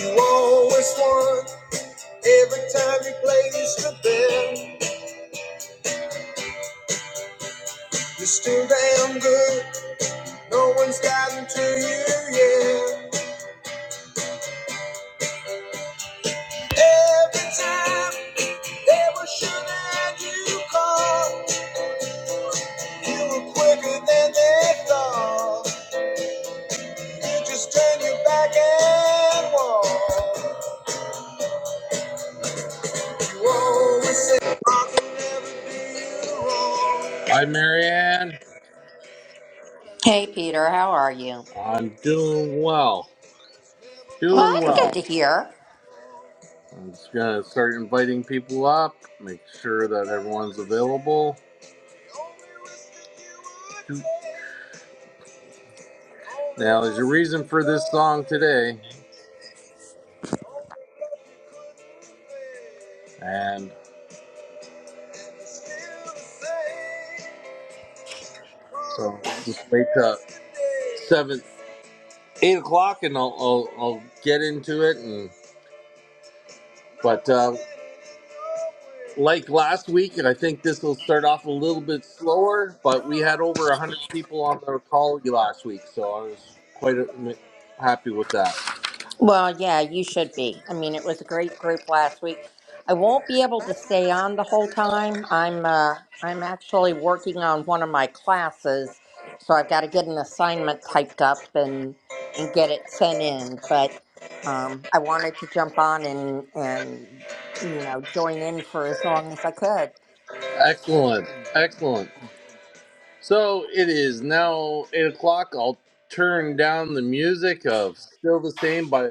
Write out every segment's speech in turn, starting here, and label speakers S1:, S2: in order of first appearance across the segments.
S1: You always won every time you placed the bet. You're still damn good. No one's gotten to you yet. Every time they were sure that you called, you were quicker than they thought. You just turned your back and walked. You always said, I can never be wrong. Hi, Marianne.
S2: Hey, Peter, how are you?
S1: I'm doing well.
S2: Well,
S1: Doing
S2: that's good
S1: well.
S2: to hear.
S1: I'm just gonna start inviting people up. Make sure that everyone's available. Now, there's a reason for this song today, and so just wait till seven, eight o'clock, and I'll, I'll I'll get into it, and. But uh, like last week, and I think this will start off a little bit slower, but we had over 100 people on the call last week, so I was quite uh, happy with that.
S2: Well, yeah, you should be. I mean, it was a great group last week. I won't be able to stay on the whole time. I'm uh, I'm actually working on one of my classes, so I've got to get an assignment typed up and and get it sent in. But um, I wanted to jump on and and you know join in for as long as I could.
S1: Excellent. Excellent. So it is now eight o'clock. I'll turn down the music of "Still the Same" by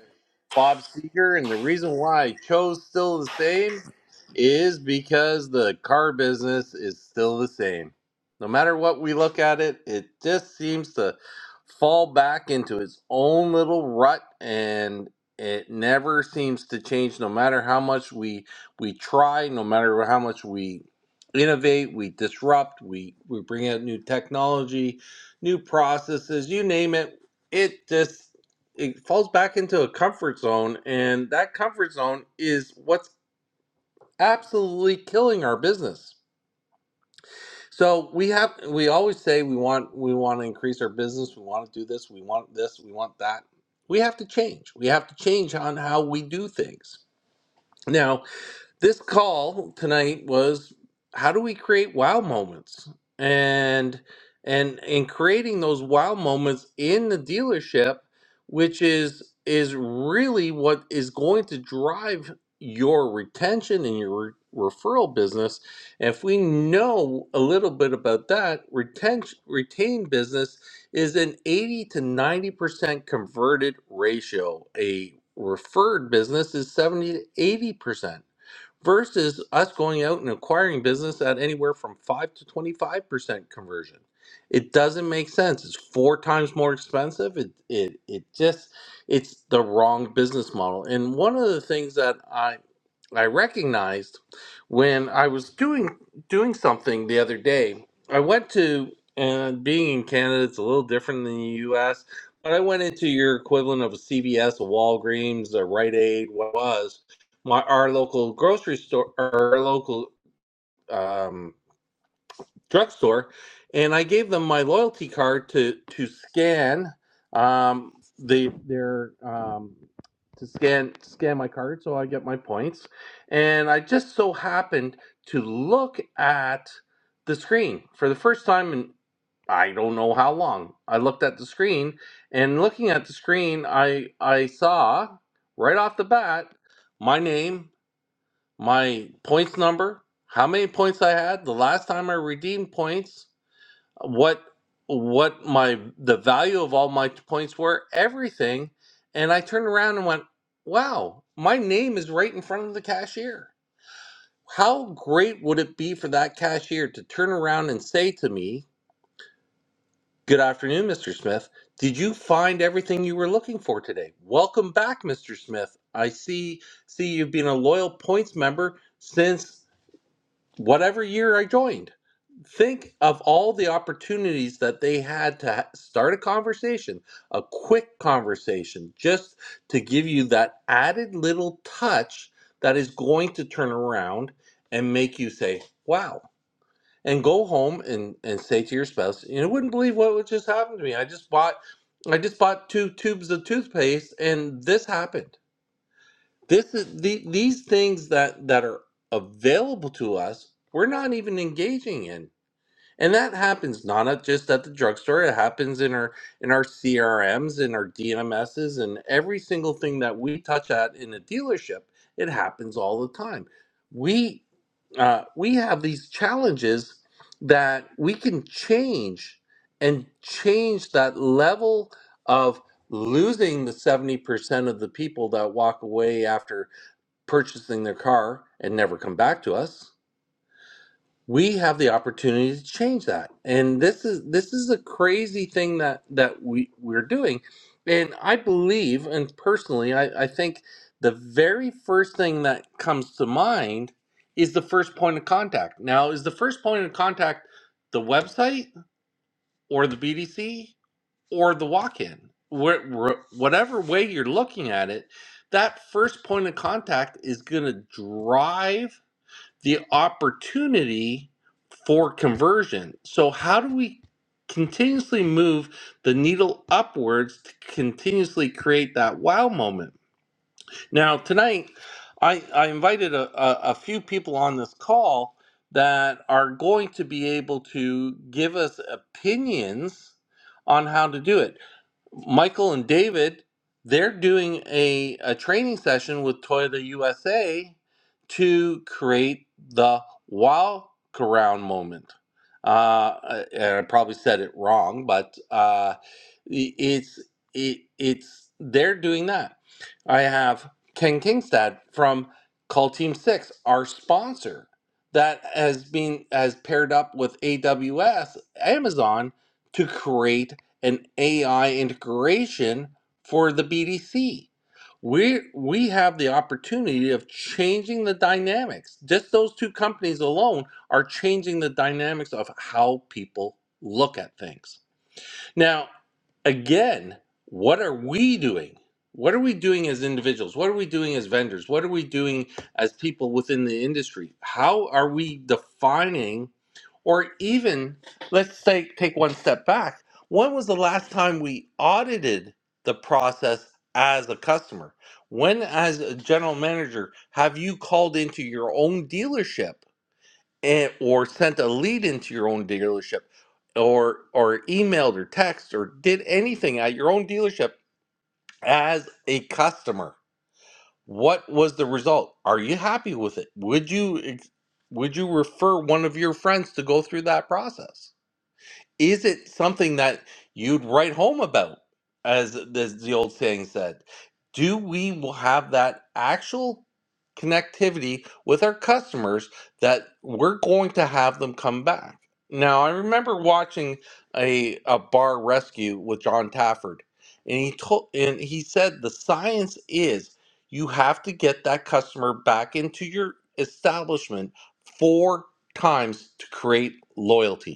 S1: Bob Seger, and the reason why I chose "Still the Same" is because the car business is still the same. No matter what we look at it, it just seems to fall back into its own little rut, and it never seems to change. No matter how much we we try, no matter how much we innovate, we disrupt, we, we bring out new technology, new processes, you name it. It just it falls back into a comfort zone, and that comfort zone is what's absolutely killing our business. So we have we always say we want we want to increase our business, we want to do this, we want this, we want that. We have to change. We have to change on how we do things. now. this call tonight was how do we create wow moments and and in creating those wow moments in the dealership which is is really what is going to drive your retention and your re- referral business And if we know a little bit about that retention retained business is an 80 to 90% converted ratio a referred business is 70 to 80% versus us going out and acquiring business at anywhere from 5 to 25% conversion. It doesn't make sense. It's four times more expensive. It it it just it's the wrong business model. And one of the things that I I recognized when I was doing doing something the other day, I went to and being in Canada, it's a little different than the U.S. But I went into your equivalent of a CVS, a Walgreens, a Rite Aid, what it was, my our local grocery store our local um, drugstore and i gave them my loyalty card to to scan um, the their um, to scan scan my card so i get my points and i just so happened to look at the screen for the first time in I don't know how long. I looked at the screen, and looking at the screen, I I saw right off the bat my name my points number, how many points I had the last time I redeemed points, what what my the value of all my points were, everything, and I turned around and went, "Wow, my name is right in front of the cashier." How great would it be for that cashier to turn around and say to me, "Good afternoon, Mr. Smith. Did you find everything you were looking for today? Welcome back, Mr. Smith. I see see you've been a loyal points member since whatever year I joined. Think of all the opportunities that they had to ha- start a conversation, a quick conversation, just to give you that added little touch that is going to turn around and make you say, wow. And go home and, and say to your spouse, you wouldn't believe what would just happened to me. I just bought I just bought two tubes of toothpaste and this happened this is the, these things that that are available to us, we're not even engaging in. And that happens not at- just at the drugstore, it happens in our in our CRMs, in our DMSs, and every single thing that we touch at in a dealership, it happens all the time. We uh, we have these challenges that we can change and change that level of losing the 70% of the people that walk away after purchasing their car and never come back to us we have the opportunity to change that and this is this is a crazy thing that that we we're doing and i believe and personally i i think the very first thing that comes to mind is the first point of contact now is the first point of contact the website or the bdc or the walk-in where, where, whatever way you're looking at it that first point of contact is going to drive the opportunity for conversion. So, how do we continuously move the needle upwards to continuously create that wow moment? Now, tonight, I, I invited a, a, a few people on this call that are going to be able to give us opinions on how to do it. Michael and David, they're doing a, a training session with Toyota USA to create the walk around moment. Uh, uh, and I probably said it wrong, but uh, i- it's it, it's they're doing that. I have Ken Kingstad from Call Team Six, our sponsor, that has been has paired up with AWS Amazon to create an AI integration for the BDC. We we have the opportunity of changing the dynamics. Just those two companies alone are changing the dynamics of how people look at things. Now, again, what are we doing? What are we doing as individuals? What are we doing as vendors? What are we doing as people within the industry? How are we defining, or even let's take, take one step back. When was the last time we audited the process as a customer? When, as a general manager, have you called into your own dealership? and or sent a lead into your own dealership or or emailed or text or did anything at your own dealership as a customer what was the result are you happy with it would you ex- would you refer one of your friends to go through that process is it something that you'd write home about as the, the old saying said do we will have that actual connectivity with our customers that we're going to have them come back now i remember watching a, a bar rescue with john tafford and he told and he said the science is you have to get that customer back into your establishment four times to create loyalty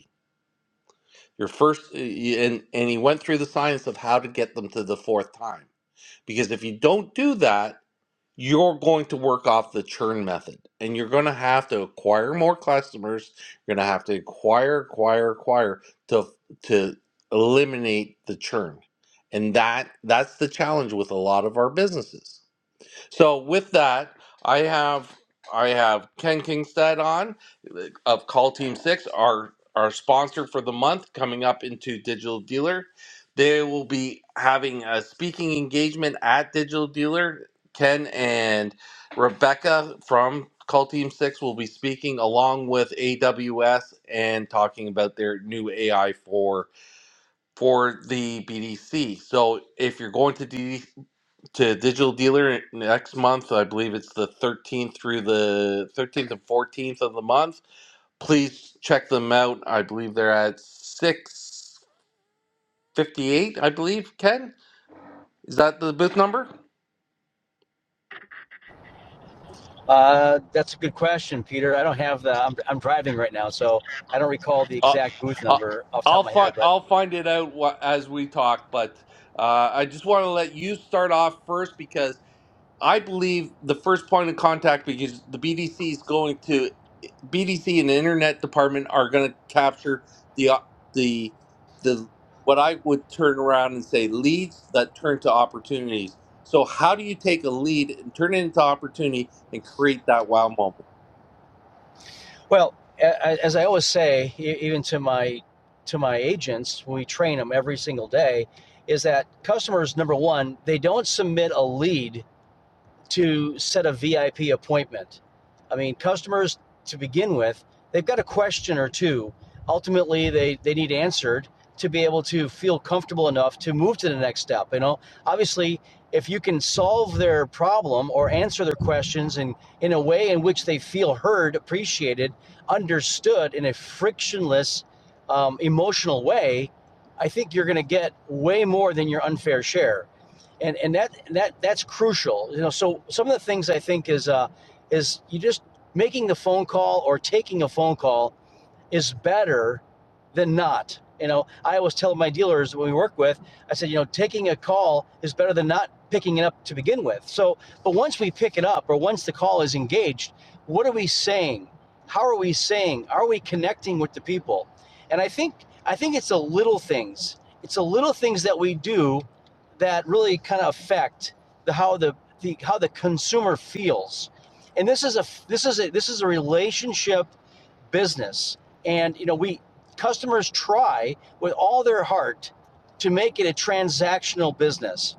S1: your first, and, and he went through the science of how to get them to the fourth time. Because if you don't do that, you're going to work off the churn method and you're going to have to acquire more customers. You're going to have to acquire, acquire, acquire to, to eliminate the churn. And that that's the challenge with a lot of our businesses so with that, I have I have Ken Kingstead on uh, of Call Team Six, our our sponsor for the month, coming up into Digital Dealer. They will be having a speaking engagement at Digital Dealer. Ken and Rebecca from Call Team Six will be speaking along with AWS and talking about their new AI for for the BDC. So if you're going to D to Digital Dealer next month. I believe it's the 13th through the 13th and 14th of the month. Please check them out. I believe they're at 658. I believe Ken is that the booth number?
S3: Uh, that's a good question, Peter. I don't have the. I'm, I'm driving right now, so I don't recall the
S1: Uh,
S3: exact booth
S1: uh,
S3: number off the top
S1: I'll
S3: of my
S1: find
S3: head. But
S1: I'll find it out wh- as we talk. But uh, I just want to let you start off first because I believe the first point of contact because the BDC is going to. BDC and the internet department are going to capture the op- the the what I would turn around and say leads that turn to opportunities. So how do you take a lead and turn it into opportunity and create that wow moment?
S3: well, a- as I always say, e- even to my to my agents, we train them every single day. Is that customers number one? They don't submit a lead to set a VIP appointment. I mean, customers to begin with, they've got a question or two. Ultimately, they, they need answered to be able to feel comfortable enough to move to the next step. You know, obviously, if you can solve their problem or answer their questions in, in a way in which they feel heard, appreciated, understood in a frictionless, um, emotional way, I think you're going to get way more than your unfair share and and that that that's crucial. You know, so some of the things I think is uh, is you just making the phone call or taking a phone call is better than not. You know, I always tell my dealers when we work with, I said, you know, taking a call is better than not picking it up to begin with. So, but once we pick it up or once the call is engaged, what are we saying? How are we saying? Are we connecting with the people? And I think I think it's the little things. It's the little things that we do that really kind of affect the how the, the how the consumer feels. And this is a this is a this is a relationship business and you know, we customers try with all their heart to make it a transactional business.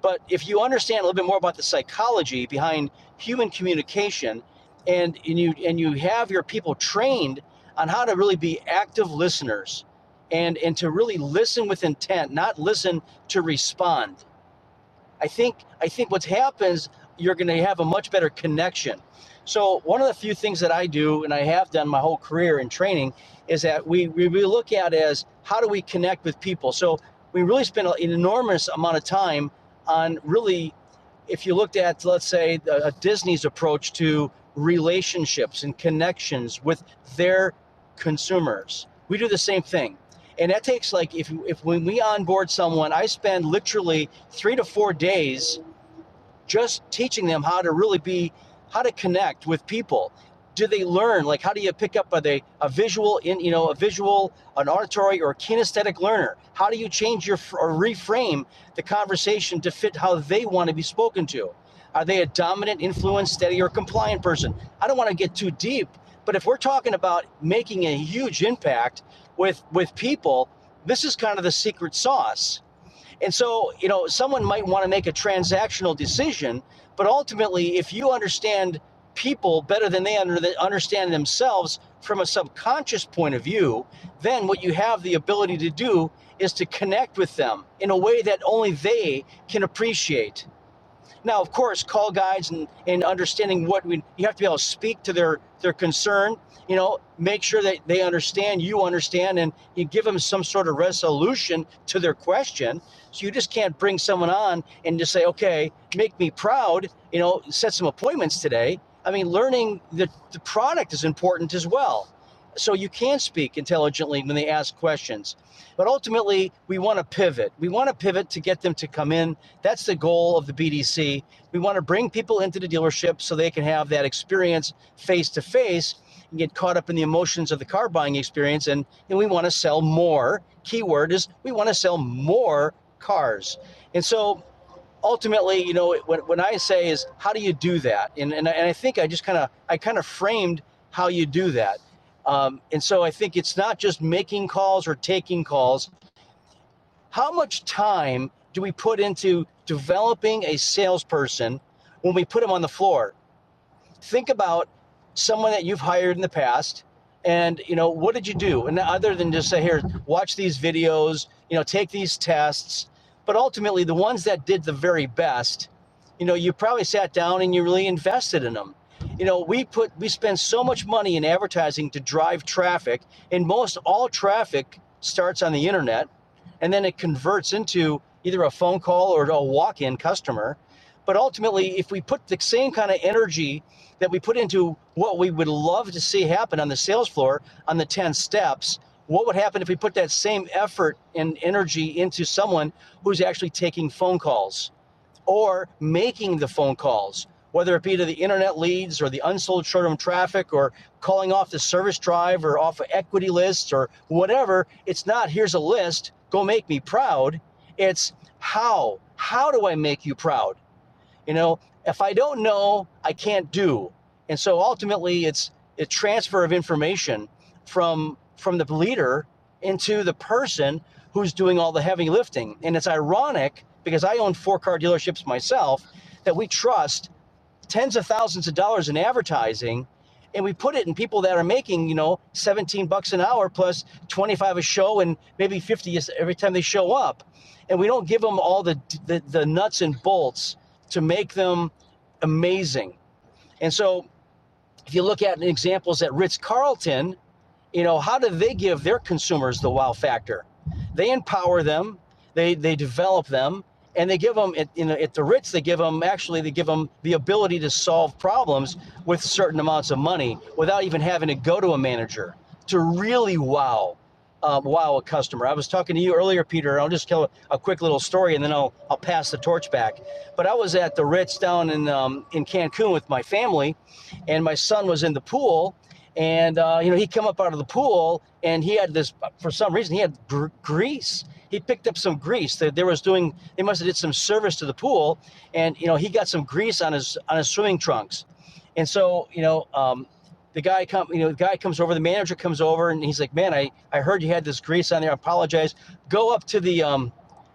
S3: But if you understand a little bit more about the psychology behind human communication and, and you and you have your people trained on how to really be active listeners and and to really listen with intent, not listen to respond I think I think what happens you're going to have a much better connection. So one of the few things that I do and I have done my whole career in training is that we we, look at as how do we connect with people. So we really spend an enormous amount of time on really if you looked at let's say a Disney's approach to relationships and connections with their consumers. We do the same thing and that takes like if if when we onboard someone, I spend literally three to four days just teaching them how to really be how to connect with people do they learn like how do you pick up are they a visual in you know a visual an auditory or kinesthetic learner how do you change your or reframe the conversation to fit how they want to be spoken to are they a dominant influence steady or compliant person i don't want to get too deep but if we're talking about making a huge impact with with people this is kind of the secret sauce and so, you know, someone might want to make a transactional decision, but ultimately, if you understand people better than they under the, understand themselves from a subconscious point of view, then what you have the ability to do is to connect with them in a way that only they can appreciate. Now, of course, call guides and, and understanding what we you have to be able to speak to their their concern. You know, make sure that they understand, you understand, and you give them some sort of resolution to their question. So you just can't bring someone on and just say, "Okay, make me proud." You know, set some appointments today. I mean, learning the, the product is important as well. So you can speak intelligently when they ask questions. But ultimately, we want to pivot. We want to pivot to get them to come in that's the goal of the BDC. We want to bring people into the dealership so they can have that experience face to face and get caught up in the emotions of the car buying experience. And, and we want to sell more. Keyword is we want to sell more cars. And so ultimately, you know, what, what I say is, how do you do that? And, and, I, and I think I just kind of, I kind of framed how you do that. Um, and so I think it's not just making calls or taking calls how much time do we put into developing a salesperson when we put them on the floor? think about someone that you've hired in the past and you know what did you do and other than just say here watch these videos you know take these tests but ultimately the ones that did the very best you know you probably sat down and you really invested in them you know we put we spend so much money in advertising to drive traffic and most all traffic starts on the internet and then it converts into either a phone call or a walk-in customer but ultimately, if we put the same kind of energy that we put into what we would love to see happen on the sales floor on the 10 steps, what would happen if we put that same effort and energy into someone who's actually taking phone calls or making the phone calls, whether it be to the internet leads or the unsold short term traffic or calling off the service drive or off of equity lists or whatever? It's not here's a list, go make me proud. It's how? How do I make you proud? You know, if I don't know, I can't do. And so ultimately, it's a transfer of information from from the leader into the person who's doing all the heavy lifting. And it's ironic because I own four car dealerships myself that we trust tens of thousands of dollars in advertising and we put it in people that are making, you know, 17 bucks an hour plus 25 a show and maybe 50 every time they show up. And we don't give them all the, the, the nuts and bolts to make them amazing. And so if you look at examples at Ritz Carlton, you know how do they give their consumers the wow factor they empower them they they develop them and they give them at, you know, at the ritz they give them actually they give them the ability to solve problems with certain amounts of money without even having to go to a manager to really wow uh, wow a customer i was talking to you earlier peter and i'll just tell a quick little story and then i'll i'll pass the torch back but i was at the ritz down in um, in cancun with my family and my son was in the pool and uh, you know, he come up out of the pool, and he had this. For some reason, he had gr- grease. He picked up some grease that they they was doing. They must have did some service to the pool, and you know, he got some grease on his on his swimming trunks. And so, you know, um, the guy come, you know, the guy comes over. The manager comes over, and he's like, "Man, I I heard you had this grease on there. I apologize. Go up to the, um,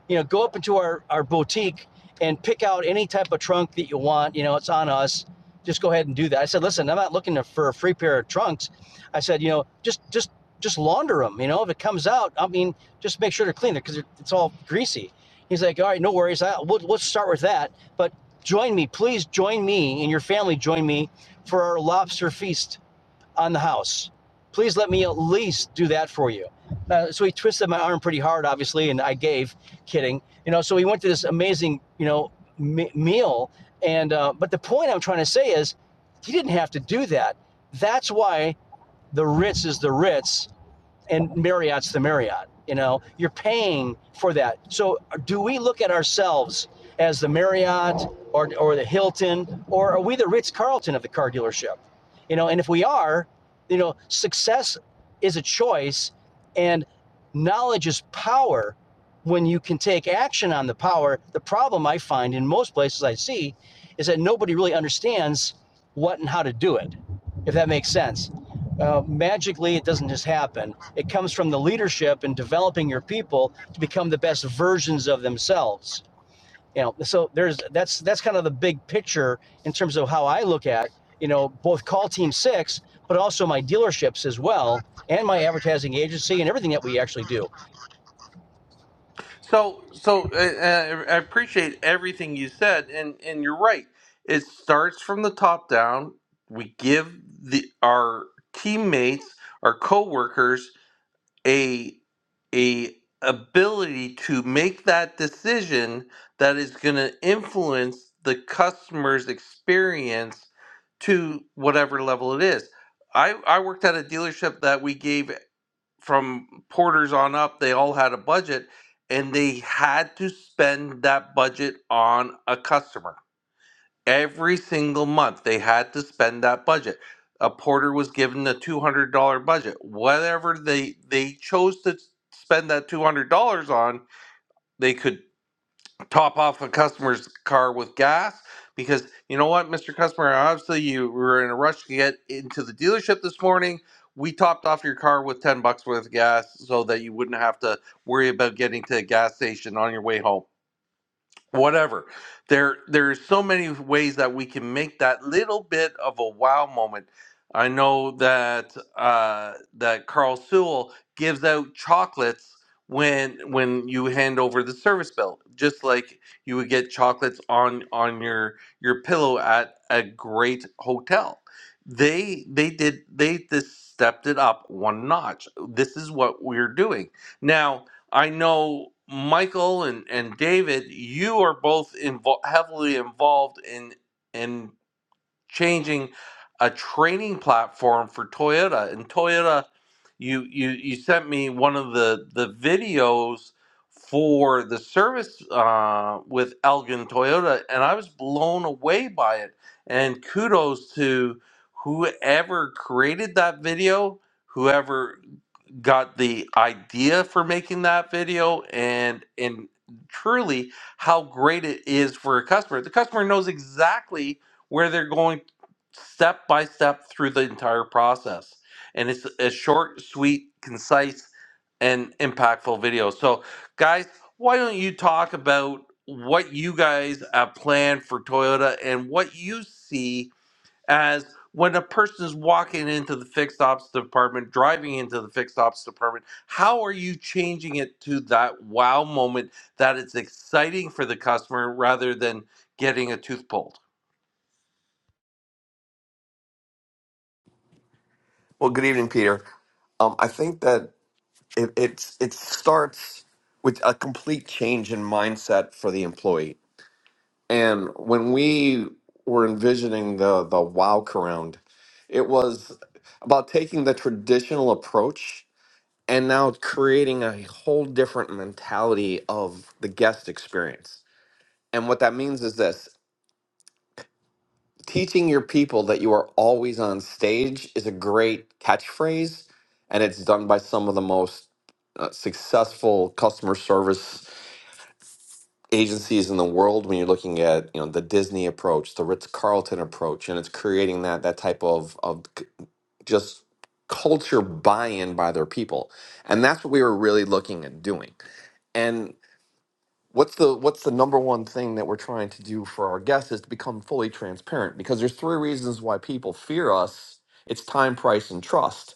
S3: you know, go up into our our boutique." And pick out any type of trunk that you want. You know, it's on us just go ahead and do that. I said, listen, I'm not looking for a free pair of trunks. I said, you know, just just just launder them. You know, if it comes out, I mean, just make sure to clean it because it's all greasy. He's like, all right, no worries. I, we'll, we'll start with that. But join me, please join me and your family. Join me for our lobster feast on the house. Please let me at least do that for you. Uh, so he twisted my arm pretty hard, obviously, and I gave, kidding. You know, so we went to this amazing, you know, me- meal. And uh, but the point I'm trying to say is, he didn't have to do that. That's why the Ritz is the Ritz, and Marriott's the Marriott. You know, you're paying for that. So do we look at ourselves as the Marriott or, or the Hilton, or are we the Ritz Carlton of the car dealership? You know, and if we are, you know, success is a choice and knowledge is power when you can take action on the power. The problem I find in most places I see is that nobody really understands what and how to do it, if that makes sense uh, magically, it doesn't just happen. It comes from the leadership and developing your people to become the best versions of themselves. You know, so there's that's that's kind of the big picture in terms of how I look at you know both call team six, but also my dealerships as well, and my advertising agency and everything that we actually do.
S1: So so uh, uh, I appreciate everything you said, and and you're right. It starts from the top down. We give the our teammates, our coworkers a a ability to make that decision that is going to influence the customer's experience to whatever level it is. I I worked at a dealership that we gave from porters on up, they all had a budget and they had to spend that budget on a customer Every single month, they had to spend that budget. A porter was given a two hundred dollar budget. Whatever they they chose to spend that two hundred dollars on, they could top off a customer's car with gas because you know what, Mister Customer, obviously you were in a rush to get into the dealership this morning. We topped off your car with ten bucks worth of gas so that you wouldn't have to worry about getting to a gas station on your way home whatever there there's so many ways that we can make that little bit of a wow moment i know that uh that carl sewell gives out chocolates when when you hand over the service bill just like you would get chocolates on on your your pillow at a great hotel they they did they just stepped it up one notch this is what we're doing now I know Michael and, and David, you are both invo- heavily involved in in changing a training platform for Toyota. And Toyota, you you you sent me one of the the videos for the service uh, with Elgin Toyota, and I was blown away by it. And kudos to whoever created that video, whoever got the idea for making that video and and truly how great it is for a customer. The customer knows exactly where they're going step by step through the entire process. And it's a short, sweet, concise, and impactful video. So guys, why don't you talk about what you guys have planned for Toyota and what you see as when a person is walking into the fixed ops department, driving into the fixed ops department, how are you changing it to that wow moment that it's exciting for the customer rather than getting a tooth pulled?
S4: Well, good evening, Peter. Um, I think that it, it's it starts with a complete change in mindset for the employee. And when we were envisioning the the wow around, it was about taking the traditional approach and now creating a whole different mentality of the guest experience. And what that means is this. teaching your people that you are always on stage is a great catchphrase and it's done by some of the most uh, successful customer service agencies in the world when you're looking at you know the disney approach the ritz-carlton approach and it's creating that that type of of c- just culture buy-in by their people and that's what we were really looking at doing what's the what's the number one thing that we're trying to do for our guests is to become fully transparent because there's three reasons why people fear us it's time price and trust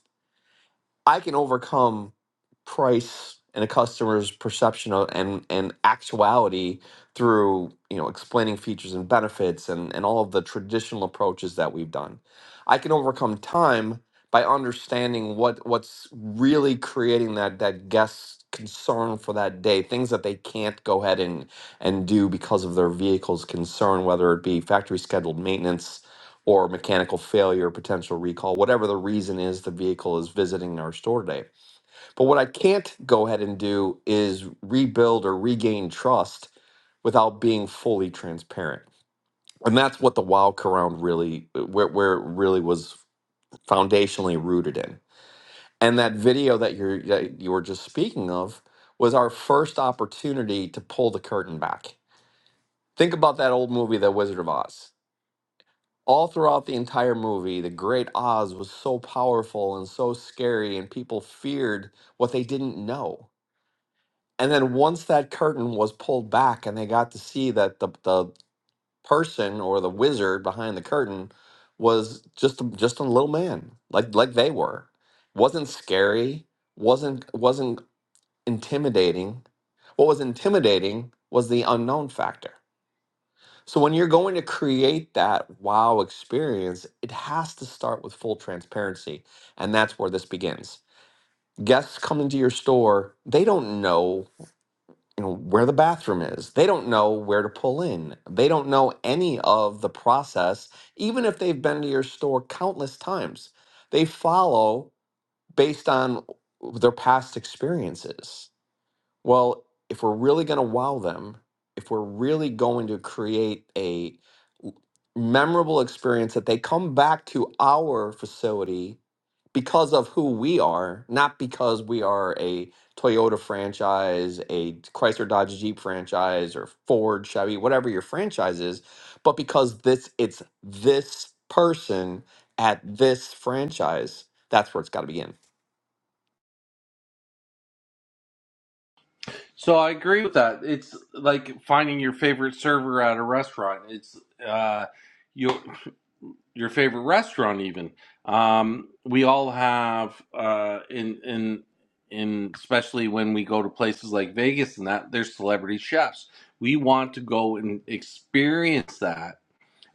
S4: I can overcome price and a customer's perception of, and and actuality through you know explaining features and benefits and and all of the traditional approaches that we've done. I can overcome time by understanding what what's really creating that that guest concern for that day things that they can't go ahead and and do because of their vehicle's concern whether it be factory scheduled maintenance or mechanical failure, potential recall, whatever the reason is the vehicle is visiting our store today. But what I can't go ahead and do is rebuild or regain trust without being fully transparent. And that's what the wild round really where, where it really was foundationally rooted in. And that video that you're that you were just speaking of was our first opportunity to pull the curtain back. Think about that old movie, The Wizard of Oz all throughout the entire movie, the Great Oz was so powerful and so scary, and people feared what they didn't know. And then once that curtain was pulled back, and they got to see that the the person or the wizard behind the curtain was just a- just a little man, like like they were, wasn't scary, wasn't wasn't intimidating. What was intimidating was the unknown factor so when you're going to create that wow experience, it has to start with full transparency, and that's where this begins. Guests come into your store, they don't know, you know where the bathroom is. They don't know where to pull in. They don't know any of the process even if they've been to your store countless times. They follow based on their past experiences. Well, if we're really going to wow them, if we're really going to create a memorable experience that they come back to our facility because of who we are, not because we are a Toyota franchise, a Chrysler Dodge Jeep franchise, or Ford, Chevy, whatever your franchise is, but because this it's this person at this franchise. That's where it's got to begin.
S1: So I agree with that. It's like finding your favorite server at a restaurant. It's uh, you. your favorite restaurant even um, we all have uh, in in in especially when we go to places like Vegas and that there's celebrity chefs we want to go and experience that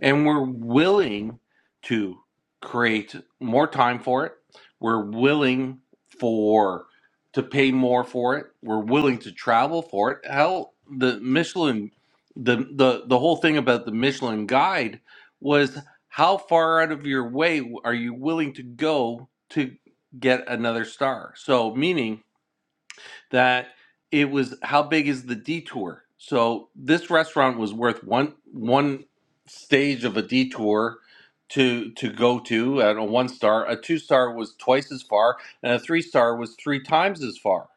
S1: and we're willing to create more time for it we're willing for to pay more for it we're willing to travel for it hell the michelin the the, the whole thing about the michelin guide was how far out of your way are you willing to go to get another star so meaning that it was how big is the detour? So this restaurant was worth one one stage of a detour to to go to at a one star. A two star was twice as far, and a three star was three times as far.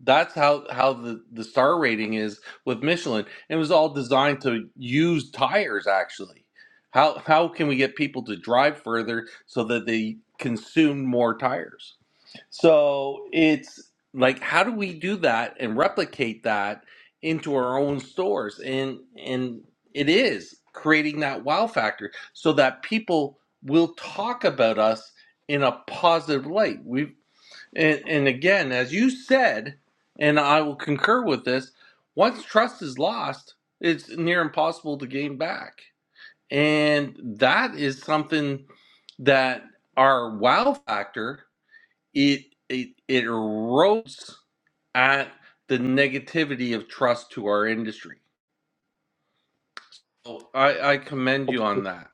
S1: That's how how the the star rating is with Michelin. It was all designed to use tires actually. How how can we get people to drive further so that they consume more tires? So it's like, how do we do that and replicate that into our own stores? And and it is creating that wow factor so that people will talk about us in a positive light. We and, and again, as you said, and I will concur with this. Once trust is lost, it's near impossible to gain back, and that is something that our wow factor it it, it erodes at the negativity of trust to our industry. So I, I commend you on that.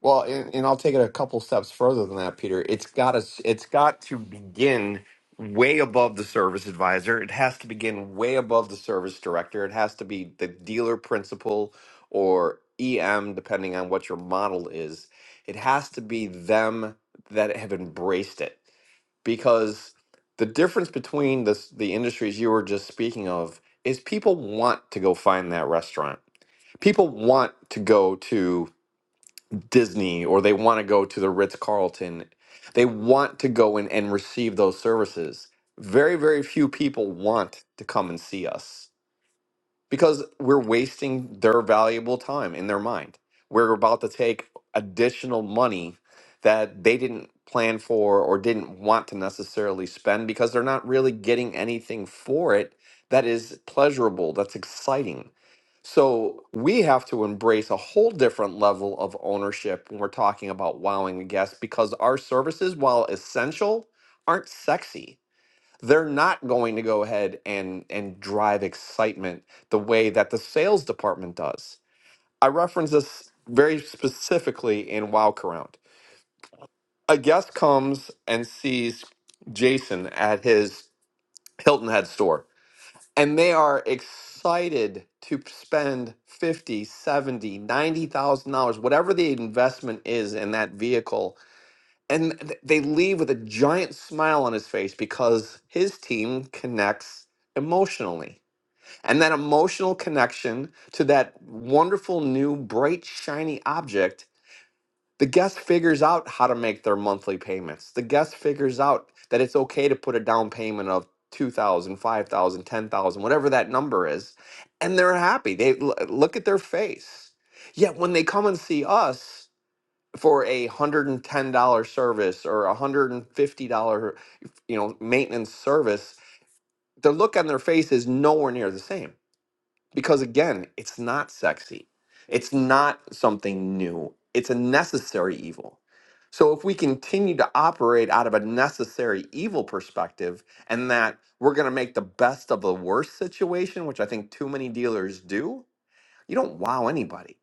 S4: Well, and, and I'll take it a couple steps further than that, Peter. It's got to, it's got to begin way above the service advisor. It has to begin way above the service director. It has to be the dealer principal or EM, depending on what your model is. It has to be them that have embraced it because the difference between this, the industries you were just speaking of is people want to go find that restaurant. People want to go to Disney or they want to go to the Ritz Carlton. They want to go in and receive those services. Very, very few people want to come and see us because we're wasting their valuable time in their mind. We're about to take additional money that they didn't plan for or didn't want to necessarily spend because they're not really getting anything for it that is pleasurable, that's exciting. So we have to embrace a whole different level of ownership when we're talking about wowing a guest because our services, while essential, aren't sexy they're not going to go ahead and and drive excitement the way that the sales department does. I reference this very specifically in Wildcrown. A guest comes and sees Jason at his Hilton Head store, and they are excited to spend 50, 70, 90,000 dollars, whatever the investment is in that vehicle and th- they leave with a giant smile on his face because his team connects emotionally. And that emotional connection to that wonderful new bright shiny object, the guest figures out how to make their monthly payments. The guest figures out that it's okay to put a down payment of 2000, 5000, 10000, whatever that number is, and they're happy. They l- look at their face. Yet when they come and see us, for a hundred and ten dollar service or a hundred and fifty dollar you know maintenance service the look on their face is nowhere near the same because again it's not sexy it's not something new it's a necessary evil so if we continue to operate out of a necessary evil perspective and that we're going to make the best of the worst situation which i think too many dealers do you don't wow anybody.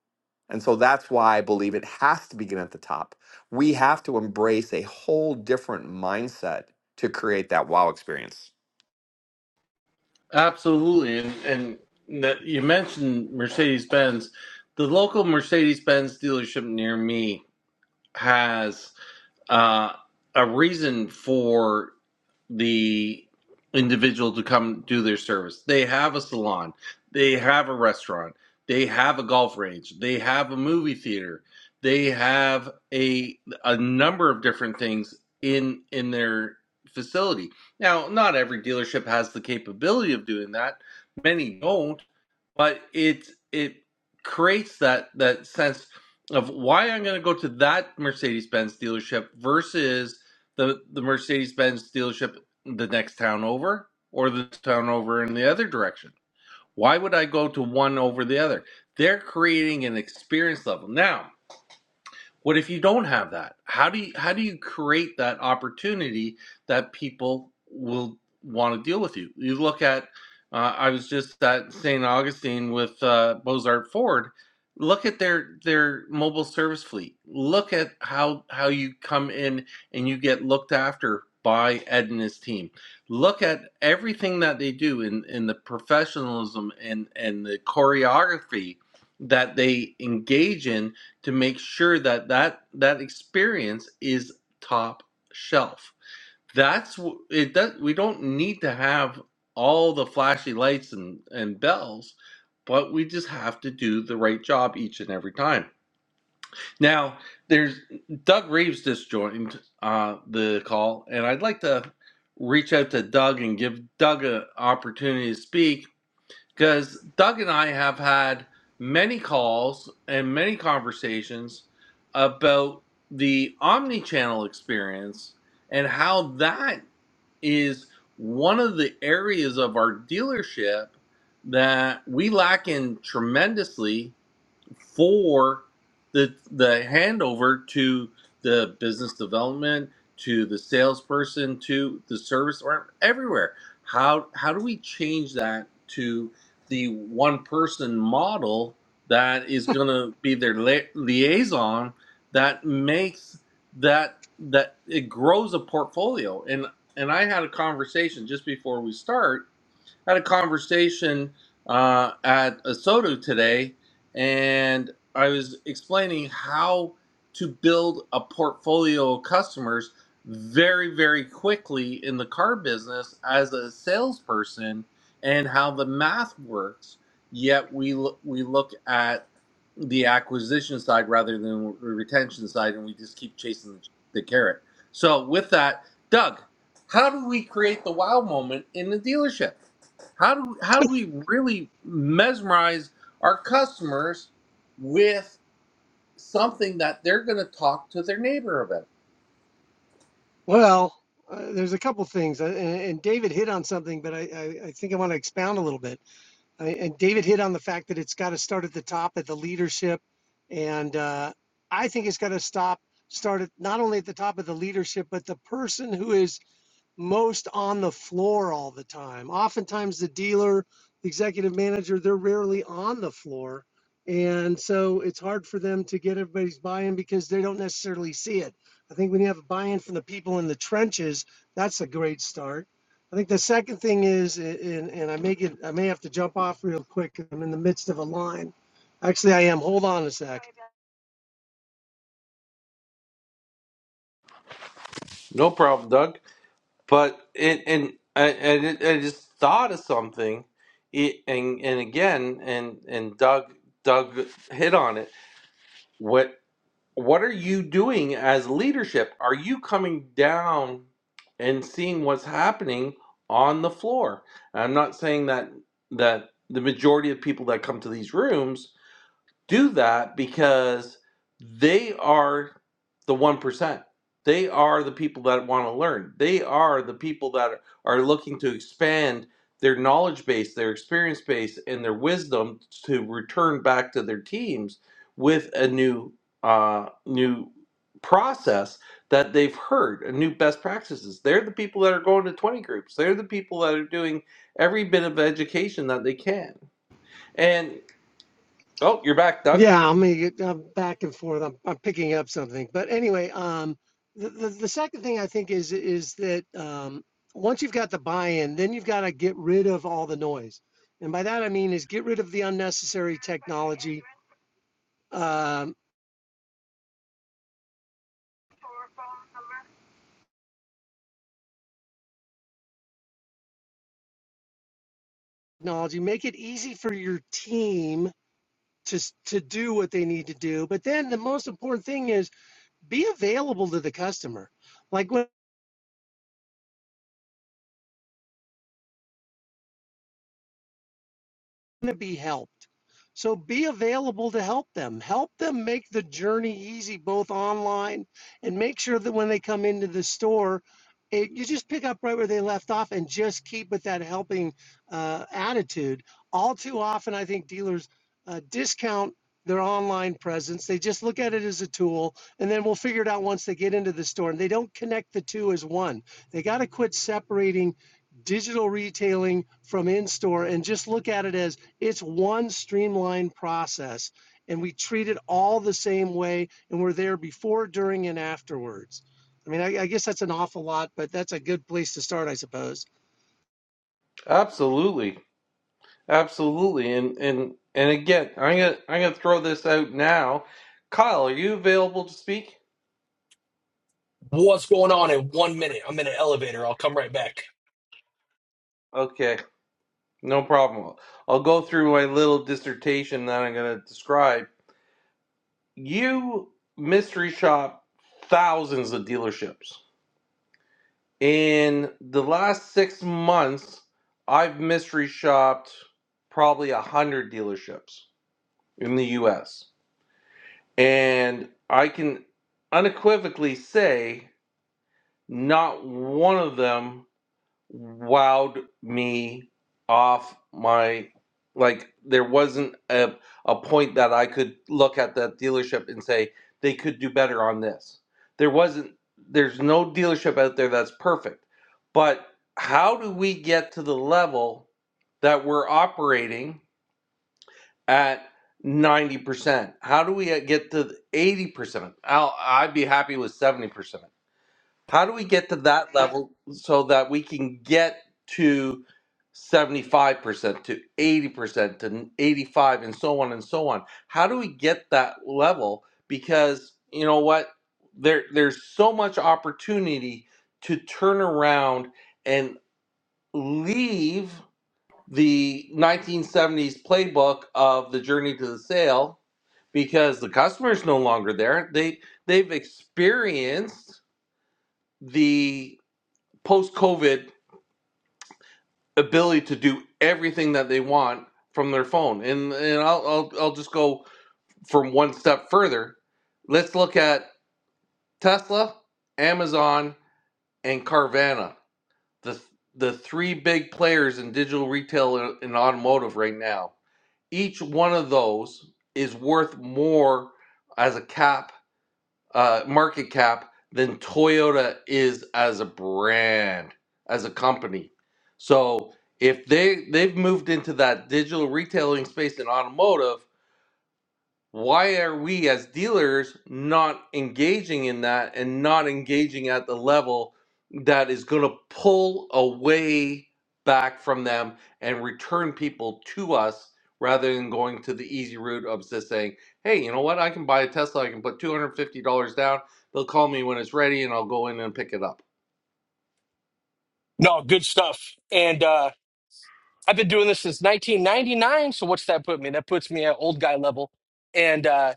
S4: And so that's why I believe it has to begin at the top. We have to embrace a whole different mindset to create that wow experience.
S1: Absolutely. And, and that you mentioned Mercedes Benz. The local Mercedes Benz dealership near me has uh, a reason for the individual to come do their service. They have a salon, they have a restaurant, they have a golf range, they have a movie theater, they have a a number of different things in in their facility. Now, not every dealership has the capability of doing that. Many don't, but it it creates that that sense of why I'm going to go to that Mercedes Benz dealership versus the the Mercedes Benz dealership the next town over or the town over in the other direction. Why would I go to one over the other? They're creating an experience level now. What if you don't have that? How do you how do you create that opportunity that people will want to deal with you? You look at uh, I was just at St. Augustine with uh, Bozart Ford. Look at their their mobile service fleet. Look at how how you come in and you get looked after by Ed and his team. Look at everything that they do in in the professionalism and and the choreography that they engage in to make sure that that that experience is top shelf. That's it. Does we don't need to have all the flashy lights and and bells, but we just have to do the right job each and every time. Now, there's Doug Reeves just joined uh, the call, and I'd like to reach out to Doug and give Doug an opportunity to speak because Doug and I have had many calls and many conversations about the omni-channel experience and how that is one of the areas of our dealership that we lack in tremendously for the the handover to the business development to the salesperson to the service or everywhere how how do we change that to the one person model that is going to be their li- liaison that makes that that it grows a portfolio and and i had a conversation just before we start had a conversation uh, at a Soto today, and I was explaining how to build a portfolio of customers very, very quickly in the car business as a salesperson, and how the math works. Yet we lo- we look at the acquisition side rather than the retention side, and we just keep chasing the the carrot. So with that, Doug, how do we create the wow moment in the dealership? How do how do we really mesmerize our customers with something that they're going to talk to their neighbor about?
S5: Well, uh, there's a couple things, uh, and, and David hit on something, but I, I, I think I want to expound a little bit. I, and David hit on the fact that it's got to start at the top, at the leadership, and uh, I think it's got to stop start at not only at the top of the leadership, but the person who is most on the floor all the time. Oftentimes, the dealer, the executive manager, they're rarely on the floor. And so it's hard for them to get everybody's buy in because they don't necessarily see it. I think when you have buy in from the people in the trenches, that's a great start. I think the second thing is, and, and I may get, I may have to jump off real quick. 'cause I'm in the midst of a line. Actually, I am. Hold on a sec.
S1: No problem, Doug. But it and I, I, I just thought of something. It, and and again, and and Doug Doug hit on it. What? what are you doing as leadership? Are you coming down and seeing what's happening on the floor? And I'm not saying that that the majority of people that come to these rooms do that because they are the 1%. They are the people that want to learn. They are the people that are looking to expand their knowledge base, their experience base, and their wisdom to return back to their teams with a new uh, new process that they've heard, a new best practices. They're the people that are going to 20 groups. They're the people that are doing every bit of education that they can. and. Oh, you're back, Doug.
S5: Yeah, I mean, I'm back and forth. I'm, I'm picking up something, but anyway, um, the, the the second thing I think is is that um, once you've got the buy-in, then you've got to get rid of all the noise, and by that I mean is get rid of the unnecessary technology. Um, technology, make it easy for your team to s- to do what they need to do. But then the most important thing is be available to the customer. Like when to be helped. So be available to help them. Help them make the journey easy, both online and make sure that when they come into the store, it, you just pick up right where they left off and just keep with that helping uh, attitude. All too often, I think dealers uh, discount their online presence. They just look at it as a tool, and then we'll figure it out once they get into the store. And they don't connect the two as one. They got to quit separating digital retailing from in store and just look at it as it's one streamlined process, and we treat it all the same way, and we're there before, during, and afterwards. I mean, I, I guess that's an awful lot, but that's a good place to start, I suppose.
S1: Absolutely, absolutely, and and and again, I'm gonna I'm gonna throw this out now. Kyle, are you available to speak?
S6: what's going on in one minute. I'm in an elevator. I'll come right back.
S1: Okay, no problem. I'll go through my little dissertation that I'm gonna describe, you mystery shop thousands of dealerships. In the last six months, I've mystery shopped probably a hundred dealerships in the US. And I can unequivocally say not one of them wowed me off my like there wasn't a, a point that I could look at that dealership and say they could do better on this. There wasn't there's no dealership out there that's perfect. But how do we get to the level that we're operating at 90%? How do we uh, get to the 80%? I'll, I'd be happy with 70%. How do we get to that level so that we can get to 75% to 80% to 85 and so on and so on? How do we get that level because you know what there there's so much opportunity to turn around and leave the 1970s playbook of the journey to the sale because the customer is no longer there. They they've experienced the post COVID ability to do everything that they want from their phone. And and I'll, I'll I'll just go from one step further. Let's look at Tesla, Amazon, and Carvana. The the three big players in digital retail and automotive right now. Each one of those is worth more as a cap uh, market cap than Toyota is as a brand, as a company. So if they they've moved into that digital retailing space in automotive, why are we as dealers not engaging in that and not engaging at the level that is going to pull away back from them and return people to us rather than going to the easy route of just saying, hey, you know what? I can buy a Tesla. I can put $250 down. They'll call me when it's ready and I'll go in and pick it up.
S6: No, good stuff. And uh, I've been doing this since 1999. So what's that put me? That puts me at old guy level. And uh,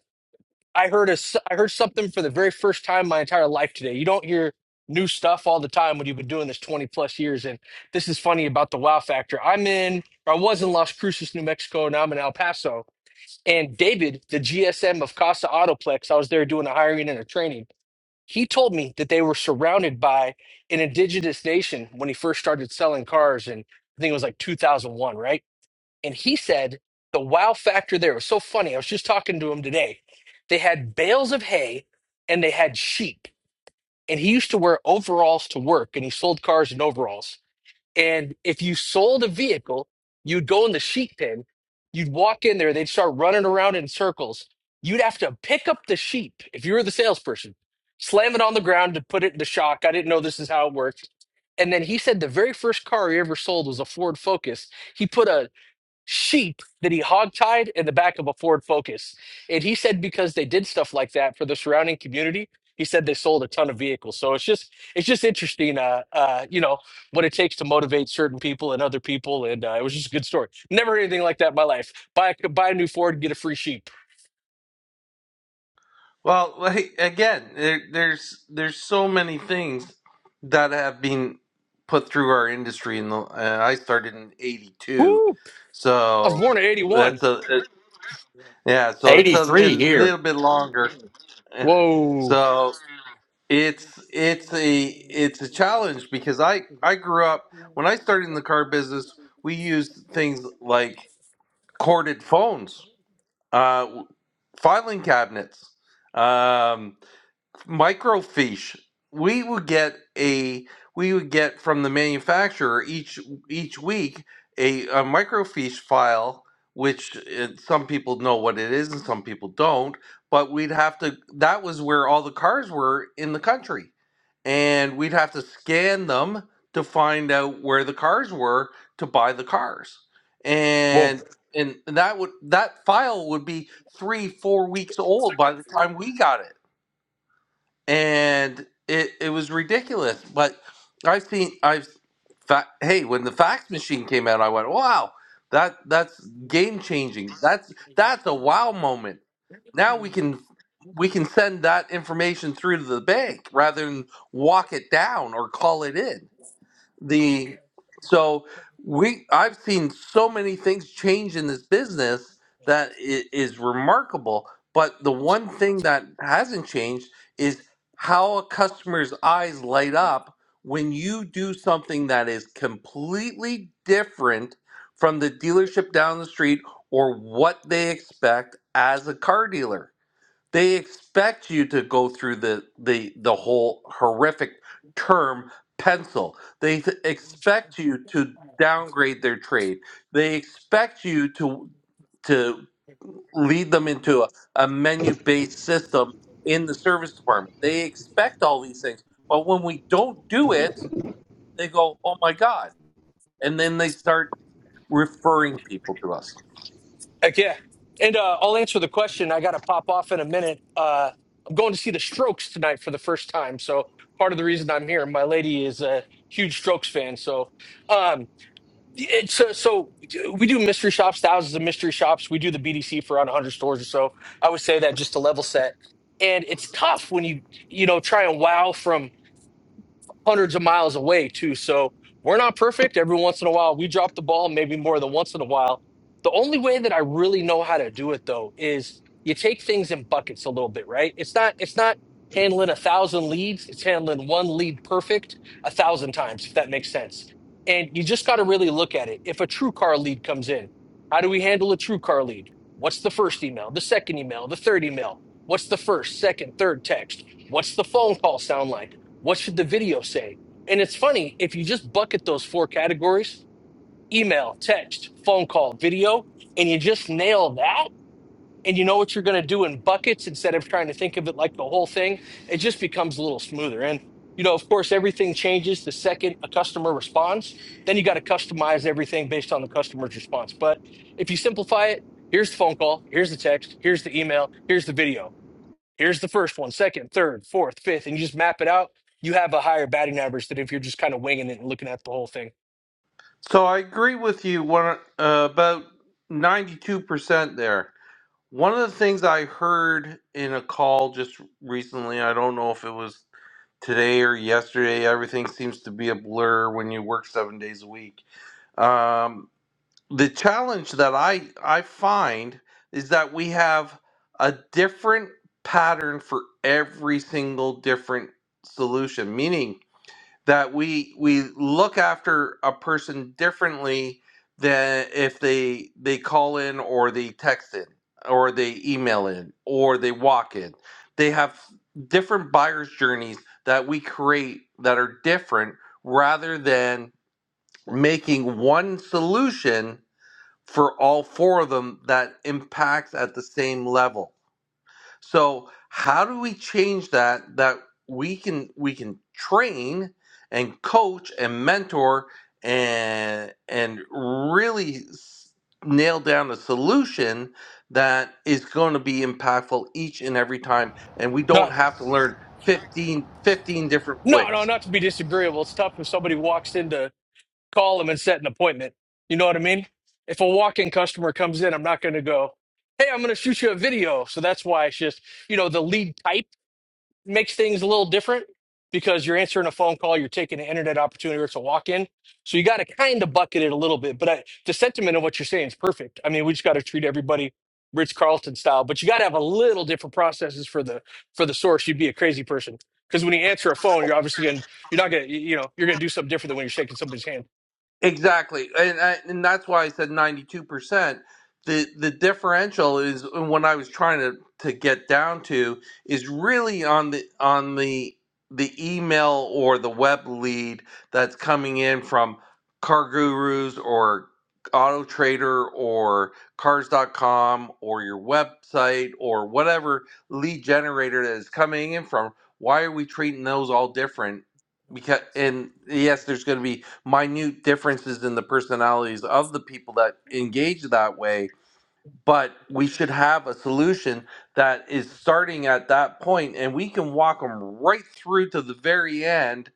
S6: I heard a s I heard something for the very first time in my entire life today. You don't hear new stuff all the time when you've been doing this 20 plus years. And this is funny about the wow factor. I'm in, or I was in Las Cruces, New Mexico. Now I'm in El Paso. And David, the GSM of Casa Autoplex, I was there doing a hiring and a training He told me that they were surrounded by an indigenous nation when he first started selling cars, and I think it was like 2001, right? And he said the wow factor there was so funny. I was just talking to him today. They had bales of hay and they had sheep, and he used to wear overalls to work, and he sold cars in overalls and if you sold a vehicle, you'd go in the sheep pen, you'd walk in there, they'd start running around in circles. You'd have to pick up the sheep if you were the salesperson, slam it on the ground to put it in shock. I didn't know this is how it worked. And then he said the very first car he ever sold was a Ford Focus. He put a sheep that he hogtied in the back of a Ford Focus. And he said because they did stuff like that for the surrounding community, he said they sold a ton of vehicles. So it's just it's just interesting, uh, uh, you know, what it takes to motivate certain people and other people. And uh, it was just a good story. Never heard anything like that in my life. Buy a, buy a new Ford, get a free sheep.
S1: Well, like, again, there, there's there's so many things that have been put through our industry. In the uh, I started in '82,
S6: Woo! I was
S1: so
S6: born in '81.
S1: that's a it- yeah. So it's a, li-
S7: 83 here.
S1: little bit longer.
S6: Whoa,
S1: So it's it's a it's a challenge because I I grew up when I started in the car business. We used things like corded phones, uh, filing cabinets. Um, microfiche we would get a we would get from the manufacturer each each week a, a microfiche file which uh, some people know what it is and some people don't but we'd have to that was where all the cars were in the country and we'd have to scan them to find out where the cars were to buy the cars
S6: whoa.
S1: and and that would that file would be three four weeks old by the time we got it and it it was ridiculous. But I've seen I've fa- hey, when the fax machine came out, I went, wow, that that's game changing. That's that's a wow moment. Now we can we can send that information through to the bank rather than walk it down or call it in the so we i've seen so many things change in this business that it is remarkable but the one thing that hasn't changed is how a customer's eyes light up when you do something that is completely different from the dealership down the street or what they expect as a car dealer they expect you to go through the the the whole horrific term pencil. They th- expect you to downgrade their trade. They expect you to to lead them into a, a menu based system in the service department. They expect all these things. But when we don't do it, they go, oh my God. And then they start referring people to us.
S6: Heck yeah. And uh, I'll answer the question. I got to pop off in a minute. Uh, I'm going to see the Strokes tonight for the first time. So part of the reason I'm here, my lady is a huge Strokes fan. So um, it's uh, so we do mystery shops, thousands of mystery shops. We do the BDC for around 100 stores or so. I would say that just to level set. And it's tough when you you know try and wow from hundreds of miles away too. So we're not perfect. Every once in a while, we drop the ball, maybe more than once in a while. The only way that I really know how to do it though is you take things in buckets a little bit, right? It's not it's not handling a thousand leads. It's handling one lead perfect a thousand times, if that makes sense. And you just got to really look at it. If a true car lead comes in, how do we handle a true car lead? What's the first email, the second email, the third email? What's the first, second, third text? What's the phone call sound like? What should the video say? And it's funny, if you just bucket those four categories email, text, phone call, video and you just nail that and you know what you're going to do in buckets instead of trying to think of it like the whole thing, it just becomes a little smoother. And, you know, of course, everything changes the second a customer responds. Then you got to customize everything based on the customer's response. But if you simplify it, here's the phone call, here's the text, here's the email, here's the video Here's the first one, second, third, fourth, fifth, and you just map it out. You have a higher batting average than if you're just kind of winging it and looking at the whole thing.
S1: So I agree with you one, uh, about 92% there. One of the things I heard in a call just recently, I don't know if it was today or yesterday, everything seems to be a blur when you work seven days a week. Um, the challenge that I I find is that we have a different pattern for every single different solution, meaning that we we look after a person differently than if they they call in or they text in or they email in or they walk in. They have different buyer's journeys that we create that are different rather than making one solution for all four of them that impacts at the same level. So how do we change that that we can we can train and coach and mentor and and really s- nail down a solution that is going to be impactful each and every time and we don't
S6: Not,
S1: have to learn 15 15 different
S6: no, no,
S1: ways.
S6: not to be disagreeable. It's tough if somebody walks in to call them and set an appointment. You know what I mean? If a walk-in customer comes in, I'm not going to go, "Hey, I'm going to shoot you a video." So that's why it's just you know the lead type makes things a little different because you're answering a phone call, you're taking an internet opportunity, or it's a walk in. So you got to kind of bucket it a little bit. But I, the sentiment of what you're saying is perfect. I mean, we just got to treat everybody Ritz Carlton style, but you got to have a little different processes for the for the source. You'd be a crazy person because when you answer a phone, you're obviously going you're not gonna you know you're gonna do something different than when you're shaking somebody's hand.
S1: Exactly, and I, and that's why I said ninety two percent. The the differential is uh, what I was trying to to get down to is really on the on the the email or the web lead that's coming in from car gurus or auto trader or Cars dot com or your website or whatever lead generator that is coming in from why are we treating those all different because and yes there's going to be minute differences in the personalities of the people that engage that way but we should have a solution that is starting at that point and we can walk them right through to the very end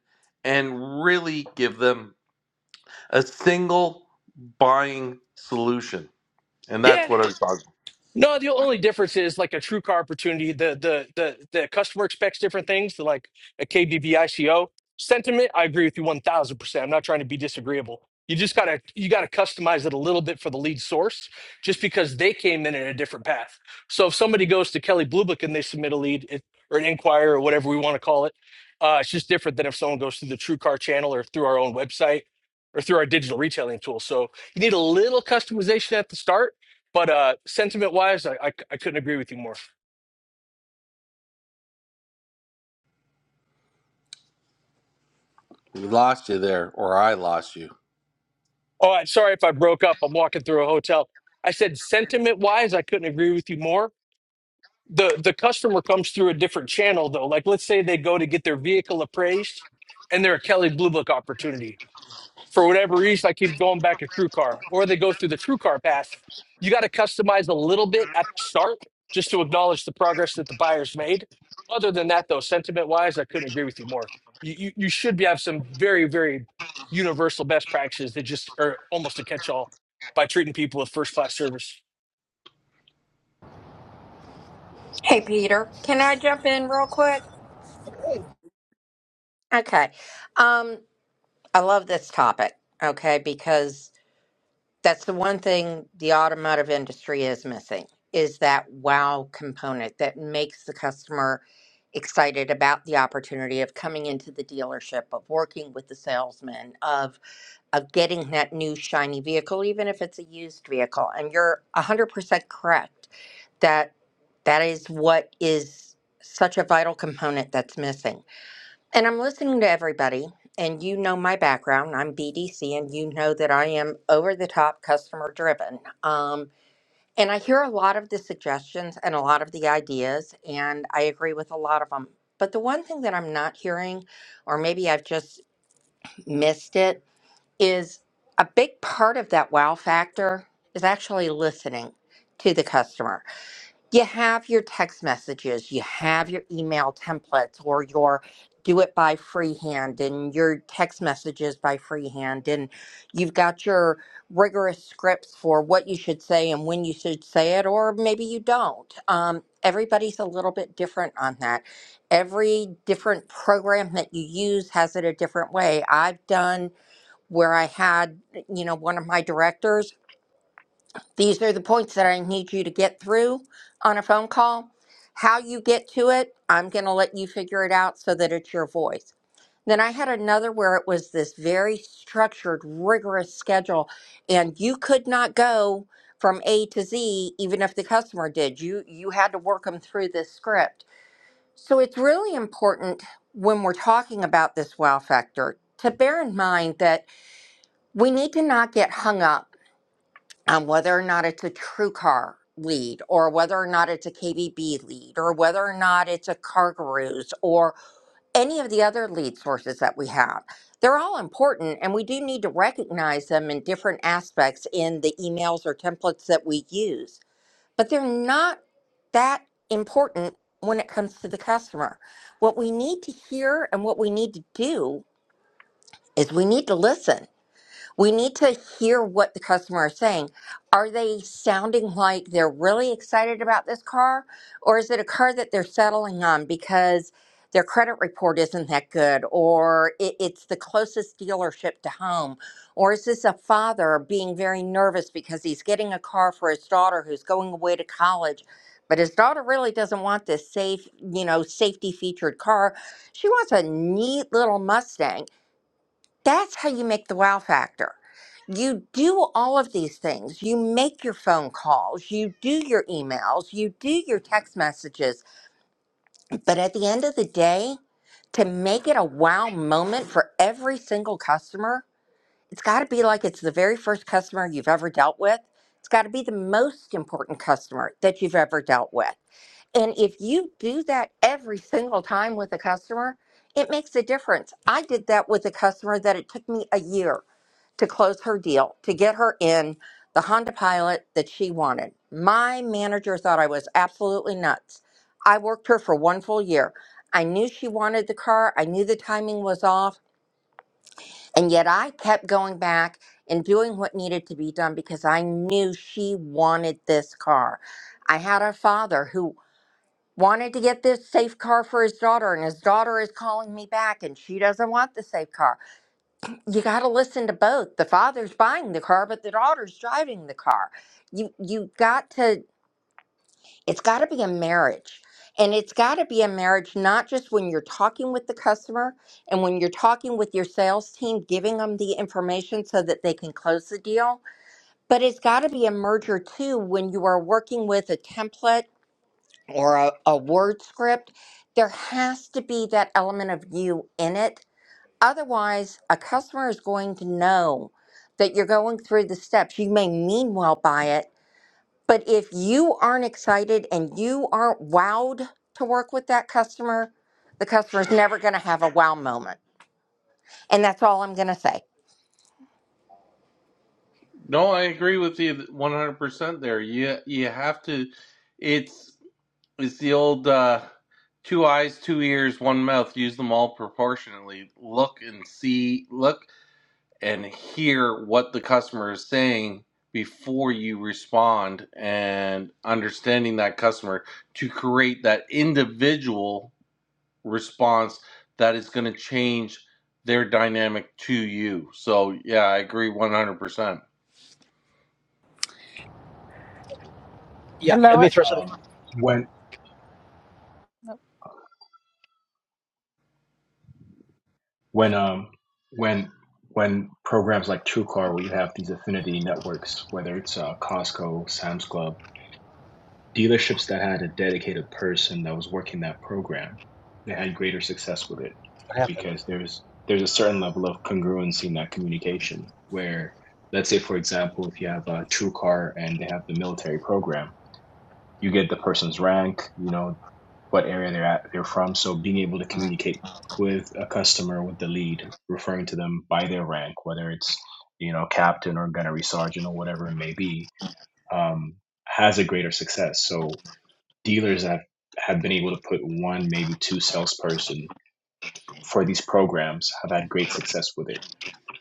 S1: and really give them a single buying solution and that's
S6: Yeah,
S1: what i was talking
S6: No, the only difference is like a true car opportunity. The the the the customer expects different things. To like a KBB sentiment, I agree with you one thousand percent. I'm not trying to be disagreeable. You just gotta you gotta customize it a little bit for the lead source, just because they came in in a different path. So if somebody goes to Kelly Blue Book and they submit a lead it, or an inquiry or whatever we want to call it, uh, it's just different than if someone goes through the True Car channel or through our own website or through our digital retailing tool. So you need a little customization at the start but uh, sentiment wise, I, I, I couldn't agree with you more.
S1: about. we lost you there or i lost you
S6: All right, sorry if I broke up. I'm walking through a hotel. I said sentiment wise, I couldn't agree with you more. The the customer comes through a different channel though. Like let's say they go to get their vehicle appraised and they're a Kelly Blue Book opportunity. for whatever reason, I keep going back to TrueCar. or they go through the TrueCar path. You got to customize a little bit at the start just to acknowledge the progress that the buyer's made. Other than that, though, sentiment wise, I couldn't agree with you more. You, you, you should be, have some very, very universal best practices that just are almost a catch all by treating people with first class service.
S2: Hey, Peter, can I jump in real quick? Okay. Um, I love this topic, okay, because that's the one thing the automotive industry is missing is that wow component that makes the customer excited about the opportunity of coming into the dealership, of working with the salesman, of of getting that new shiny vehicle, even if it's a used vehicle. And you're 100% correct that that is what is such a vital component that's missing. And I'm listening to everybody, and you know my background. I'm BDC, and you know that I am over the top customer driven. Um, and I hear a lot of the suggestions and a lot of the ideas, and I agree with a lot of them. But the one thing that I'm not hearing, or maybe I've just missed it, is a big part of that wow factor is actually listening to the customer you have your text messages, you have your email templates, or your do it by freehand and your text messages by freehand, and you've got your rigorous scripts for what you should say and when you should say it, or maybe you don't. Um, everybody's a little bit different on that. Every different program that you use has it a different way. I've done where I had, you know, one of my directors. These are the points that I need you to get through on a phone call. How you get to it, I'm going to let you figure it out so that it's your voice. Then I had another where it was this very structured, rigorous schedule, and you could not go from A to Z, even if the customer did. You you had to work them through this script. So it's really important when we're talking about this wow factor to bear in mind that we need to not get hung up um, whether or not it's a true car lead or whether or not it's a KBB lead or whether or not it's a car gurus or any of the other lead sources that we have. They're all important and we do need to recognize them in different aspects in the emails or templates that we use, but they're not that important when it comes to the customer. What we need to hear and what we need to do is we need to listen we need to hear what the customer is saying. Are they sounding like they're really excited about this car, or is it a car that they're settling on because their credit report isn't that good, or it, it's the closest dealership to home? Or is this a father being very nervous because he's getting a car for his daughter who's going away to college? But his daughter really doesn't want this safe, you know, safety featured car. She wants a neat little Mustang that's how you make the wow factor. You do all of these things. You make your phone calls, you do your emails, you do your text messages. But at the end of the day, to make it a wow moment for every single customer, it's got to be like it's the very first customer you've ever dealt with. It's got to be the most important customer that you've ever dealt with. And if you do that every single time with a customer, it makes a difference. I did that with a customer that it took me a year to close her deal to get her in the Honda Pilot that she wanted. My manager thought I was absolutely nuts. I worked her for one full year. I knew she wanted the car, I knew the timing was off, and yet I kept going back and doing what needed to be done because I knew she wanted this car. I had a father who wanted to get this safe car for his daughter, and his daughter is calling me back, and she doesn't want the safe car you got to listen to both. The father's buying the car, but the daughter's driving the car. You you got to it's got to be a marriage. And it's got to be a marriage not just when you're talking with the customer and when you're talking with your sales team giving them the information so that they can close the deal, but it's got to be a merger too when you are working with a template or a, a word script. There has to be that element of you in it Otherwise, a customer is going to know that you're going through the steps. You may mean well by it, but if you aren't excited and you aren't wowed to work with that customer, the customer's never going to have a wow moment. And that's all I'm going to say.
S1: no i agree with you 100% there you you have to it's It's the old uh, two eyes, two ears, one mouth. Use them all proportionately. Look and see, look and hear what the customer is saying before you respond, and understanding that customer to create that individual response that is going to change their dynamic to you. So, yeah, I agree 100%.
S3: Yeah, let
S8: Hello.
S3: me throw something
S9: Um, when when um when when programs like TrueCar, where you have these affinity networks, whether it's uh, Costco, Sam's Club, dealerships that had a dedicated person that was working that program, they had greater success with it
S3: that happened.
S9: because there's there's a certain level of congruency in that communication. Where, let's say, for example, if you have a TrueCar and they have the military program, you get the person's rank, you know, what area they're at they're from. So being able to communicate with a customer with the lead, referring to them by their rank, whether it's you know captain or gunnery sergeant or whatever it may be, um, has a greater success. So dealers have have been able to put one maybe two salesperson for these programs have had great success with it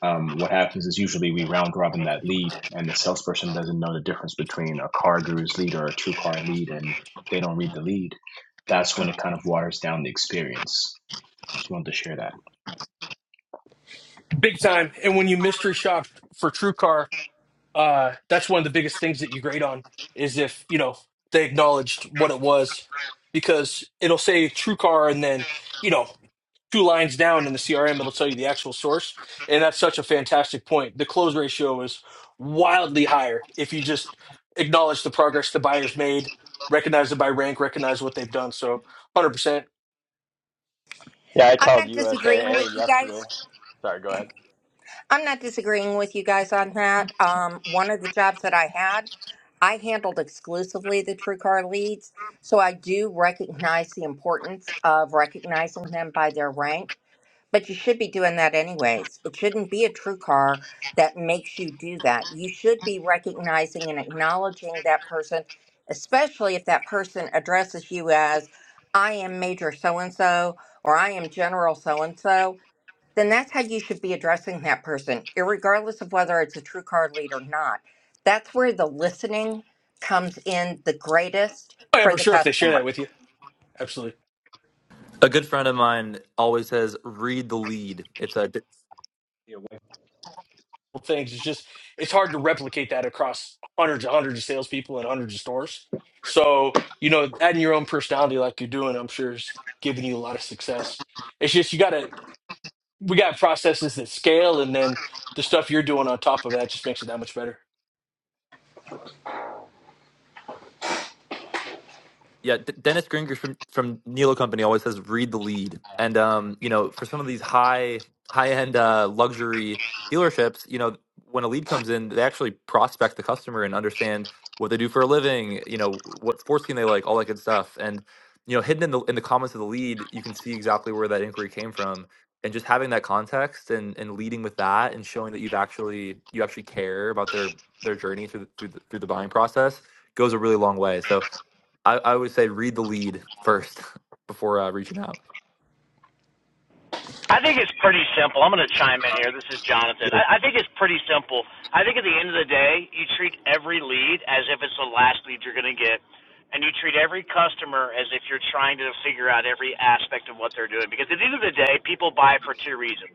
S9: um, what happens is usually we round robin that lead, and the salesperson doesn't know the difference between a car guru's lead or a true car lead, and they don't read the lead. That's when it kind of waters down the experience. Just wanted to share that.
S6: Big time. And when you mystery shop for TrueCar uh, that's one of the biggest things that you grade on is if you know they acknowledged what it was because it'll say true car and then you know two lines down in the crm it'll tell you the actual source and that's such a fantastic point the close ratio is wildly higher if you just acknowledge the progress the buyers made recognize it by rank recognize what they've done so 100%
S10: Yeah, I
S2: I'm
S10: called
S2: not disagreeing
S10: USAA
S2: with you guys.
S10: yesterday. Sorry, go ahead.
S2: I'm not disagreeing with you guys on that. Um, one of the jobs that I had, I handled exclusively the true car leads. So I do recognize the importance of recognizing them by their rank But you should be doing that anyways. It shouldn't be a true car that makes you do that. You should be recognizing and acknowledging that person, especially if that person addresses you as, I am Major so and so, or I am General so and so. Then that's how you should be addressing that person, regardless of whether it's a true car lead or not. That's where the listening comes in the greatest
S6: i am
S2: for
S6: for
S2: the
S6: sure if they share that
S2: customer.
S6: with you absolutely.
S11: A good friend of mine always says, "Read the lead." It's a
S9: Yeah,
S6: things. It's just it's hard to replicate that across hundreds and hundreds of salespeople and hundreds of stores. So you know, adding your own personality like you're doing, I'm sure is giving you a lot of success. It's just you gotta we got processes that scale, and then the stuff you're doing on top of that just makes it that much better.
S11: Yeah, D- Dennis Gringer from from Nilo Company always says read the lead, and um, you know, for some of these high high end uh, luxury dealerships, you know, when a lead comes in, they actually prospect the customer and understand what they do for a living, you know, what sports team they like, all that good stuff, and you know, hidden in the in the comments of the lead, you can see exactly where that inquiry came from, and just having that context and and leading with that and showing that you've actually you actually care about their their journey through the, through the, through the buying process goes a really long way. So I, I would say read the lead first before uh, reaching out.
S7: I think it's pretty simple. I'm going to chime in here. This is Jonathan. I, I think it's pretty simple. I think at the end of the day, you treat every lead as if it's the last lead you're going to get, and you treat every customer as if you're trying to figure out every aspect of what they're doing. Because at the end of the day, people buy for two reasons.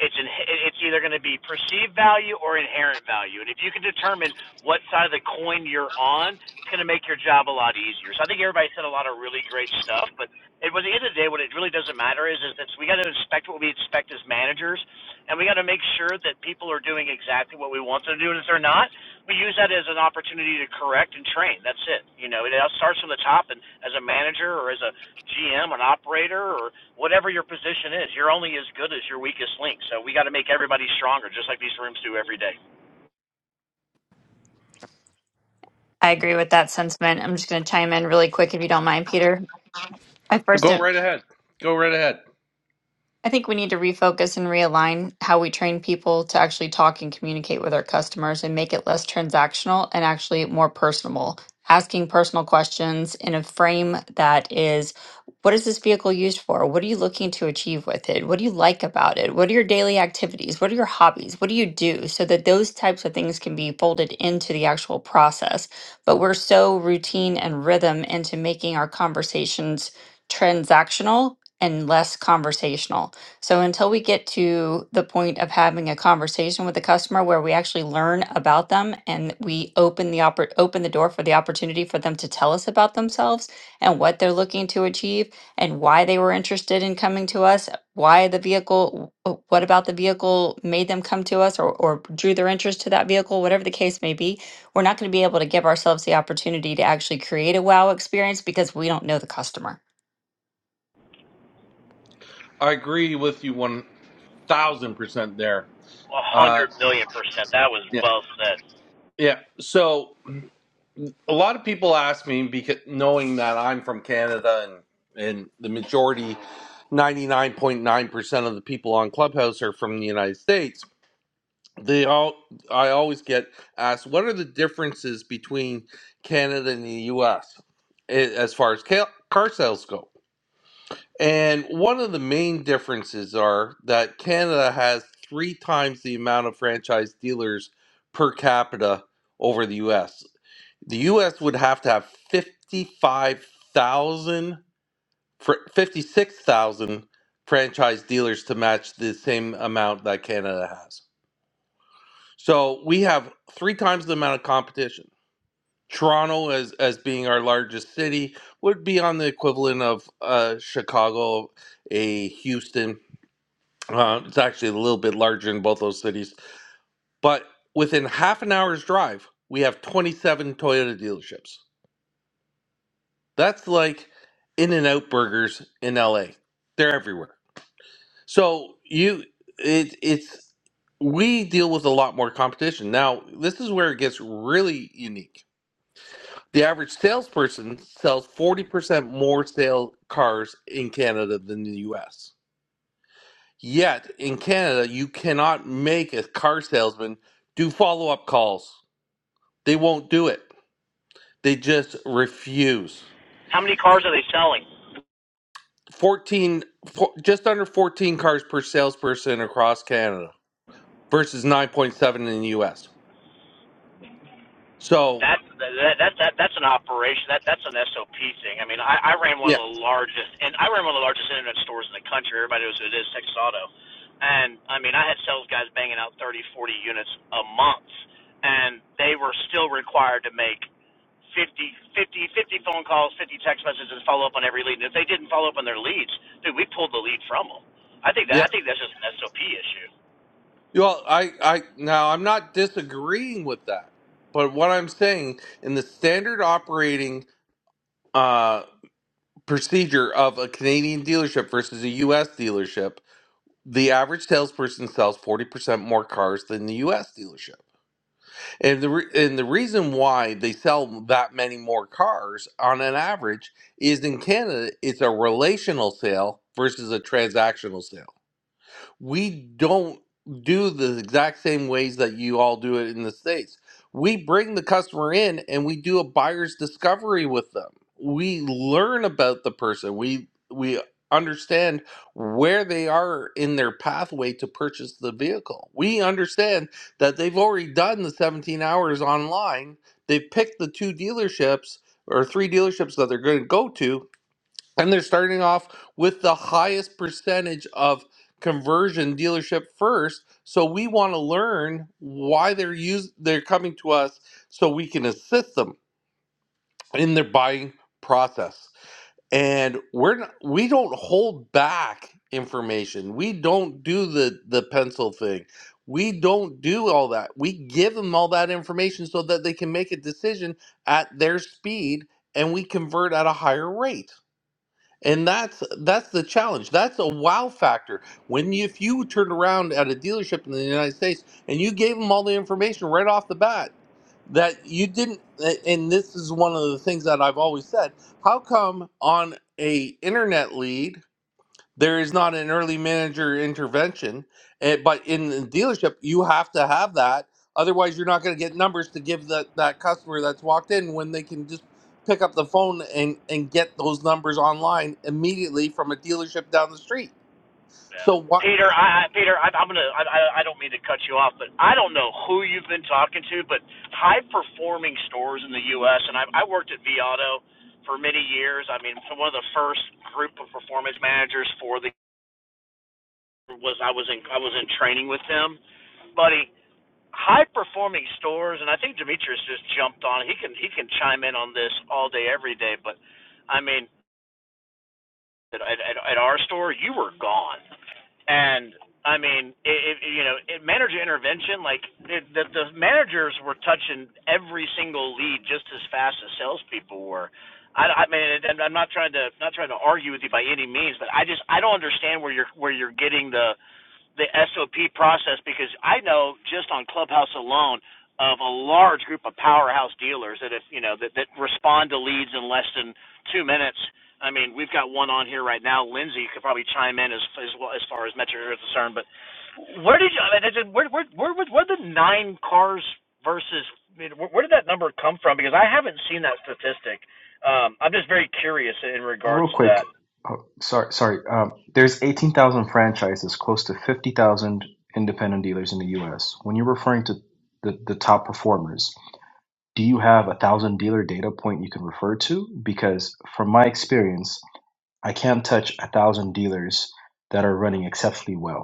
S7: It's in, it's either going to be perceived value or inherent value, and if you can determine what side of the coin you're on, it's going to make your job a lot easier. So I think everybody said a lot of really great stuff, but It was at the end of the day, what it really doesn't matter is, is that we got to inspect what we inspect as managers, and we got to make sure that people are doing exactly what we want them to do. And if they're not, we use that as an opportunity to correct and train. That's it. You know, it all starts from the top. And as a manager or as a GM, an operator, or whatever your position is, you're only as good as your weakest link. So we got to make everybody stronger, just like these rooms do every day.
S12: I agree with that sentiment. I'm just going to chime in really quick if you don't mind, Peter. I first
S1: Go right ahead. Go right ahead.
S12: I think we need to refocus and realign how we train people to actually talk and communicate with our customers and make it less transactional and actually more personable. Asking personal questions in a frame that is what is this vehicle used for? What are you looking to achieve with it? What do you like about it? What are your daily activities? What are your hobbies? What do you do? So that those types of things can be folded into the actual process. But we're so routine and rhythm into making our conversations transactional and less conversational. So until we get to the point of having a conversation with the customer where we actually learn about them and we open the oppor- open the door for the opportunity for them to tell us about themselves and what they're looking to achieve and why they were interested in coming to us, why the vehicle, wh- what about the vehicle made them come to us or, or drew their interest to that vehicle, whatever the case may be we're not going to be able to give ourselves the opportunity to actually create a wow experience because we don't know the customer.
S1: I agree with you 1000% there.
S7: A
S1: Uh,
S7: hundred million percent. That was well said.
S1: Yeah. So a lot of people ask me because knowing that I'm from Canada and and the majority, ninety nine point nine percent of the people on Clubhouse are from the United States. They all I always get asked what are the differences between Canada and the U.S. as far as ca- car sales go. And one of the main differences are that Canada has three times the amount of franchise dealers per capita over the U.S the U.S. would have to have fifty-five thousand, fifty-six thousand franchise dealers to match the same amount that Canada has. So we have three times the amount of competition. Toronto, as, as being our largest city, would be on the equivalent of uh, Chicago, a Houston. Uh, it's actually a little bit larger in both those cities. But within half an hour's drive, we have 27 Toyota dealerships. That's like In n Out burgers in LA. They're everywhere. So you it it's we deal with a lot more competition. Now, this is where it gets really unique. The average salesperson sells 40% more sale cars in Canada than the US. Yet, in Canada, you cannot make a car salesman do follow-up calls. They won't do it. They just refuse.
S7: How many cars are they selling?
S1: 14 fo- just under 14 cars per salesperson across Canada versus 9.7 in the US. So,
S7: That's that, that that that's an operation. That that's an SOP thing. I mean, I, I ran one
S1: yeah.
S7: of the largest, and I ran one of the largest internet stores in the country. Everybody knows who it is, Texas Auto. And I mean, I had sales guys banging out 30, 40 units a month, and they were still required to make 50, 50, 50 phone calls, 50 text messages, and follow up on every lead. And if they didn't follow up on their leads, dude, we pulled the lead from them. I think that
S1: Yeah.
S7: I think that's just an SOP issue.
S1: Well, I I now I'm not disagreeing with that. But what I'm saying in the standard operating uh procedure of a Canadian dealership versus a US dealership, the average salesperson sells 40% more cars than the US dealership. And the re- and the reason why they sell that many more cars on an average is in Canada, it's a relational sale versus a transactional sale we don't do the exact same ways that you all do it in the states we bring the customer in and we do a buyer's discovery with them we learn about the person we we understand where they are in their pathway to purchase the vehicle we understand that they've already done the 17 hours online they've picked the two dealerships or three dealerships that they're going to go to and they're starting off with the highest percentage of conversion dealership first. So we want to learn why they're use they're coming to us so we can assist them in their buying process. And we're not, we don't hold back information. We don't do the the pencil thing. We don't do all that. We give them all that information so that they can make a decision at their speed and we convert at a higher rate. And that's that's the challenge. That's a wow factor. When you, if you turned around at a dealership in the United States and you gave them all the information right off the bat that you didn't and this is one of the things that I've always said, how come on a internet lead there is not an early manager intervention, and, but in the dealership, you have to have that. Otherwise, you're not going to get numbers to give that that customer that's walked in when they can just pick up the phone and and get those numbers online immediately from a dealership down the street.
S7: Yeah.
S1: So what?
S7: Peter, I, Peter, I, I'm gonna. I, I I don't mean to cut you off, but I don't know who you've been talking to, but high performing stores in the U.S. and I, I worked at Viato for many years. I mean, so one of the first group of performance managers for the was I was in I was in training with them, buddy. High performing stores, and I think Demetrius just jumped on. He can he can chime in on this all day every day, but I mean, at, at, at our store, you were gone And I mean, it, it you know, it, manager intervention, like it, the, the managers were touching every single lead just as fast as salespeople were. I, I mean, and I'm not trying to not trying to argue with you by any means, but I just I don't understand where you're where you're getting the the SOP process because I know just on Clubhouse alone of a large group of powerhouse dealers that if you know that, that respond to leads in less than two minutes. I mean, we've got one on here right now. Lindsay could probably chime in as as, well, as far as metrics are concerned. But where did you? I mean, that's- where where where where the nine cars versus? I mean, Where, where did that number come from? Because I haven't seen that statistic. Um, I'm just very curious in
S9: Um,
S7: regards
S9: real
S7: to
S9: quick,
S7: that.
S9: oh, sorry, sorry. Um, there's 18,000 franchises, close to 50,000 independent dealers in the U.S. When you're referring to the, the top performers, do you have a thousand dealer data point you can refer to? Because from my experience, I can't touch a thousand dealers that are running exceptionally well.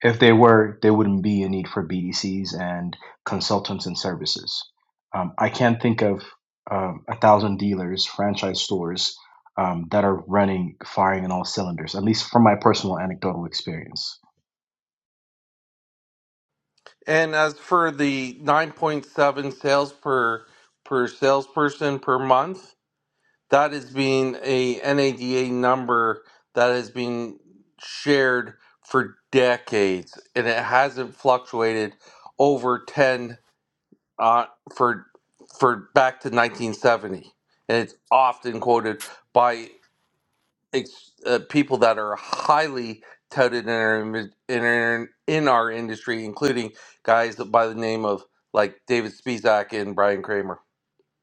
S9: If they were, there wouldn't be a need for BDCs and consultants and services. Um, I can't think of um, a thousand dealers, franchise stores um, that are running, firing on all cylinders, at least from my personal anecdotal experience.
S1: And as for the 9.7 sales per per salesperson per month, that is being a NADA number that has been shared for decades, and it hasn't fluctuated over ten uh, for for back to 1970, and it's often quoted by ex- uh, people that are highly touted in our in, our- in our industry, including guys by the name of like David Spizak and Brian Kramer.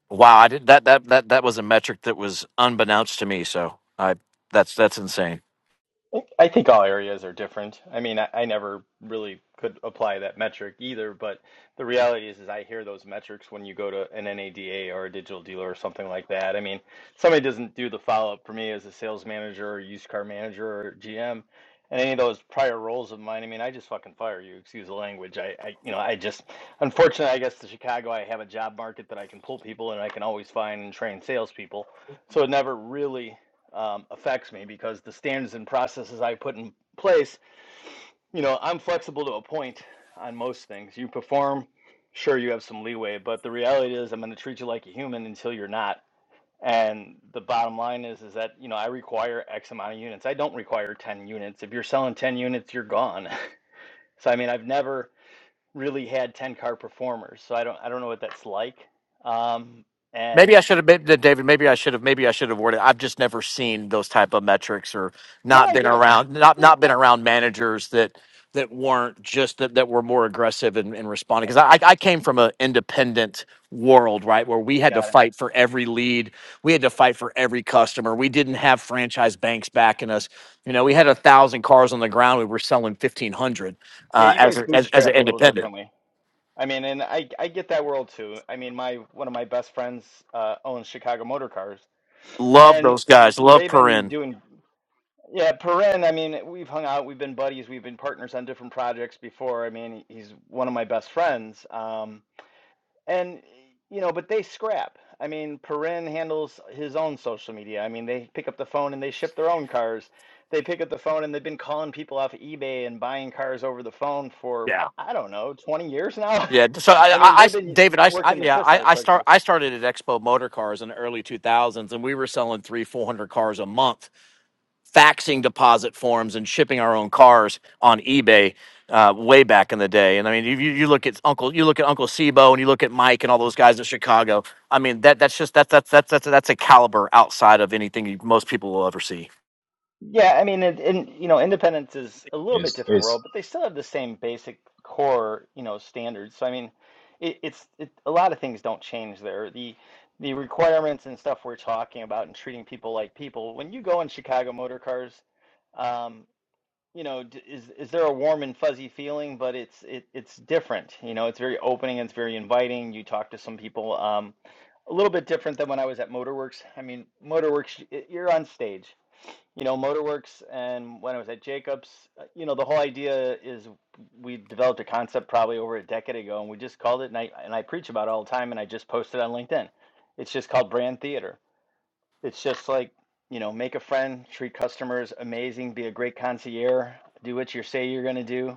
S7: Wow, I did that that that that was a metric that was unbeknownst to me. So I that's that's insane.
S10: I I think all areas are different. I mean, I, I never really could apply that metric either, but the reality is, is I hear those metrics when you go to an NADA or a digital dealer or something like that. I mean, somebody doesn't do the follow-up for me as a sales manager or used car manager or GM, and any of those prior roles of mine. I mean, I just fucking fire you. Excuse the language. I, I, you know, I just, unfortunately, I guess the Chicago, I have a job market that I can pull people and I can always find and train salespeople. So it never really um, affects me because the standards and processes I put in place, you know, I'm flexible to a point on most things. You perform, sure, you have some leeway, but the reality is, I'm going to treat you like a human until you're not. And the bottom line is, is that you know I require X amount of units. I don't require 10 units. If you're selling 10 units, you're gone. so I mean, I've never really had 10 car performers, so I don't I don't know what that's like. Um,
S7: Maybe
S10: and
S7: I should have, maybe, David. Maybe I should have. Maybe I should have worded. I've just never seen those type of metrics, or
S10: no,
S7: not
S10: I
S7: been
S10: get it.
S7: around, not not been around managers that that weren't just that, that were more aggressive in, in responding. Because I, I came from an independent world, right, where we had to
S10: Yeah,
S7: fight for every lead, we had to fight for every customer. We didn't have franchise banks backing us. You know, we had a thousand cars on the ground. We were selling fifteen hundred
S10: Yeah,
S7: uh,
S10: you
S7: as,
S10: guys
S7: a- as as an
S10: bootstrap a little
S7: independent.
S10: differently. I mean, and I I get that world too. I mean, my one of my best friends uh, owns Chicago Motor Cars,
S7: Love
S10: and
S7: those guys. Love
S10: they've been
S7: Perrin.
S10: doing. Yeah, Perrin. I mean, we've hung out, we've been buddies, we've been partners on different projects before. I mean, he's one of my best friends. Um, and you know, but they scrap. I mean, Perrin handles his own social media. I mean, they pick up the phone and they ship their own cars. They pick up the phone and they've been calling people off eBay and buying cars over the phone for
S7: Yeah.
S10: I don't know, 20 years now.
S7: Yeah, so I,
S10: I
S7: I,
S10: mean,
S7: I
S10: they've been
S7: David, I, I
S10: working the
S7: yeah,
S10: piss
S7: I,
S10: out of
S7: I start,
S10: Craigslist.
S7: I started at Expo Motor Cars in the early two thousands, and we were selling three, four hundred cars a month, faxing deposit forms and shipping our own cars on eBay, uh, way back in the day. And I mean, if you, you look at Uncle, you look at Uncle Sebo, and you look at Mike and all those guys in Chicago. I mean, that that's just that's that's that's that's that's a caliber outside of anything you- most people will ever see.
S10: Yeah, I mean, it, and you know, independence is a little bit
S9: It's
S10: different
S9: it's
S10: world, but they still have the same basic core, you know, standards. So I mean, it, it's it, a lot of things don't change there. The the requirements and stuff we're talking about and treating people like people. When you go in Chicago motor cars, um, you know, d- is is there a warm and fuzzy feeling? But it's it it's different. You know, it's very opening. It's very inviting. You talk to some people. Um, a little bit different than when I was at Motorworks. I mean, Motorworks, y- you're on stage you know, Motorworks and when I was at Jacobs, uh, you know, the whole idea is we developed a concept probably over a decade ago and we just called it, and I, and I preach about it all the time and I just posted on LinkedIn. It's just called brand theater. It's just like, you know, make a friend, treat customers amazing, be a great concierge, do what you say you're going to do,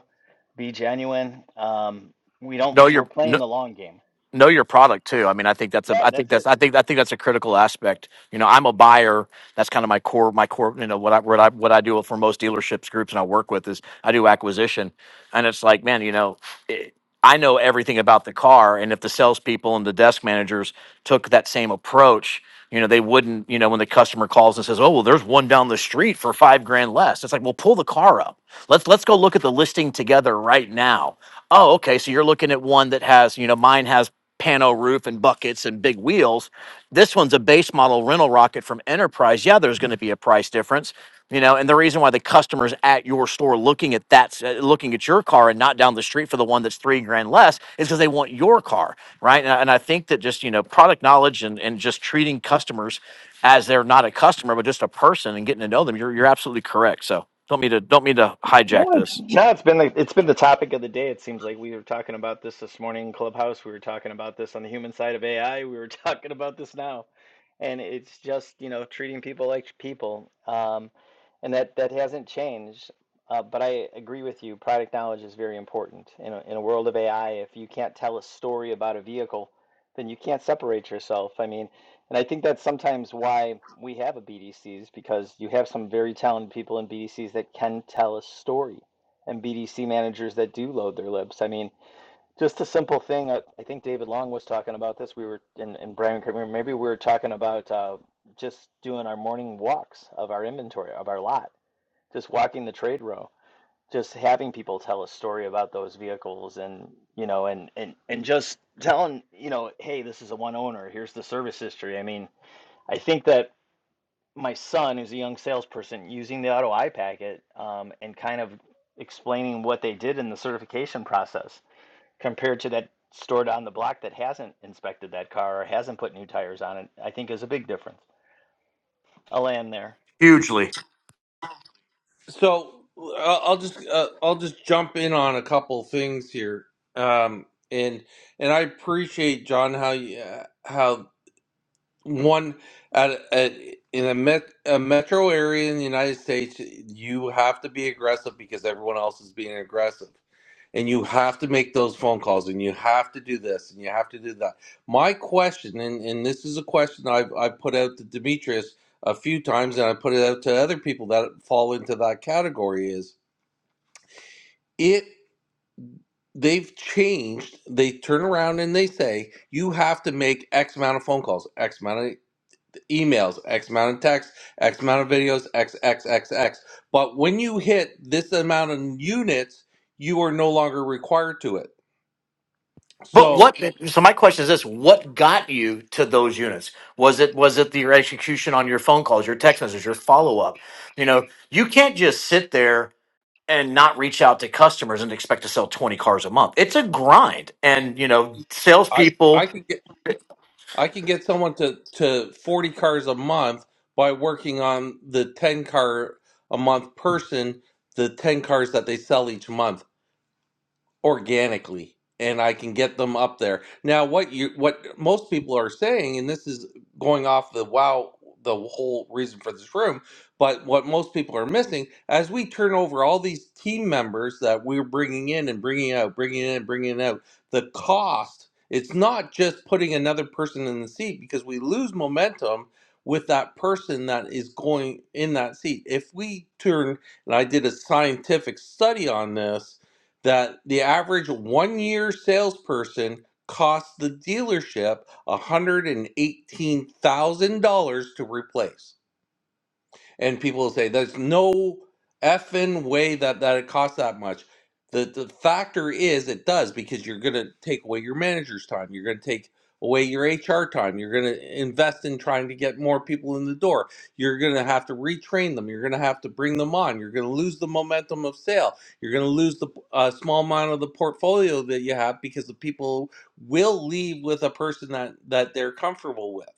S10: be genuine. Um, we don't,
S7: No,
S10: we're
S7: you're no,
S10: playing the long game.
S7: know your product too. I mean, I think that's a,
S10: Yeah,
S7: I think
S10: that's
S7: that's,
S10: it.
S7: I think, I think that's a critical aspect. You know, I'm a buyer. That's kind of my core, my core. You know, what I, what I, what I do for most dealerships groups and I work with is I do acquisition, and it's like, man, you know, it, I know everything about the car, and if the salespeople and the desk managers took that same approach, you know, they wouldn't, you know, when the customer calls and says, "Oh, well, there's one down the street for 5 grand less." It's like, "Well, pull the car up. Let's let's go look at the listing together right now." Oh, okay, so you're looking at one that has, you know, mine has pano roof and buckets and big wheels. This one's a base model rental rocket from Enterprise. Yeah, there's going to be a price difference, you know and the reason why the customers at your store looking at that s- uh, looking at your car and not down the street for the one that's three grand less is because they want your car right and, I- and i think that just you know product knowledge and, and just treating customers as they're not a customer but just a person and getting to know them you're, you're absolutely correct so don't mean to don't mean to hijack
S10: No, it's
S7: this
S10: no, it's been the it's been the topic of the day. It seems like we were talking about this this morning in Clubhouse. We were talking about this on the human side of AI. We were talking about this now, and it's just you know treating people like people, um, and that that hasn't changed. Uh, but I agree with you. Product knowledge is very important in a, in a world of AI. If you can't tell a story about a vehicle, then you can't separate yourself. I mean, and I think that's sometimes why we have a BDCs because you have some very talented people in BDCs that can tell a story and BDC managers that do load their lips. I mean, just a simple thing. uh, I think David Long was talking about this. We were, in in Brian, maybe we were talking about uh, just doing our morning walks of our inventory, of our lot, just walking the trade row, just having people tell a story about those vehicles and, you know, and, and, and just telling, you know, hey, this is a one owner. Here's the service history. I mean, I think that my son, who's a young salesperson, using the auto I packet um, and kind of explaining what they did in the certification process compared to that store down the block that hasn't inspected that car or hasn't put new tires on it, I think is a big difference. I'll land there.
S7: hugely
S1: So uh, I'll just uh, I'll just jump in on a couple things here, um, and and I appreciate John how you, uh, how one at, at in a, met, a metro area in the United States you have to be aggressive because everyone else is being aggressive, and you have to make those phone calls, and you have to do this, and you have to do that. My question, and, and this is a question I've I've put out to Demetrius a few times, and I put it out to other people that fall into that category is it they've changed they turn around and they say you have to make x amount of phone calls x amount of emails x amount of texts x amount of videos x x x x but when you hit this amount of units you are no longer required to it
S7: but
S1: so
S7: what so my question is this what got you to those units was it was it the, your execution on your phone calls your text messages your follow-up you know you can't just sit there and not reach out to customers and expect to sell 20 cars a month. It's a grind. And, you know,
S1: i i
S7: salespeople
S1: could get
S7: I
S1: i can get someone to to 40 cars a month by working on the 10 car a month person the 10 cars that they sell each month organically and I can get them up there. Now what you what most people are saying and this is going off the wow the whole reason for this room, but what most people are missing as we turn over all these team members that we're bringing in and bringing out, bringing in, bringing out, the cost it's not just putting another person in the seat because we lose momentum with that person that is going in that seat. If we turn, and I did a scientific study on this, that the average one year salesperson costs the dealership $118,000 to replace and people will say there's no effing way that that it costs that much. The the factor is it does because you're gonna take away your manager's time, you're gonna take away your HR time, you're gonna invest in trying to get more people in the door, you're gonna have to retrain them, you're gonna have to bring them on, you're gonna lose the momentum of sale, you're gonna lose the uh, small amount of the portfolio that you have because the people will leave with a person that that they're comfortable with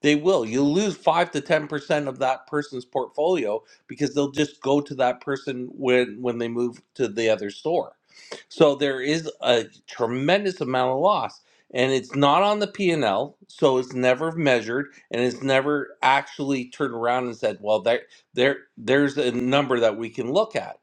S1: they will. You'll lose five to ten percent of that person's portfolio because they'll just go to that person when when they move to the other store. So there is a tremendous amount of loss, and it's not on the P and L, so it's never measured, and it's never actually turned around and said, "Well, there, there, there's a number that we can look at."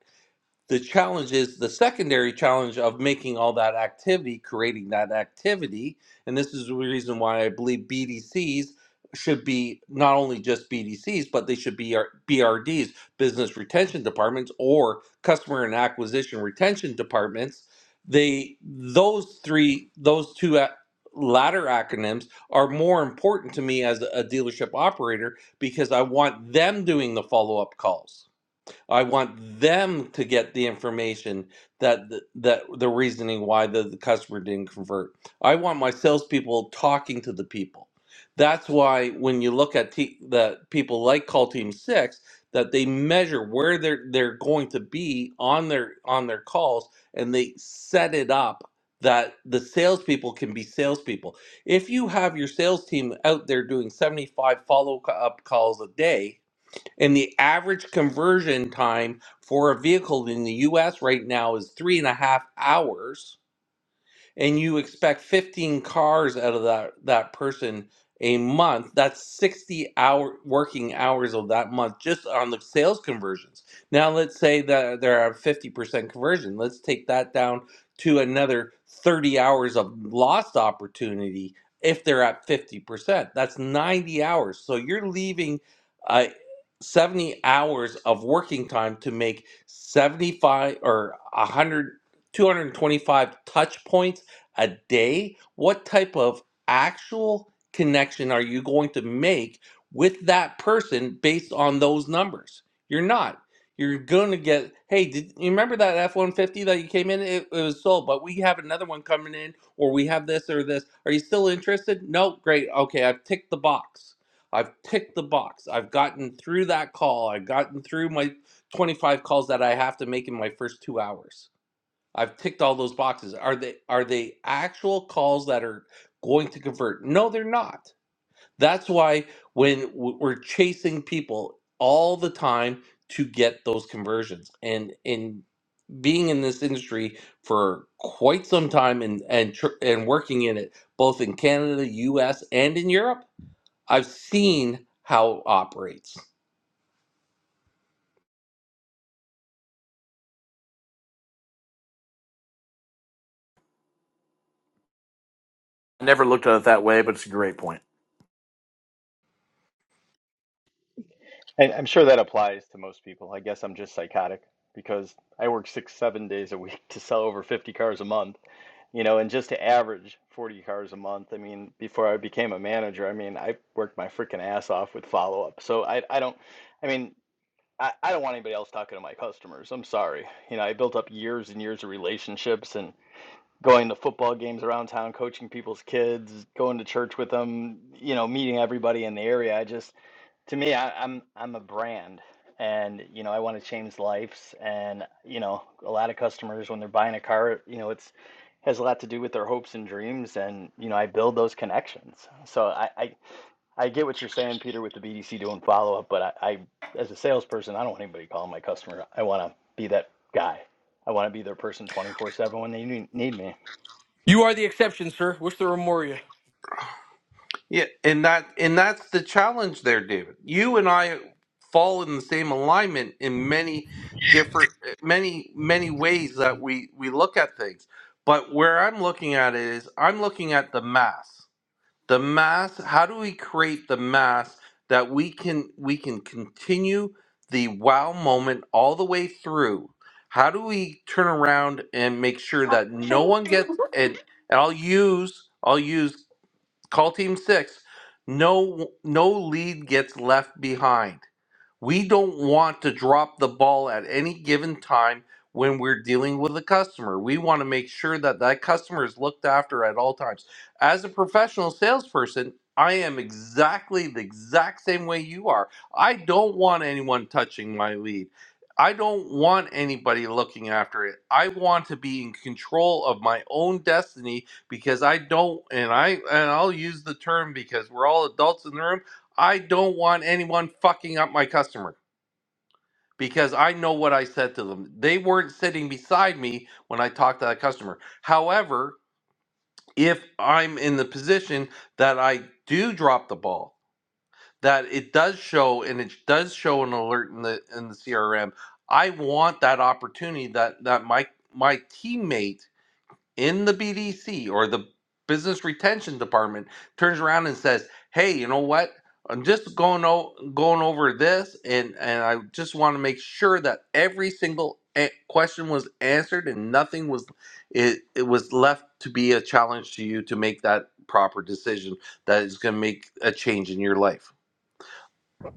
S1: the challenge is the secondary challenge of making all that activity, creating that activity. And this is the reason why I believe BDCs should be not only just BDCs, but they should be our BRDs, business retention departments, or customer and acquisition retention departments. They those three, those two a- latter acronyms are more important to me as a dealership operator because I want them doing the follow up calls. I want them to get the information that th- that the reasoning why the, the customer didn't convert. I want my salespeople talking to the people. That's why when you look at te- the people like Call Team Six, that they measure where they're they're going to be on their on their calls, and they set it up that the salespeople can be salespeople. If you have your sales team out there doing seventy five follow up calls a day, and the average conversion time for a vehicle in the US right now is three and a half hours and you expect 15 cars out of that that person a month that's 60 hour working hours of that month just on the sales conversions now let's say that they're at 50% conversion let's take that down to another 30 hours of lost opportunity if they're at 50% that's 90 hours so you're leaving uh, 70 hours of working time to make 75 or 100 225 touch points a day? What type of actual connection are you going to make with that person based on those numbers? You're not. You're going to get, hey, did you remember that F 150 that you came in? It, it was sold, but we have another one coming in, or we have this or this. Are you still interested? No, great. Okay, I've ticked the box. I've ticked the box. I've gotten through that call. I've gotten through my 25 calls that I have to make in my first two hours I've ticked all those boxes. Are they are they actual calls that are going to convert? No, they're not. That's why when we're chasing people all the time to get those conversions and in being in this industry for quite some time and and tr- and working in it both in Canada, US and in Europe, I've seen how it operates.
S7: never looked at it that way, but it's a great point.
S10: And I'm sure that applies to most people. I guess I'm just psychotic because I work six, seven days a week to sell over 50 cars a month. you know, and just to average 40 cars a month. I mean, before I became a manager, I mean, I worked my freaking ass off with follow up. So I, I don't, I mean, I, I don't want anybody else talking to my customers. I'm sorry. You know, I built up years and years of relationships and going to football games around town, coaching people's kids, going to church with them, you know, meeting everybody in the area. I just, to me, I, I'm I'm a brand, and you know, I want to change lives. And you know, a lot of customers when they're buying a car, you know, it's has a lot to do with their hopes and dreams, and you know, I build those connections. So I I, I get what you're saying, Peter, with the BDC doing follow up, but I, I as a salesperson, I don't want anybody calling my customer. I want to be that guy. I want to be their person 24 7 when they need need me.
S6: You are the exception, sir. Wish there were more. of you.
S1: Yeah, and that and that's the challenge there, David. You and I fall in the same alignment in many different many many ways that we we look at things. But where I'm looking at it is I'm looking at the mass. The mass, how do we create the mass that we can we can continue the wow moment all the way through? How do we turn around and make sure that no one gets and, and I'll use I'll use Call team six. No no lead gets left behind. We don't want to drop the ball at any given time when we're dealing with a customer. We want to make sure that that customer is looked after at all times. As a professional salesperson, I am exactly the exact same way you are. I don't want anyone touching my lead. I don't want anybody looking after it. I want to be in control of my own destiny because I don't and I and I'll use the term because we're all adults in the room I don't want anyone fucking up my customer because I know what I said to them. They weren't sitting beside me when I talked to that customer. However, if I'm in the position that I do drop the ball, that it does show and it does show an alert in the in the CRM, I want that opportunity that that my my teammate in the BDC or the business retention department turns around and says, "Hey, you know what? I'm just going o- going over this, and and I just want to make sure that every single a- question was answered and nothing was it it was left to be a challenge to you to make that proper decision that is going to make a change in your life."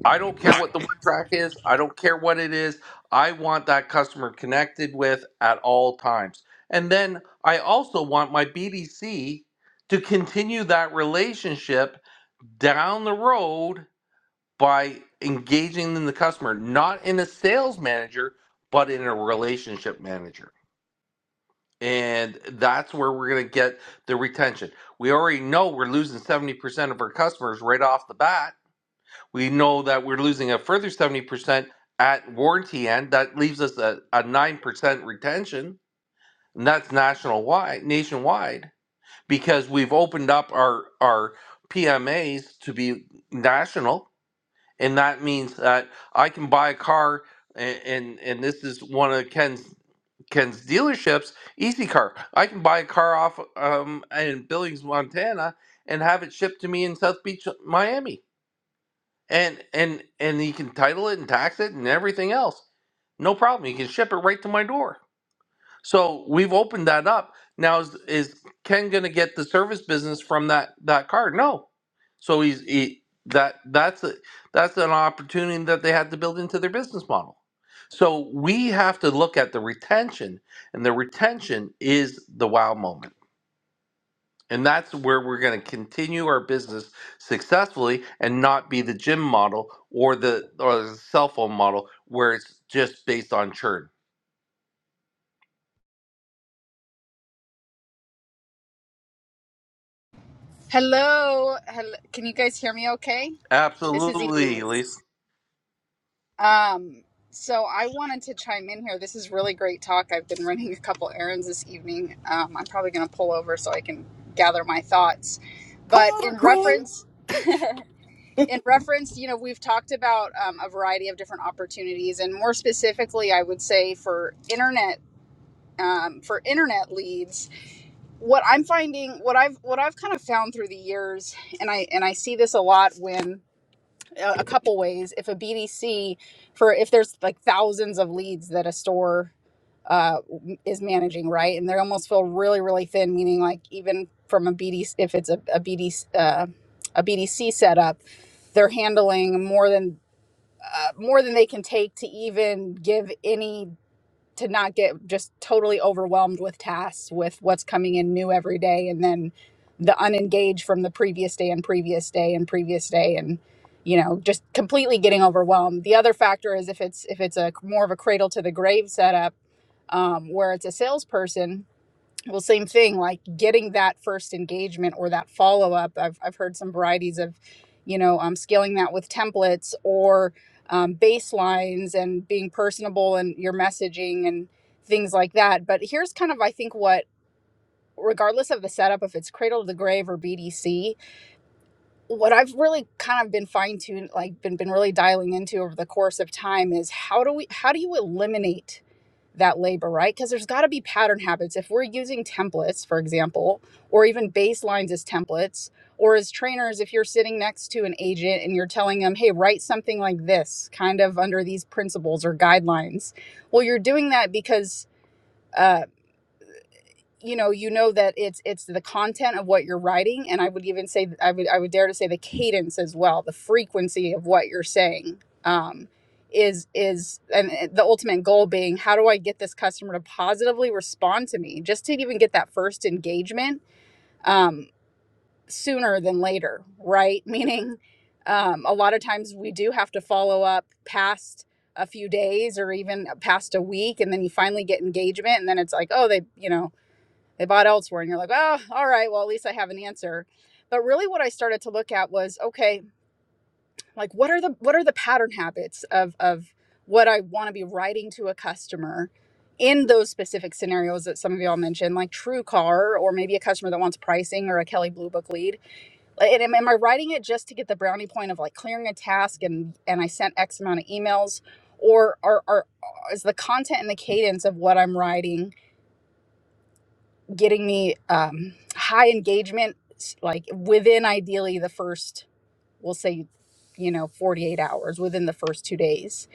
S1: I don't care what the word track is. I don't care what it is. I want that customer connected with at all times. And then I also want my BDC to continue that relationship down the road by engaging in the customer, not in a sales manager, but in a relationship manager. And that's where we're going to get the retention. We already know we're losing 70% of our customers right off the bat we know that we're losing a further 70% at warranty end. That leaves us a, a 9% retention. And that's national wide, nationwide because we've opened up our, our PMAs to be national. And that means that I can buy a car, and, and, and this is one of Ken's, Ken's dealerships, Easy Car. I can buy a car off um, in Billings, Montana, and have it shipped to me in South Beach, Miami and and and you can title it and tax it and everything else no problem you can ship it right to my door so we've opened that up now is, is ken going to get the service business from that that card no so he's he, that that's a, that's an opportunity that they had to build into their business model so we have to look at the retention and the retention is the wow moment and that's where we're going to continue our business successfully and not be the gym model or the or the cell phone model where it's just based on churn.
S8: Hello, hello. Can you guys hear me okay? This is
S1: Absolutely, Elise.
S8: Elise. Um, so I wanted to chime in here. This is really great talk. I've been running a couple errands this evening. Um, I'm probably going to pull over so I can gather my thoughts.
S13: Pull
S8: But
S13: over,
S8: in
S13: Queen.
S8: reference, in reference, you know, we've talked about um, a variety of different opportunities, and more specifically, I would say for internet. um, for internet leads what i'm finding what i've what i've kind of found through the years and i and i see this a lot when a a couple ways if a bdc for if there's like thousands of leads that a store uh, is managing right and they almost feel really really thin meaning like even from a bdc if it's a, bdc uh, a bdc setup they're handling more than uh, more than they can take to even give any to not get just totally overwhelmed with tasks with what's coming in new every day and then the unengaged from the previous day and previous day and previous day and you know just completely getting overwhelmed the other factor is if it's if it's a more of a cradle to the grave setup um, where it's a salesperson well same thing like getting that first engagement or that follow-up i've, I've heard some varieties of you know um, scaling that with templates or um, baselines and being personable and your messaging and things like that but here's kind of i think what regardless of the setup if it's cradle to the grave or bdc what i've really kind of been fine-tuned like been, been really dialing into over the course of time is how do we how do you eliminate that labor, right? Because there's got to be pattern habits. If we're using templates, for example, or even baselines as templates, or as trainers, if you're sitting next to an agent and you're telling them, hey, write something like this, kind of under these principles or guidelines, well, you're doing that because. uh, you know you know that it's it's the content of what you're writing and i would even say i would i would dare to say the cadence as well the frequency of what you're saying um is is and uh, the ultimate goal being how do i get this customer to positively respond to me just to even get that first engagement um sooner than later right meaning um a lot of times we do have to follow up past a few days or even past a week and then you finally get engagement and then it's like oh they you know they bought elsewhere and you're like oh all right well at least i have an answer but really what i started to look at was okay like what are the what are the pattern habits of of what i want to be writing to a customer in those specific scenarios that some of y'all mentioned like true car or maybe a customer that wants pricing or a Kelley blue book lead Like, and am, am i writing it just to get the brownie point of like clearing a task and and i sent x amount of emails or are, are is the content and the cadence of what i'm writing getting me um, high engagement, like within ideally the first, we'll say, you know, 48 hours within the first two days.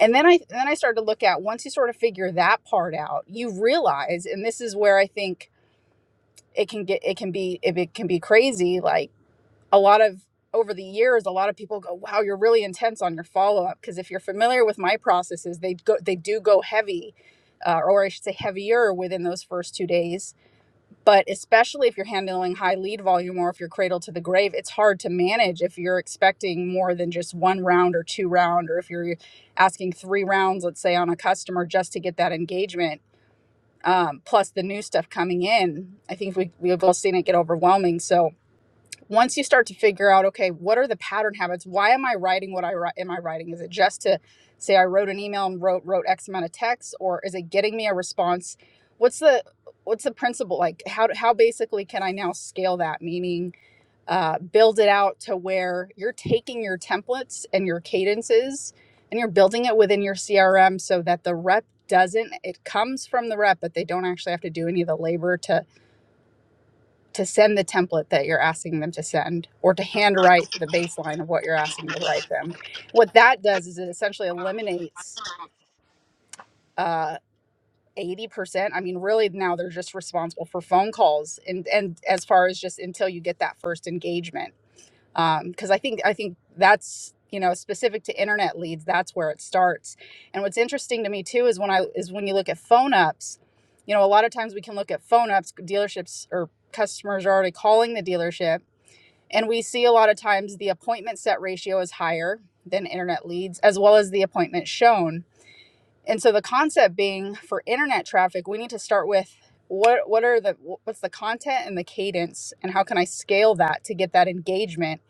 S8: And then I then I started to look at once you sort of figure that part out, you realize, and this is where I think it can get it can be if it can be crazy. Like a lot of over the years, a lot of people go, "Wow, you're really intense on your follow up." Because if you're familiar with my processes, they go they do go heavy, uh, or I should say heavier within those first two days but especially if you're handling high lead volume or if you're cradle to the grave it's hard to manage if you're expecting more than just one round or two round or if you're asking three rounds let's say on a customer just to get that engagement um, plus the new stuff coming in i think we, we've all seen it get overwhelming so once you start to figure out okay what are the pattern habits why am i writing what i write am i writing is it just to say i wrote an email and wrote wrote x amount of text or is it getting me a response what's the what's the principle like how how basically can i now scale that meaning uh, build it out to where you're taking your templates and your cadences and you're building it within your crm so that the rep doesn't it comes from the rep but they don't actually have to do any of the labor to to send the template that you're asking them to send or to handwrite the baseline of what you're asking to write them. What that does is it essentially eliminates uh, 80%. I mean, really now they're just responsible for phone calls and, and as far as just until you get that first engagement. Um, cause I think, I think that's, you know, specific to internet leads, that's where it starts. And what's interesting to me too, is when I, is when you look at phone ups, you know, a lot of times we can look at phone ups, dealerships or customers are already calling the dealership and we see a lot of times the appointment set ratio is higher than internet leads, as well as the appointment shown. And so the concept being for internet traffic, we need to start with what what are the what's the content and the cadence and how can I scale that to get that engagement?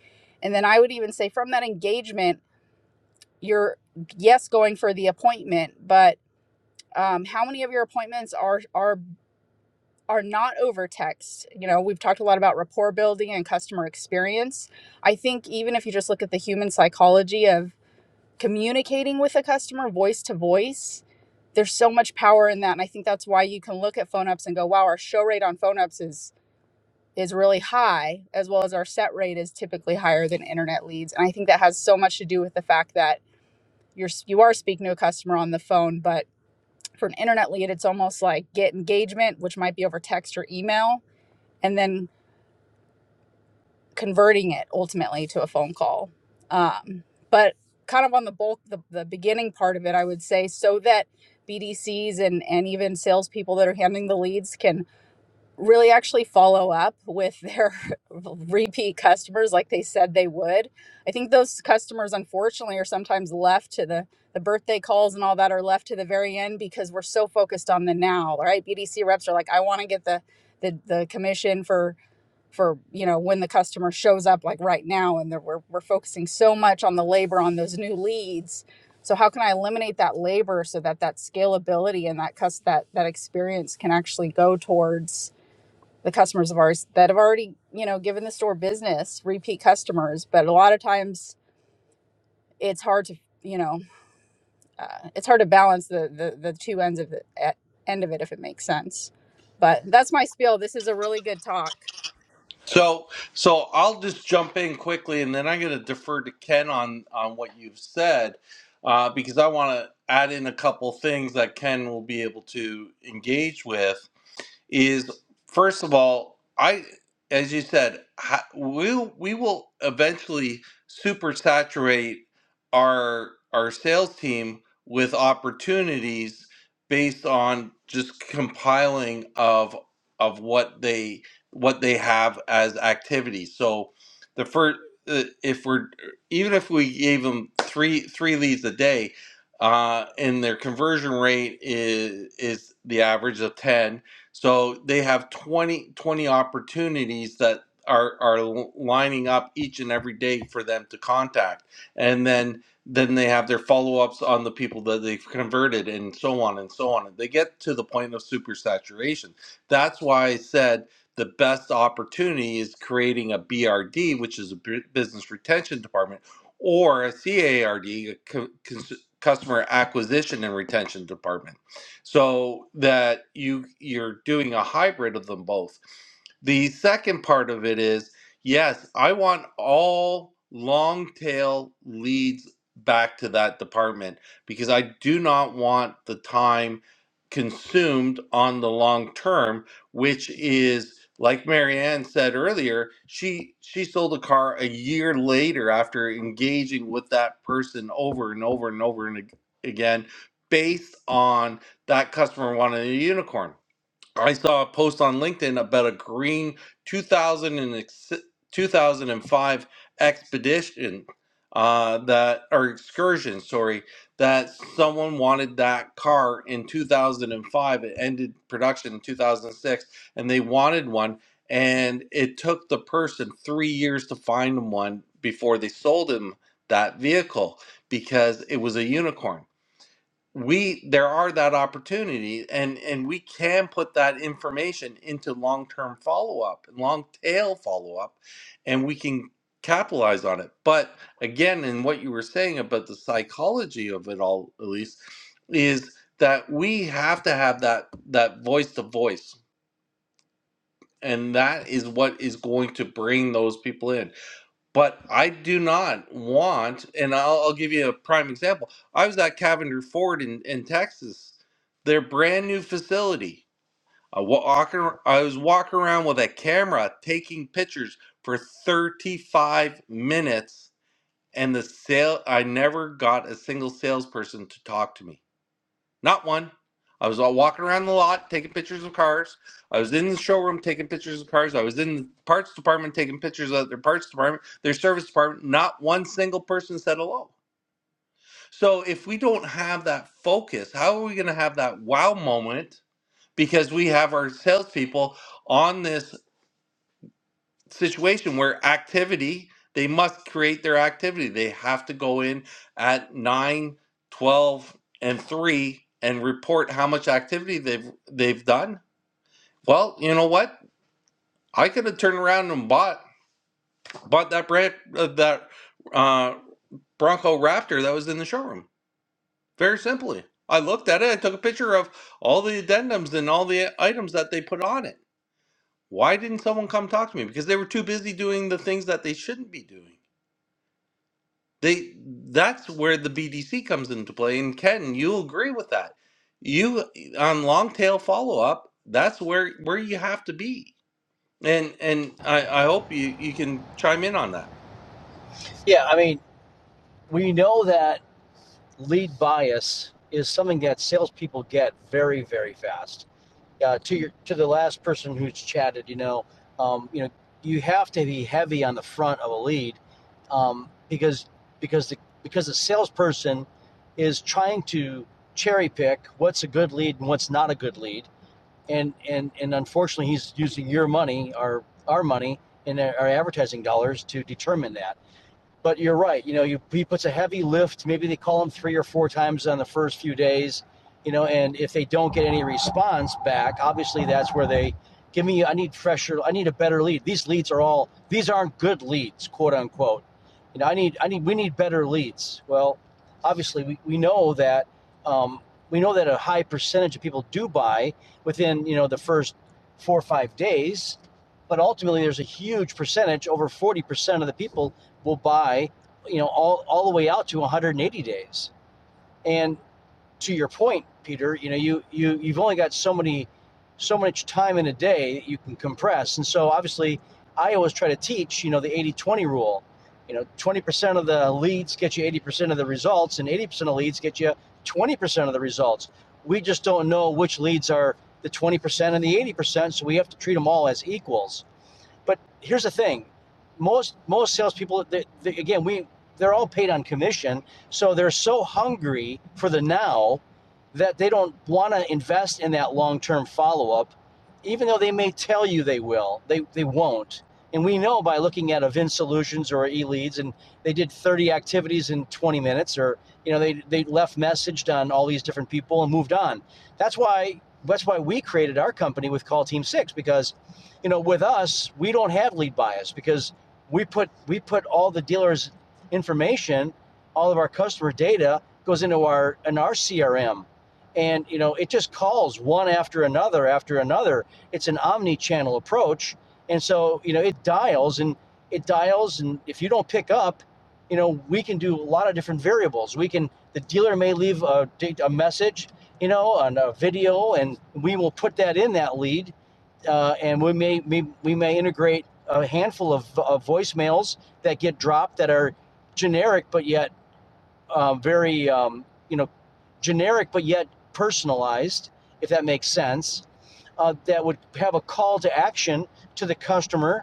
S8: And then I would even say from that engagement, you're yes going for the appointment, but um, how many of your appointments are are are not over text. You know, we've talked a lot about rapport building and customer experience. I think even if you just look at the human psychology of communicating with a customer voice to voice, there's so much power in that. And I think that's why you can look at phone ups and go, wow, our show rate on phone ups is is really high as well as our set rate is typically higher than internet leads and i think that has so much to do with the fact that you're you are speaking to a customer on the phone but for an internet lead it's almost like get engagement which might be over text or email and then converting it ultimately to a phone call. Um, but kind of on the bulk, the, the beginning part of it, I would say, so that BDCs and, and even salespeople that are handling the leads can really actually follow up with their repeat customers like they said they would. I think those customers, unfortunately, are sometimes left to the the birthday calls and all that are left to the very end because we're so focused on the now, right? BDC reps are like, I want to get the the, the commission for for you know when the customer shows up like right now and we're, we're focusing so much on the labor on those new leads so how can i eliminate that labor so that that scalability and that cus- that that experience can actually go towards the customers of ours that have already you know given the store business repeat customers but a lot of times it's hard to you know uh, it's hard to balance the, the the two ends of the at, end of it if it makes sense but that's my spiel this is a really good talk
S1: So so I'll just jump in quickly and then I'm going to defer to Ken on on what you've said uh, because I want to add in a couple things that Ken will be able to engage with is first of all, I, as you said, ha- we we will eventually supersaturate our our sales team with opportunities based on just compiling of of what they what they have as activities. So the first if we're even if we gave them three three leads a day uh, and their conversion rate is is the average of 10 so they have 20 20 opportunities that are, are lining up each and every day for them to contact. And then then they have their follow-ups on the people that they've converted and so on and so on. And they get to the point of supersaturation. That's why I said the best opportunity is creating a BRD, which is a bu- business retention department, or a CARD, a R D, a co- cons- customer acquisition and retention department so that you you're doing a hybrid of them both the second part of it is yes, I want all long tail leads back to that department because I do not want the time consumed on the long term, which is like Marianne said earlier, she she sold a car a year later after engaging with that person over and over and over and ag- again based on that customer wanted a unicorn. I saw a post on LinkedIn about a green 2000 and ex- 2005 expedition uh, that or excursion, sorry, that someone wanted that car in 2005. It ended production in 2006, and six, and they wanted one, and it took the person three years to find them one before they sold him that vehicle because it was a unicorn we there are that opportunity and and we can put that information into long-term follow-up and long tail follow-up and we can capitalize on it but again in what you were saying about the psychology of it all elise is that we have to have that that voice to voice and that is what is going to bring those people in but I do not want, and I'll, I'll give you a prime example. I was at Cavender Ford in, in Texas, their brand new facility. I, wa- I was walking around with a camera taking pictures for 35 minutes, and the sale, I never got a single salesperson to talk to me. Not one. I was all walking around the lot taking pictures of cars. I was in the showroom taking pictures of cars. I was in the parts department taking pictures of their parts department, their service department. Not one single person said hello. So if we don't have that focus, how are we going to have that wow moment? Because we have our salespeople on this situation where activity they must create their activity they have to go in at 9, 12, and 3 and report how much activity they've they've done well you know what i could have turned around and bought bought that brand uh, that uh, bronco raptor that was in the showroom very simply i looked at it i took a picture of all the addendums and all the items that they put on it why didn't someone come talk to me because they were too busy doing the things that they shouldn't be doing they that's where the BDC comes into play. And Ken, you agree with that. You on long tail follow up, that's where where you have to be. And and I, I hope you, you can chime in on that.
S3: Yeah, I mean we know that lead bias is something that salespeople get very very fast uh, to your to the last person who's chatted, you know, um, you know, you have to be heavy on the front of a lead um, because because the because the salesperson is trying to cherry pick what's a good lead and what's not a good lead, and and and unfortunately, he's using your money, our our money, and our advertising dollars to determine that. But you're right. You know, you, he puts a heavy lift. Maybe they call him three or four times on the first few days. You know, and if they don't get any response back, obviously that's where they give me. I need pressure. I need a better lead. These leads are all. These aren't good leads, quote unquote. You know, I need. I need. We need better leads. Well, obviously we, we know that. Um, we know that a high percentage of people do buy within you know the first four or five days but ultimately there's a huge percentage over 40% of the people will buy, you know, all, all the way out to 180 days. And to your point, Peter, you know, you, you, you've only got so many, so much time in a day that you can compress. And so obviously I always try to teach, you know, the 80, 20 rule, you know, 20% of the leads get you 80% of the results and 80% of leads get you 20% of the results. We just don't know which leads are the 20% and the 80%. So we have to treat them all as equals. But here's the thing: most most salespeople, they, they, again, we they're all paid on commission, so they're so hungry for the now that they don't want to invest in that long term follow up, even though they may tell you they will. They they won't. And we know by looking at Evin Solutions or eLeads, and they did 30 activities in 20 minutes, or you know they they left messaged on all these different people and moved on. That's why that's why we created our company with Call Team Six because you know, with us, we don't have lead bias because we put we put all the dealers' information, all of our customer data goes into our in our CRM, and you know it just calls one after another after another. It's an omni-channel approach, and so you know it dials and it dials, and if you don't pick up, you know we can do a lot of different variables. We can the dealer may leave a, a message, you know, on a video, and we will put that in that lead uh, and we may, may we may integrate a handful of, of voicemails that get dropped that are generic but yet uh, very um, you know generic but yet personalized if that makes sense uh, that would have a call to action to the customer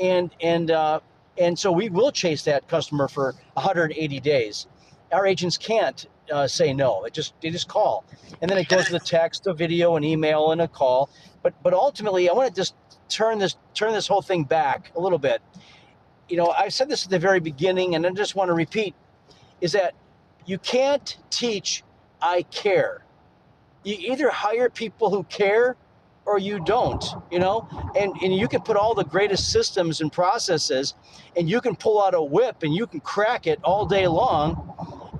S3: and and uh, and so we will chase that customer for 180 days. Our agents can't uh, say no. It just they just call, and then it goes with a text, a video, an email, and a call. But but ultimately, I want to just turn this turn this whole thing back a little bit. You know, I said this at the very beginning, and I just want to repeat: is that you can't teach I care you either hire people who care or you don't you know and and you can put all the greatest systems and processes and you can pull out a whip and you can crack it all day long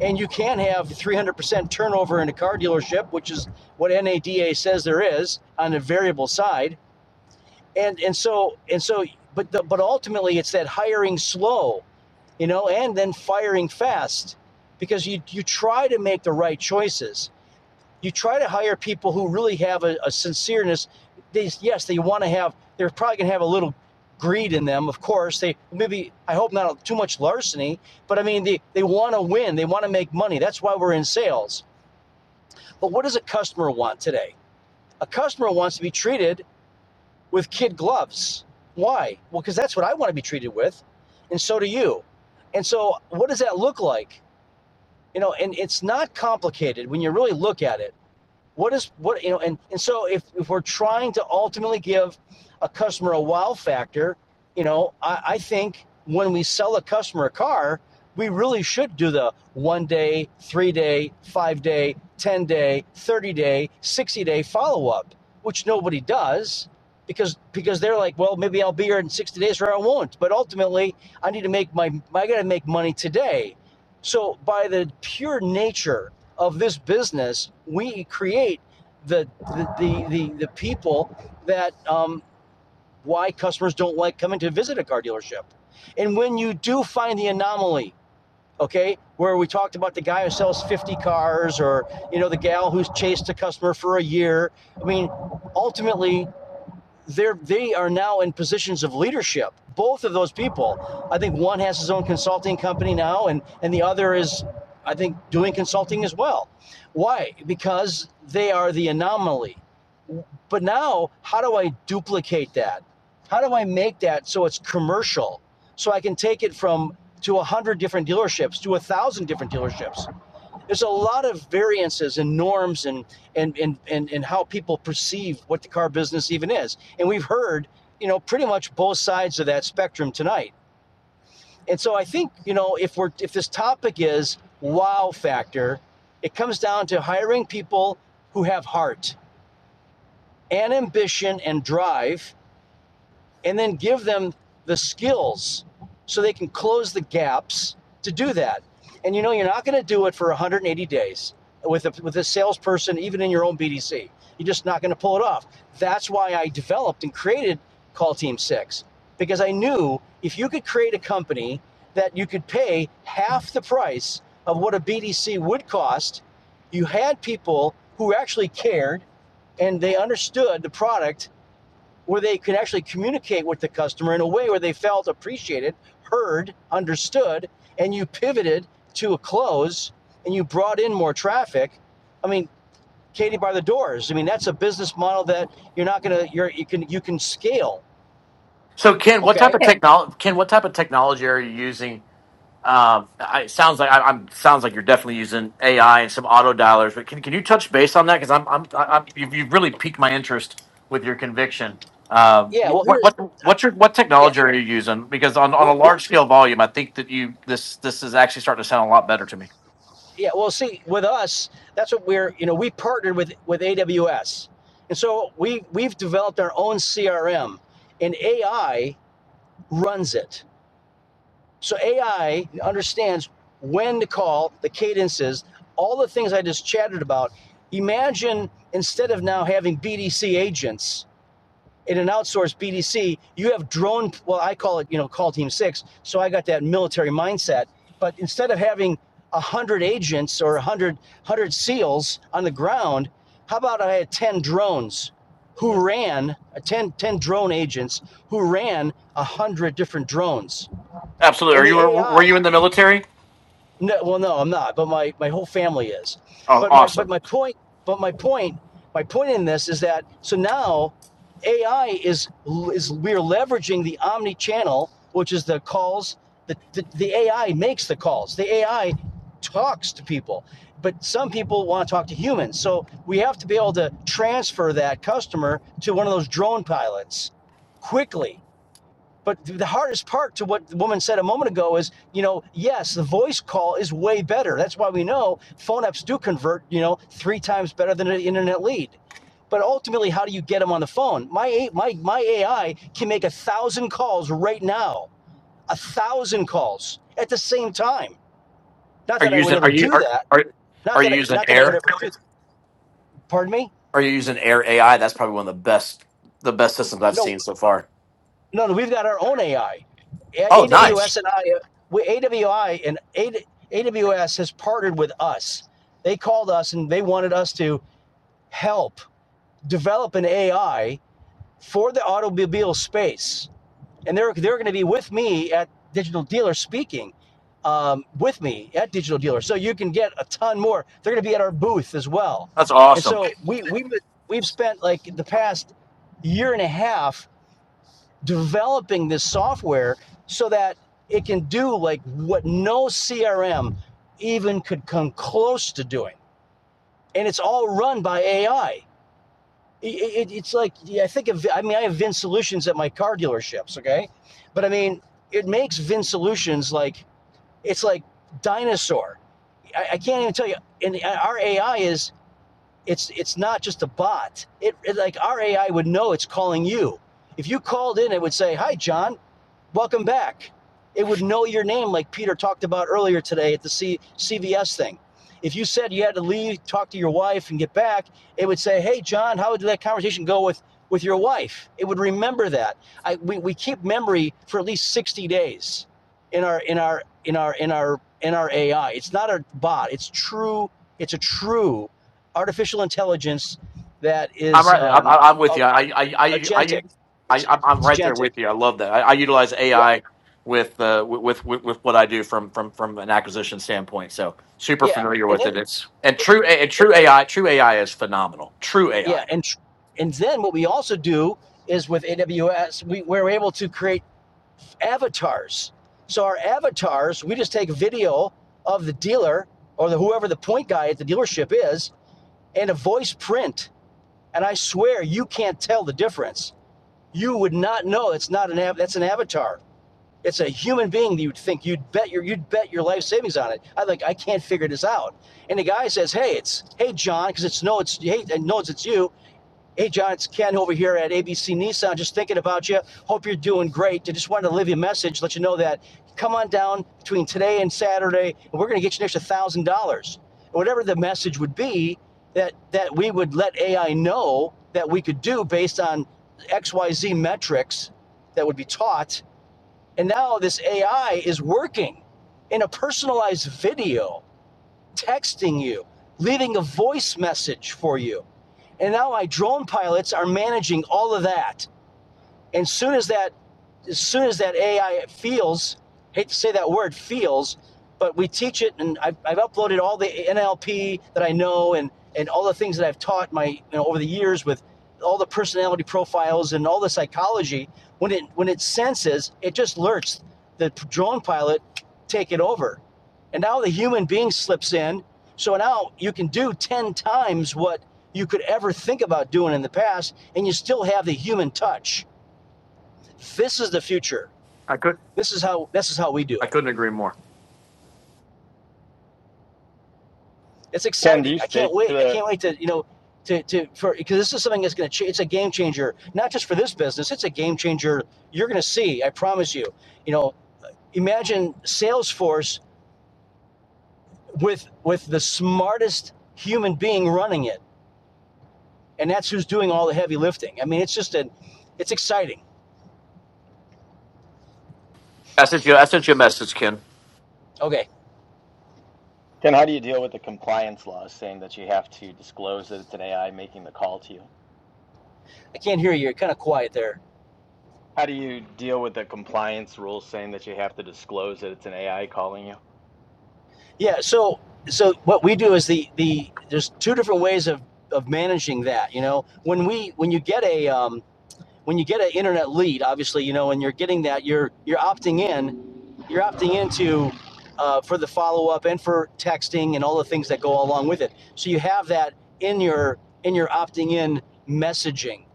S3: and you can have 300% turnover in a car dealership which is what NADA says there is on the variable side and and so and so but the, but ultimately it's that hiring slow you know and then firing fast because you you try to make the right choices you try to hire people who really have a, a sincereness. They, yes, they want to have, they're probably going to have a little greed in them, of course. They maybe, I hope not too much larceny, but I mean, they, they want to win, they want to make money. That's why we're in sales. But what does a customer want today? A customer wants to be treated with kid gloves. Why? Well, because that's what I want to be treated with, and so do you. And so, what does that look like? You know, and it's not complicated when you really look at it. what is what you know and and so if if we're trying to ultimately give a customer a wow factor you know i, I think when we sell a customer a car we really should do the one day three day five day ten day thirty day sixty day follow up which nobody does because because they're like well maybe i'll be here in 60 days or i won't but ultimately i need to make my i gotta make money today so by the pure nature of this business, we create the the the the, the people that um, why customers don't like coming to visit a car dealership. And when you do find the anomaly, okay, where we talked about the guy who sells 50 cars or you know the gal who's chased a customer for a year, I mean, ultimately they're they are now in positions of leadership. Both of those people, I think one has his own consulting company now, and and the other is, I think, doing consulting as well. Why? Because they are the anomaly. But now, how do I duplicate that? How do I make that so it's commercial? So I can take it from to a hundred different dealerships to a thousand different dealerships there's a lot of variances and norms and and and and, and how people perceive what the car business even is and we've heard you know pretty much both sides of that spectrum tonight and so i think you know if we're if this topic is wow factor it comes down to hiring people who have heart and ambition and drive and then give them the skills so they can close the gaps to do that. And you know, you're not going to do it for 180 days with a, with a salesperson, even in your own BDC. You're just not going to pull it off. That's why I developed and created Call Team Six because I knew if you could create a company that you could pay half the price of what a BDC would cost, you had people who actually cared and they understood the product where they could actually communicate with the customer in a way where they felt appreciated, heard, understood, and you pivoted to a close and you brought in more traffic. I mean, Katie by the doors. I mean, that's a business model that you're not gonna you're you can you can scale.
S7: So, Ken, what type
S3: Okay.
S7: of technology? Ken, what type of technology are you using? Um, I, it sounds like I, I'm sounds like you're definitely using AI and some auto dialers. But can can you touch base on that? Because I'm I'm, I- I'm you've, you've really piqued my interest with your conviction. Um,
S3: Yeah. Well,
S7: wh-
S3: here.
S7: what what
S3: uh,
S7: what's your what
S3: Yeah.
S7: technology are you using? Because on, on a
S3: Well, we
S7: large scale volume, I think that you this this is actually starting to sound a lot better to me.
S3: yeah. Well, see, with us, that's what we're you know we partnered with with AWS, and so we we've developed our own CRM, and AI runs it. So AI understands when to call, the cadences, all the things I just chatted about. Imagine instead of now having BDC agents in an outsourced BDC, you have drone, well, I call it, you know, call team six. So I got that military mindset. But instead of having 100 agents or 100, 100 SEALs on the ground, how about I had 10 drones who ran, uh, 10, drone agents who ran 100 different drones?
S7: Absolutely.
S3: And
S7: Are
S3: the
S7: you were were
S3: AI
S7: you in the military?
S3: no, well, no, I'm not, but my, my whole family is.
S7: Oh,
S3: But my but
S7: awesome.
S3: my point but my point my point in this is that so now AI is is we are leveraging the omni channel, which is the calls the, the the AI makes the calls. The AI talks to people, but some people want to talk to humans. So we have to be able to transfer that customer to one of those drone pilots quickly but the hardest part to what the woman said a moment ago is, you know, yes, the voice call is way better. That's why we know phone apps do convert, you know, three times better than an internet lead. But ultimately, how do you get them on the phone? My my my AI can make a thousand calls right now, a thousand calls at the same time. Not
S7: Are
S3: that
S7: you
S3: I would
S7: using are
S3: ever
S7: you
S3: do
S7: are
S3: that.
S7: are,
S3: Not
S7: are you
S3: that I,
S7: using
S3: not that I would
S7: air?
S3: ever do. Pardon me.
S7: Are you using Air AI? That's probably one of the best the best systems I've
S3: No.
S7: seen so far.
S3: No, no, we've got our own AI.
S7: Oh, nice.
S3: AWS and I, we, AWI and AWS has partnered with us. They called us and they wanted us to help develop an AI for the automobile space. And they're they're going to be with me at Digital Dealer speaking um, with me at Digital Dealer. So you can get a ton more. They're going to be at our booth as well.
S7: That's
S3: And
S7: awesome.
S3: so we we we've we've spent like the past year and a half developing this software so that it can do like what no CRM even could come close to doing. And it's all run by AI. It, it- it's like, yeah, I think of, I mean, I have VIN solutions at my car dealerships, okay? But I mean, it makes VIN solutions like, it's like dinosaur. I, I can't even tell you. And our AI is, it's it's not just a bot. It, it like our AI would know it's calling you. If you called in, it would say, "Hi, John. Welcome back. It would know your name, like Peter talked about earlier today at the C- CVS thing. If you said you had to leave, talk to your wife, and get back, it would say, "Hey, John, how did that conversation go with with your wife?" It would remember that. I, we, we keep memory for at least sixty days in our in our in our in our in our AI. It's not a bot. It's true. It's a true artificial intelligence that
S7: I'm
S3: is
S7: right. there. I'm, I'm
S3: um,
S7: with you. I I I I,
S3: agentic.
S7: I
S3: It's
S7: I'm I'm
S3: it's
S7: right there
S3: agentic.
S7: with you. I love that. I, I utilize
S3: Yeah,
S7: AI with uh with, with with what I do from from from an acquisition standpoint. So super
S3: yeah.
S7: familiar
S3: And
S7: with
S3: then.
S7: it. It's and
S3: it,
S7: true and
S3: it,
S7: true
S3: it-
S7: AI. True AI is phenomenal. True AI.
S3: yeah,
S7: I
S3: and and then what we also do is with AWS, we, we're able to create avatars. So our avatars, we just take video of the dealer or the whoever the point guy at the dealership is, and a voice print. And I swear you can't tell the difference. You would not know it's not an av- that's an avatar. It's a human being that you'd think you'd bet your you'd bet your life savings on it. I like I can't figure this out. And the guy says, "Hey, it's hey John," because it's no, it's hey, and knows it's you Hey, John, it's Ken over here at ABC Nissan. Just thinking about you. Hope you're doing great. I just wanted to leave you a message, let you know that come on down between today and Saturday, and we're going to get you an extra one thousand dollars. Whatever the message would be that that we would let AI know that we could do based on X, Y, Z metrics that would be taught. And now this AI is working in a personalized video, texting you, leaving a voice message for you. And now my drone pilots are managing all of that. And soon as that as soon as that AI feels, hate to say that word, feels, but we teach it, and I've, I've uploaded all the NLP that I know and and all the things that I've taught my you know over the years with all the personality profiles and all the psychology. When it when it senses, it just alerts the drone pilot, take it over, and now the human being slips in. So now you can do ten times what you could ever think about doing in the past, and you still have the human touch. This is the future.
S7: I could
S3: This is how this is how we do
S7: I
S3: it.
S7: couldn't agree more.
S3: It's
S10: Ken, do
S3: exciting.
S10: you
S3: I
S10: stick
S3: can't
S10: to
S3: wait. I
S10: the
S3: can't wait to you know to to for because this is something that's going to change. It's a game changer, not just for this business. It's a game changer. You're going to see. I promise you. You know, imagine Salesforce with with the smartest human being running it, and that's who's doing all the heavy lifting. I mean, it's just a, it's exciting.
S7: I sent you. I sent you a message, Ken.
S3: Okay,
S10: Ken? How do you deal with the compliance laws saying that you have to disclose that it's an AI making the call to you?
S3: I can't hear you. You're kind of quiet there.
S10: How do you deal with the compliance rules saying that you have to disclose that it's an AI calling you?
S3: Yeah. So so what we do is the the there's two different ways of of managing that. You know, when we when you get a um, when you get an internet lead, obviously, you know, and you're getting that, you're you're opting in, you're opting into uh, for the follow up and for texting and all the things that go along with it. So you have that in your in your opting in messaging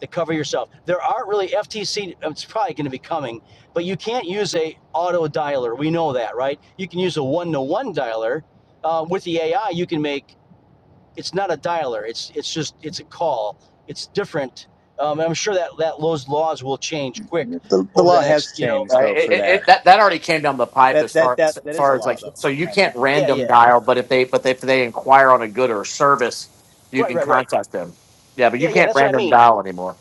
S3: to cover yourself. There aren't really FTC. It's probably going to be coming, but you can't use a auto dialer. We know that, right? You can use a one to one dialer. Uh, with the AI, you can make it's not a dialer. It's it's just it's a call. It's different. Um, I'm sure that that those laws will change quick
S10: The, the
S3: over the
S10: law
S3: next.
S10: has
S3: You know,
S10: changed
S7: Uh,
S10: though
S7: it,
S10: for
S7: it, it,
S10: that.
S7: that that already came down the pipe
S10: That
S7: as
S10: that
S7: far
S10: that
S7: as,
S10: that is a
S7: far as
S10: law
S7: like
S10: though,
S7: so you
S10: Ken.
S7: can't
S3: yeah, yeah,
S7: random dial, but if they but if they inquire on a good or a service, you
S3: right,
S7: can
S3: right, right.
S7: contact them. Yeah, but
S3: Yeah,
S7: you
S3: yeah.
S7: can't
S3: That's what I
S7: random
S3: mean.
S7: dial anymore.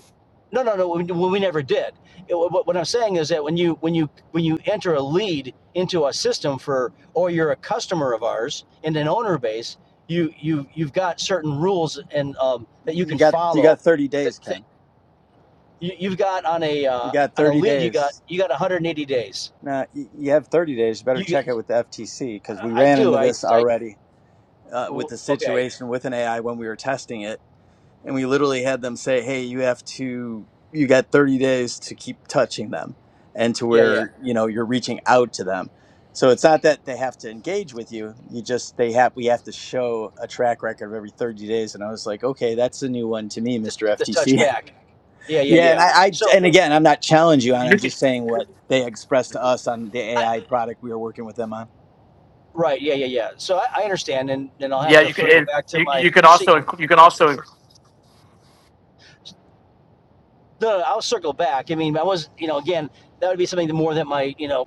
S3: No, no, no. We, we never did. It, what, what I'm saying is that when you when you when you enter a lead into a system for, or you're a customer of ours and an owner base, you you you've got certain rules and um, that you
S10: You
S3: can
S10: got you
S3: follow.
S10: got 30
S3: That,
S10: days,
S3: that
S10: Ken.
S3: you, you've got on a
S10: You
S3: uh,
S10: got
S3: on a
S10: 30
S3: lead, you got
S10: days.
S3: you got 180 days.
S10: Now you you have 30 days. You better
S3: You
S10: check it with the FTC because we
S3: I
S10: ran
S3: do.
S10: into
S3: I.
S10: this
S3: I
S10: already uh, with the
S3: okay.
S10: situation with an AI when we were testing it. and we literally had them say, "Hey, you have to you got 30 days to keep touching them and to
S3: Yeah, yeah.
S10: where, you know, you're reaching out to them." So it's not that they have to engage with you. You just they have we have to show a track record of every 30 days and I was like, "Okay, that's a new one to me,
S3: The,
S10: Mr.
S3: the
S10: FTC."
S3: touchback. Yeah, yeah,
S10: yeah, and
S3: yeah.
S10: I, I
S3: So,
S10: and again, I'm not challenging you on.
S7: You
S10: it. I'm
S7: can,
S10: just saying what they expressed to us on the
S3: I,
S10: AI product we were working with them on.
S3: right. Yeah, yeah, yeah. So I, I understand, and, and I'll have
S7: yeah,
S3: to
S7: you can.
S3: circle
S7: And
S3: back to
S7: you,
S3: my.
S7: you can
S3: See,
S7: also inc- you can also
S3: no, no, I'll circle back. I mean, I was, you know, again, that would be something more that my, you know,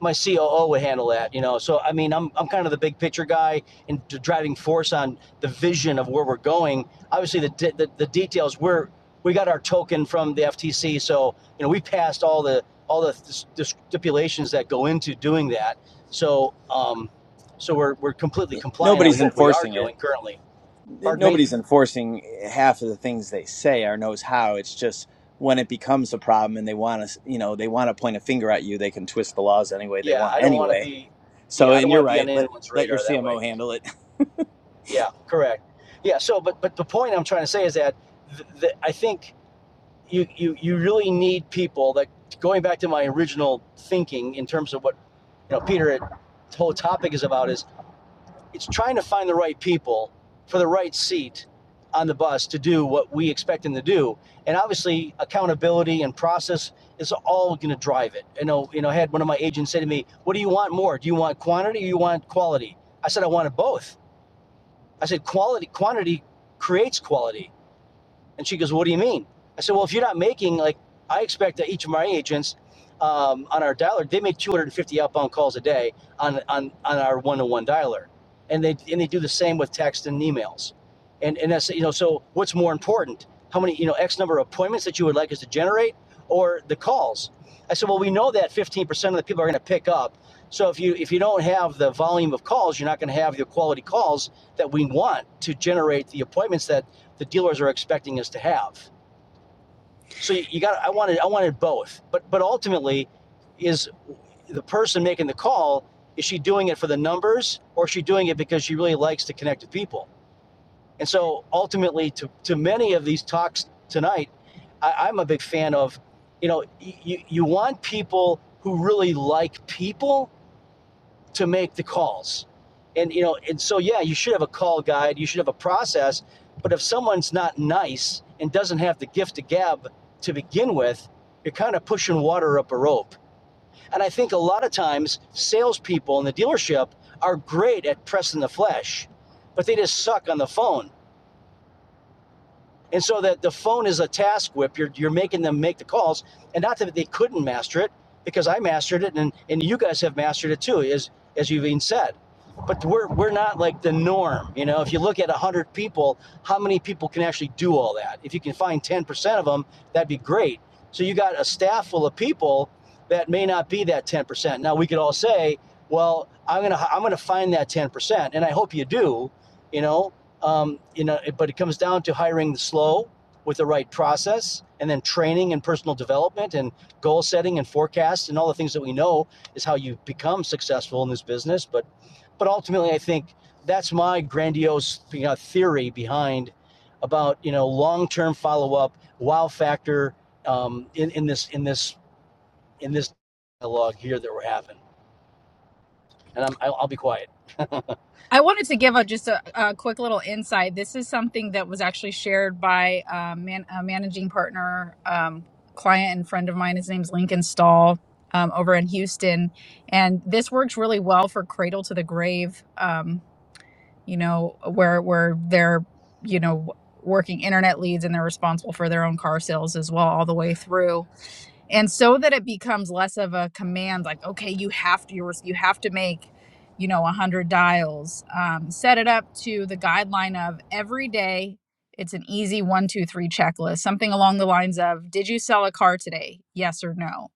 S3: my COO would handle that, you know. So I mean, I'm I'm kind of the big picture guy and the driving force on the vision of where we're going. Obviously, the the, the details we're we got our token from the FTC, so you know we passed all the all the, the stipulations that go into doing that. So um, so we're we're completely compliant on
S10: Nobody's
S3: what we are
S10: enforcing it.
S3: doing currently. Pardon me.
S10: nobody's enforcing half of the things they say or knows how. It's just when it becomes a problem and they want to, you know, they want to point a finger at you, they can twist the laws any way they
S3: Yeah,
S10: want
S3: I don't want to
S10: anyway.
S3: be.
S10: So,
S3: Yeah, I don't
S10: and you're
S3: want to be
S10: right.
S3: on
S10: Let
S3: anyone's
S10: let your
S3: radar that way.
S10: CMO handle it.
S3: Yeah, correct. Yeah. So, but but the point I'm trying to say is that th- th- I think you you you really need people that going back to my original thinking in terms of what you know Peter the whole topic is about is it's trying to find the right people for the right seat on the bus to do what we expect them to do and obviously accountability and process is all going to drive it i know you know i had one of my agents say to me what do you want more do you want quantity or you want quality i said i wanted both i said quality quantity creates quality and she goes, What do you mean? I said, Well, if you're not making, like, I expect that each of my agents um, on our dialer, they make 250 outbound calls a day on, on, on our one to one dialer. And they, and they do the same with text and emails. And, and that's, you know, so what's more important? How many, you know, X number of appointments that you would like us to generate or the calls? I said, Well, we know that 15% of the people are going to pick up. So if you if you don't have the volume of calls, you're not going to have the quality calls that we want to generate the appointments that the dealers are expecting us to have. So you, you got I wanted I wanted both. But but ultimately is the person making the call is she doing it for the numbers or is she doing it because she really likes to connect with people? And so ultimately to to many of these talks tonight, I, I'm a big fan of, you know, you, you want people who really like people to make the calls. And you know, and so yeah, you should have a call guide, you should have a process, but if someone's not nice and doesn't have the gift of gab to begin with, you're kind of pushing water up a rope. And I think a lot of times salespeople in the dealership are great at pressing the flesh, but they just suck on the phone. And so that the phone is a task whip. You're, you're making them make the calls. And not that they couldn't master it, because I mastered it and, and you guys have mastered it too, as, as you've even said. But we're, we're not like the norm. You know, if you look at 100 people, how many people can actually do all that? If you can find 10% of them, that'd be great. So you got a staff full of people that may not be that 10%. Now we could all say, well, I'm going to, I'm going to find that 10%. And I hope you do, you know, um, you know, it- but it comes down to hiring the slow with the right process and then training and personal development and goal setting and forecast and all the things that we know is how you become successful in this business. But but ultimately, I think that's my grandiose you know, theory behind about you know long term follow up, wow factor um, in in this in this in this dialogue here that we're having. And I'm I'll, I'll be quiet.
S8: I wanted to give a just a, a quick little insight. This is something that was actually shared by uh, man, a managing partner, um, client, and friend of mine. His name's Lincoln Stahl um, over in Houston, and this works really well for cradle to the grave. Um, you know, where where they're you know working internet leads and they're responsible for their own car sales as well all the way through and so that it becomes less of a command like okay you have to you you have to make you know 100 dials um, set it up to the guideline of every day it's an easy one two three checklist something along the lines of did you sell a car today yes or no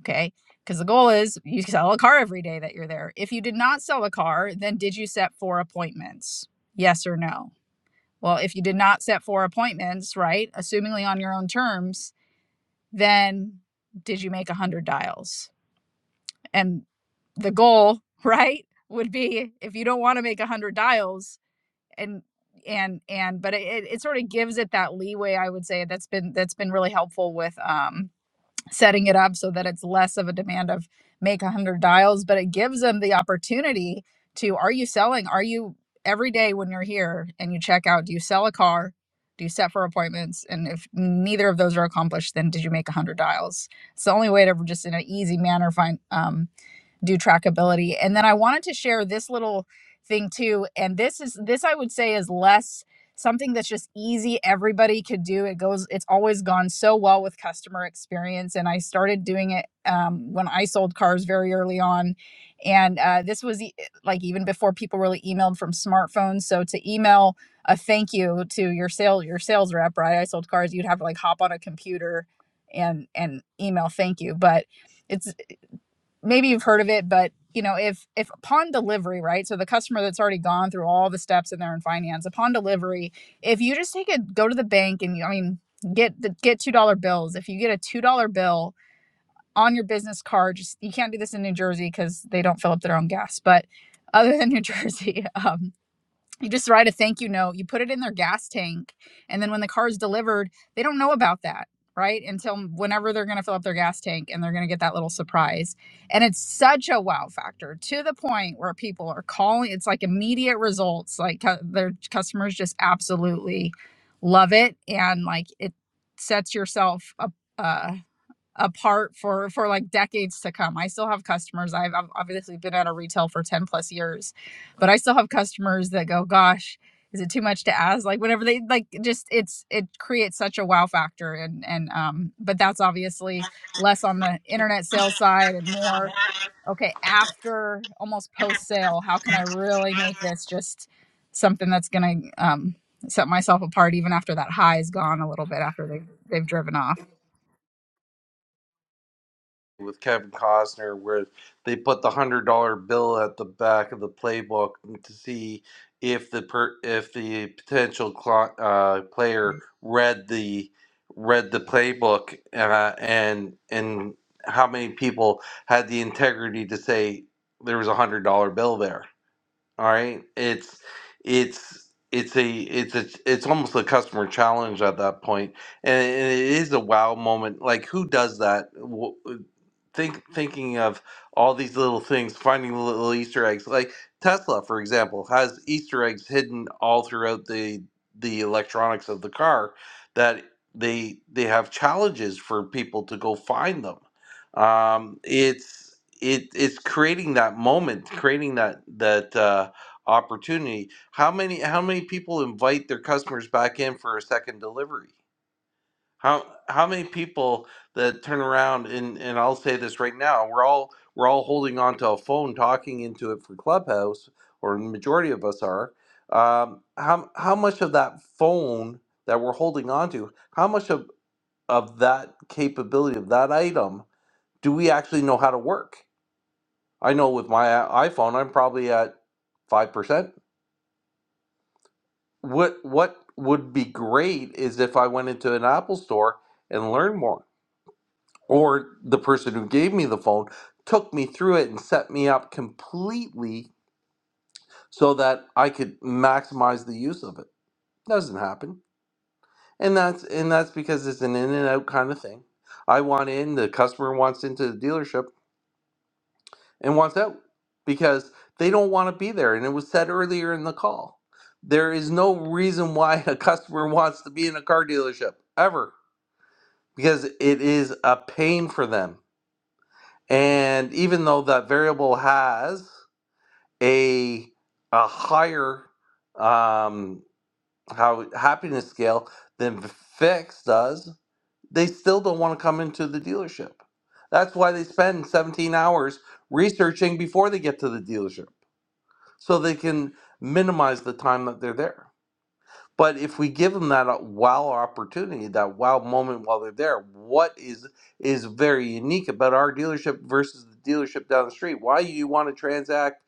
S8: okay because the goal is you sell a car every day that you're there if you did not sell a car then did you set four appointments yes or no well if you did not set four appointments right assumingly on your own terms then did you make 100 dials? And the goal, right, would be if you don't want to make 100 dials and and and but it, it sort of gives it that leeway i would say that's been that's been really helpful with um setting it up so that it's less of a demand of make 100 dials but it gives them the opportunity to are you selling are you every day when you're here and you check out do you sell a car do you set for appointments and if neither of those are accomplished then did you make 100 dials it's the only way to just in an easy manner find um, do trackability. And then I wanted to share this little thing too. And this is this I would say is less something that's just easy everybody could do it goes it's always gone so well with customer experience and i started doing it um, when i sold cars very early on and uh, this was e- like even before people really emailed from smartphones so to email a thank you to your sale your sales rep right i sold cars you'd have to like hop on a computer and and email thank you but it's maybe you've heard of it, but you know, if if upon delivery, right? So the customer that's already gone through all the steps in there in finance, upon delivery, if you just take a go to the bank and you, I mean, get the get two dollar bills. If you get a two dollar bill on your business card, just you can't do this in New Jersey because they don't fill up their own gas, but other than New Jersey, um, you just write a thank you note, you put it in their gas tank, and then when the car is delivered, they don't know about that, right? Until whenever they're going to fill up their gas tank and they're going to get that little surprise. And it's such a wow factor to the point where people are calling, it's like immediate results. Like cu- their customers just absolutely love it. And like it sets yourself up. uh, apart for for like decades to come. I still have customers. I've, I've obviously been out of retail for 10 plus years, but I still have customers that go, gosh, is it too much to ask? Like whenever they like just it's it creates such a wow factor and and um but that's obviously less on the internet sales side and more okay after almost post sale, how can I really make this just something that's gonna um set myself apart even after that high is gone a little bit after they they've driven off.
S1: with Kevin Costner where they put the hundred dollar bill at the back of the playbook to see if the per, if the potential cli uh, player read the read the playbook uh, and and how many people had the integrity to say there was a hundred dollar bill there. All right, it's it's it's a it's a it's almost a customer challenge at that point and and it is a wow moment. Like who does that? think thinking of all these little things, finding the little Easter eggs. Like Tesla, for example, has Easter eggs hidden all throughout the the electronics of the car that they they have challenges for people to go find them. Um, it's it it's creating that moment, creating that that uh, opportunity. How many how many people invite their customers back in for a second delivery? How how many people that turn around and and I'll say this right now, we're all we're all holding on to a phone talking into it for Clubhouse, or the majority of us are. Um, how how much of that phone that we're holding on to, how much of of that capability of that item do we actually know how to work? I know with my i- iPhone, I'm probably at five percent. What what would be great is if I went into an Apple store and learned more or the person who gave me the phone took me through it and set me up completely so that I could maximize the use of it. Doesn't happen. And that's and that's because it's an in and out kind of thing. I want in, the customer wants into the dealership and wants out because they don't want to be there and it was said earlier in the call. There is no reason why a customer wants to be in a car dealership ever because it is a pain for them. And even though that variable has a a higher um how happiness scale than fix does they still don't want to come into the dealership that's why they spend 17 hours researching before they get to the dealership so they can minimize the time that they're there but if we give them that uh, wow opportunity, that wow moment while they're there, what is is very unique about our dealership versus the dealership down the street? Why you want to transact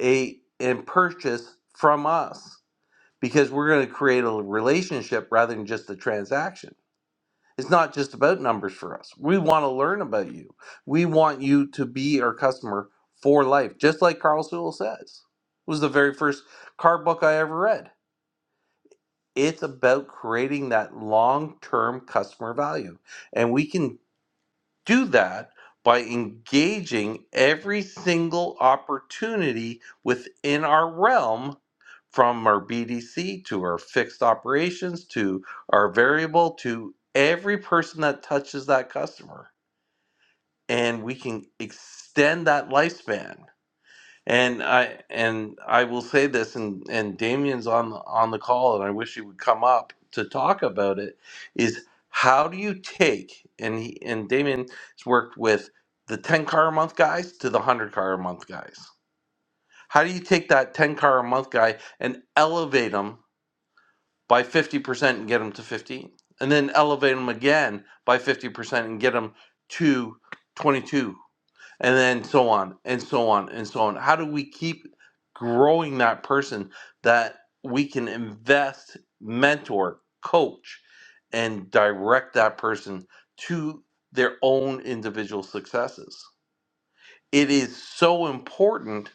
S1: a and purchase from us? Because we're going to create a relationship rather than just a transaction. It's not just about numbers for us. We want to learn about you. We want you to be our customer for life, just like Carl Sewell says. It was the very first car book I ever read it's about creating that long term customer value. And we can do that by engaging every single opportunity within our realm from our BDC to our fixed operations to our variable to every person that touches that customer. And we can extend that lifespan and I and I will say this, and and Damien's on the, on the call, and I wish he would come up to talk about it. Is how do you take and he and Damien has worked with the ten car a month guys to the hundred car a month guys. How do you take that ten car a month guy and elevate him by fifty percent and get him to fifteen, and then elevate him again by fifty percent and get him to 22 and then so on and so on and so on how do we keep growing that person that we can invest mentor coach and direct that person to their own individual successes it is so important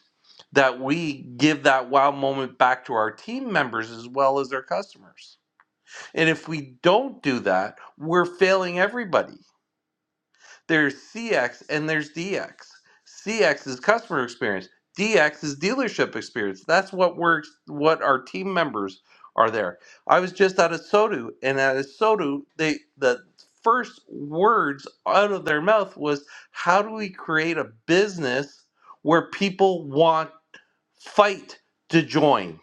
S1: that we give that wow moment back to our team members as well as their customers and if we don't do that we're failing everybody there's CX and there's DX. CX is customer experience. DX is dealership experience. That's what works. What our team members are there. I was just out of Sodu, and at Sodu, they the first words out of their mouth was, "How do we create a business where people want fight to join,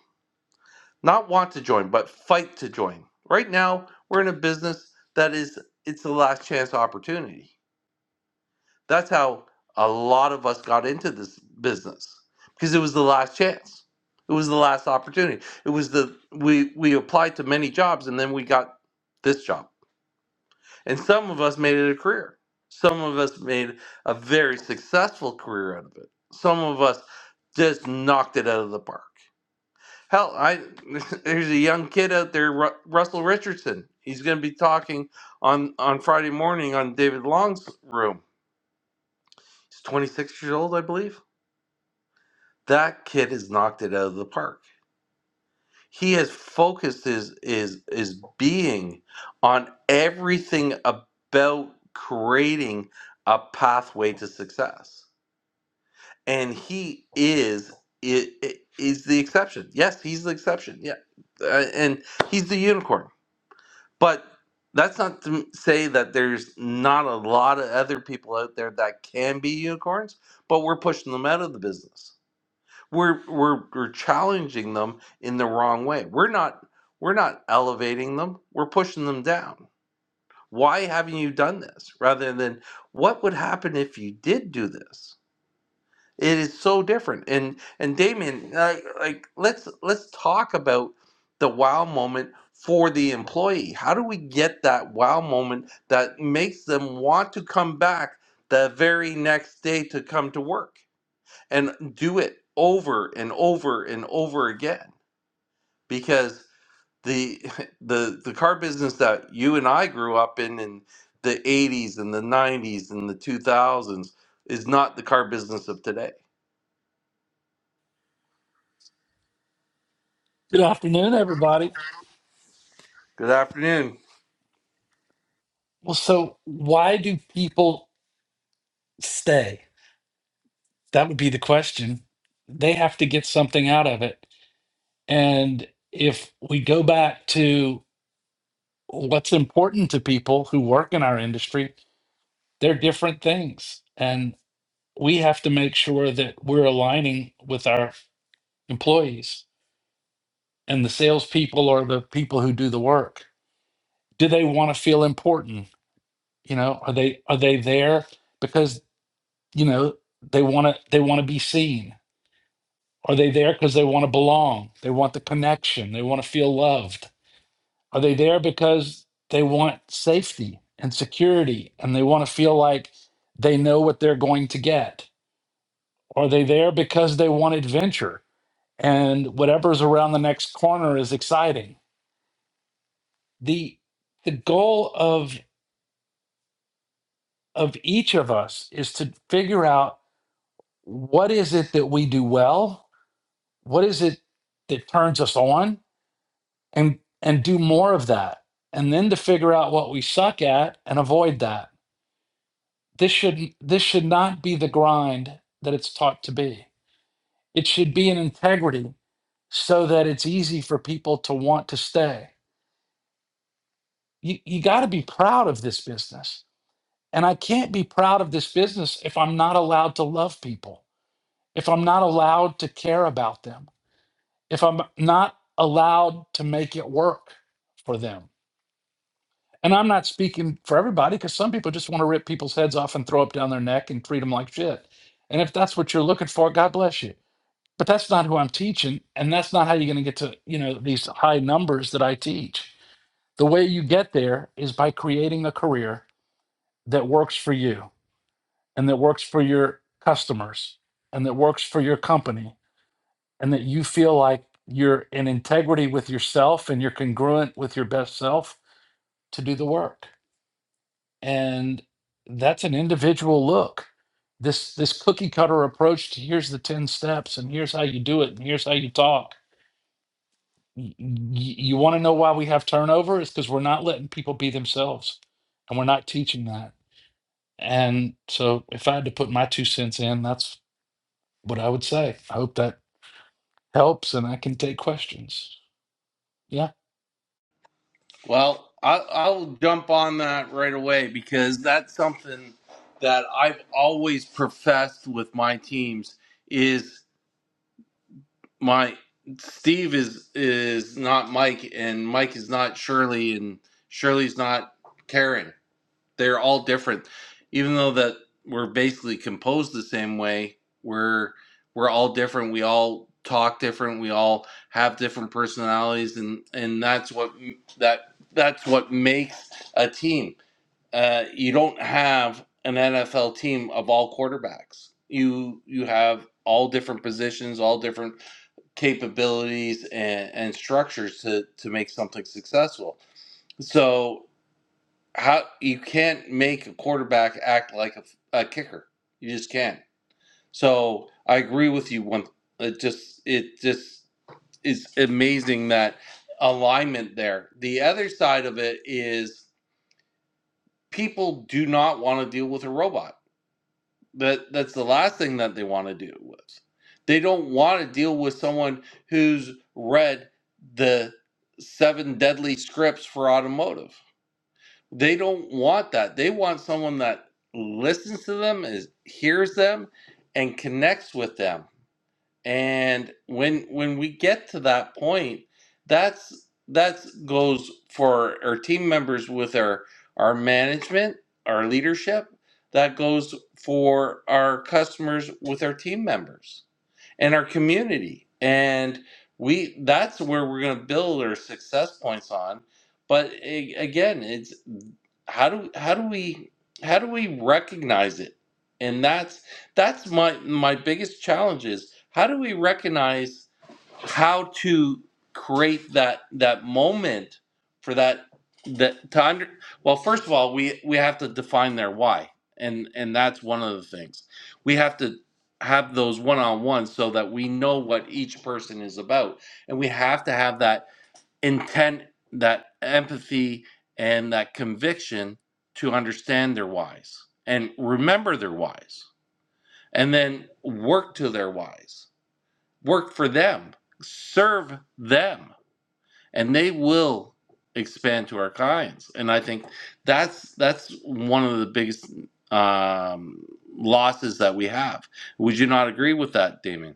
S1: not want to join, but fight to join?" Right now, we're in a business that is it's the last chance opportunity that's how a lot of us got into this business because it was the last chance. It was the last opportunity. It was the we we applied to many jobs and then we got this job. And some of us made it a career. Some of us made a very successful career out of it. Some of us just knocked it out of the park. Hell, I there's a young kid out there, Ru- Russell Richardson. He's going to be talking on on Friday morning on David Long's room. He's 26 years old, I believe that kid has knocked it out of the park. He has focused his his his being on everything about creating a pathway to success, and he is it is is the exception. Yes, he's the exception. Yeah, uh, and he's the unicorn. But that's not to say that there's not a lot of other people out there that can be unicorns, but we're pushing them out of the business we're we're we're challenging them in the wrong way. We're not we're not elevating them. We're pushing them down. Why haven't you done this? Rather than what would happen if you did do this? It is so different. And and Damien, like, like let's let's talk about the wow moment for the employee. How do we get that wow moment that makes them want to come back the very next day to come to work? and do it over and over and over again because the the the car business that you and I grew up in in the 80s and the 90s and the 2000s is not the car business of today.
S14: Good afternoon, everybody.
S1: Good afternoon.
S14: Well, so why do people stay? That would be the question. They have to get something out of it. And if we go back to what's important to people who work in our industry, they're different things. And we have to make sure that we're aligning with our employees and the salespeople or the people who do the work. Do they want to feel important? You know, are they are they there? Because you know they want to they want to be seen are they there because they want to belong they want the connection they want to feel loved are they there because they want safety and security and they want to feel like they know what they're going to get are they there because they want adventure and whatever's around the next corner is exciting the the goal of of each of us is to figure out what is it that we do well what is it that turns us on and and do more of that and then to figure out what we suck at and avoid that this should this should not be the grind that it's taught to be it should be an integrity so that it's easy for people to want to stay you, you got to be proud of this business and i can't be proud of this business if i'm not allowed to love people if i'm not allowed to care about them if i'm not allowed to make it work for them And I'm not speaking for everybody because some people just want to rip people's heads off and throw up down their neck and treat them like shit. And if that's what you're looking for, God bless you. But that's not who I'm teaching, and that's not how you're going to get to you know these high numbers that I teach. The way you get there is by creating a career that works for you and that works for your customers and that works for your company and that you feel like you're in integrity with yourself and you're congruent with your best self to do the work and that's an individual look this this cookie cutter approach to here's the 10 steps and here's how you do it and here's how you talk Y- y- you want to know why we have turnover It's because we're not letting people be themselves and we're not teaching that and so if i had to put my two cents in that's what i would say i hope that helps and i can take questions yeah
S1: Well, I, I'll jump on that right away because that's something that I've always professed with my teams is. my Steve is is not Mike, and Mike is not Shirley, and Shirley's not Karen. They're all different, even though that we're basically composed the same way. We're we're all different. We all talk different. We all have different personalities, and and that's what that that's what makes a team. Uh, you don't have an NFL team of all quarterbacks. You you have all different positions, all different capabilities and, and structures to, to make something successful. So how you can't make a quarterback act like a a kicker. You just can't. So I agree with you. One, it just it just is amazing that alignment there. The other side of it is people do not want to deal with a robot That that's the last thing that they want to deal with. They don't want to deal with someone who's read the seven deadly scripts for automotive. They don't want that. They want someone that listens to them, is hears them, and connects with them and when when we get to that point, that's that goes for our team members with our our management, our leadership, that goes for our customers with our team members and our community. And we that's where we're going to build our success points on. But a- again, it's how do how do we how do we recognize it? And that's that's my my biggest challenge is how do we recognize how to create that that moment for that that to under well first of all we we have to define their why and and that's one of the things we have to have those one-on-ones so that we know what each person is about and we have to have that intent that empathy and that conviction to understand their whys and remember their whys and then work to their whys work for them, serve them, and they will expand to our clients. And I think that's that's one of the biggest um, losses that we have. Would you not agree with that, Damien?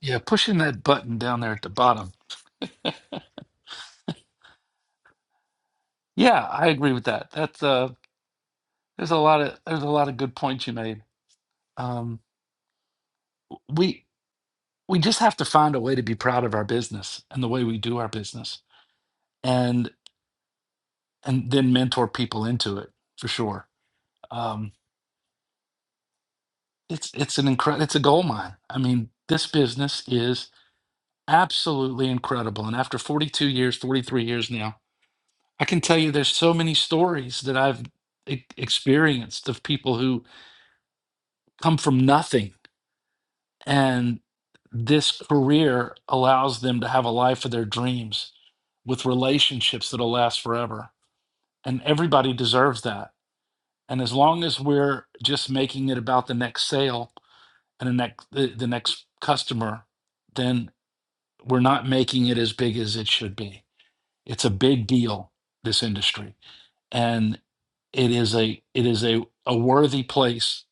S14: yeah pushing that button down there at the bottom yeah i agree with that that's uh there's a lot of there's a lot of good points you made Um we we just have to find a way to be proud of our business and the way we do our business and and then mentor people into it for sure um it's it's an incredible it's a gold mine i mean this business is absolutely incredible and after 42 years 43 years now i can tell you there's so many stories that i've e- experienced of people who come from nothing And this career allows them to have a life of their dreams with relationships that'll last forever. And everybody deserves that. And as long as we're just making it about the next sale and the next, the, the next customer, then we're not making it as big as it should be. It's a big deal, this industry. And it is a it is a, a worthy place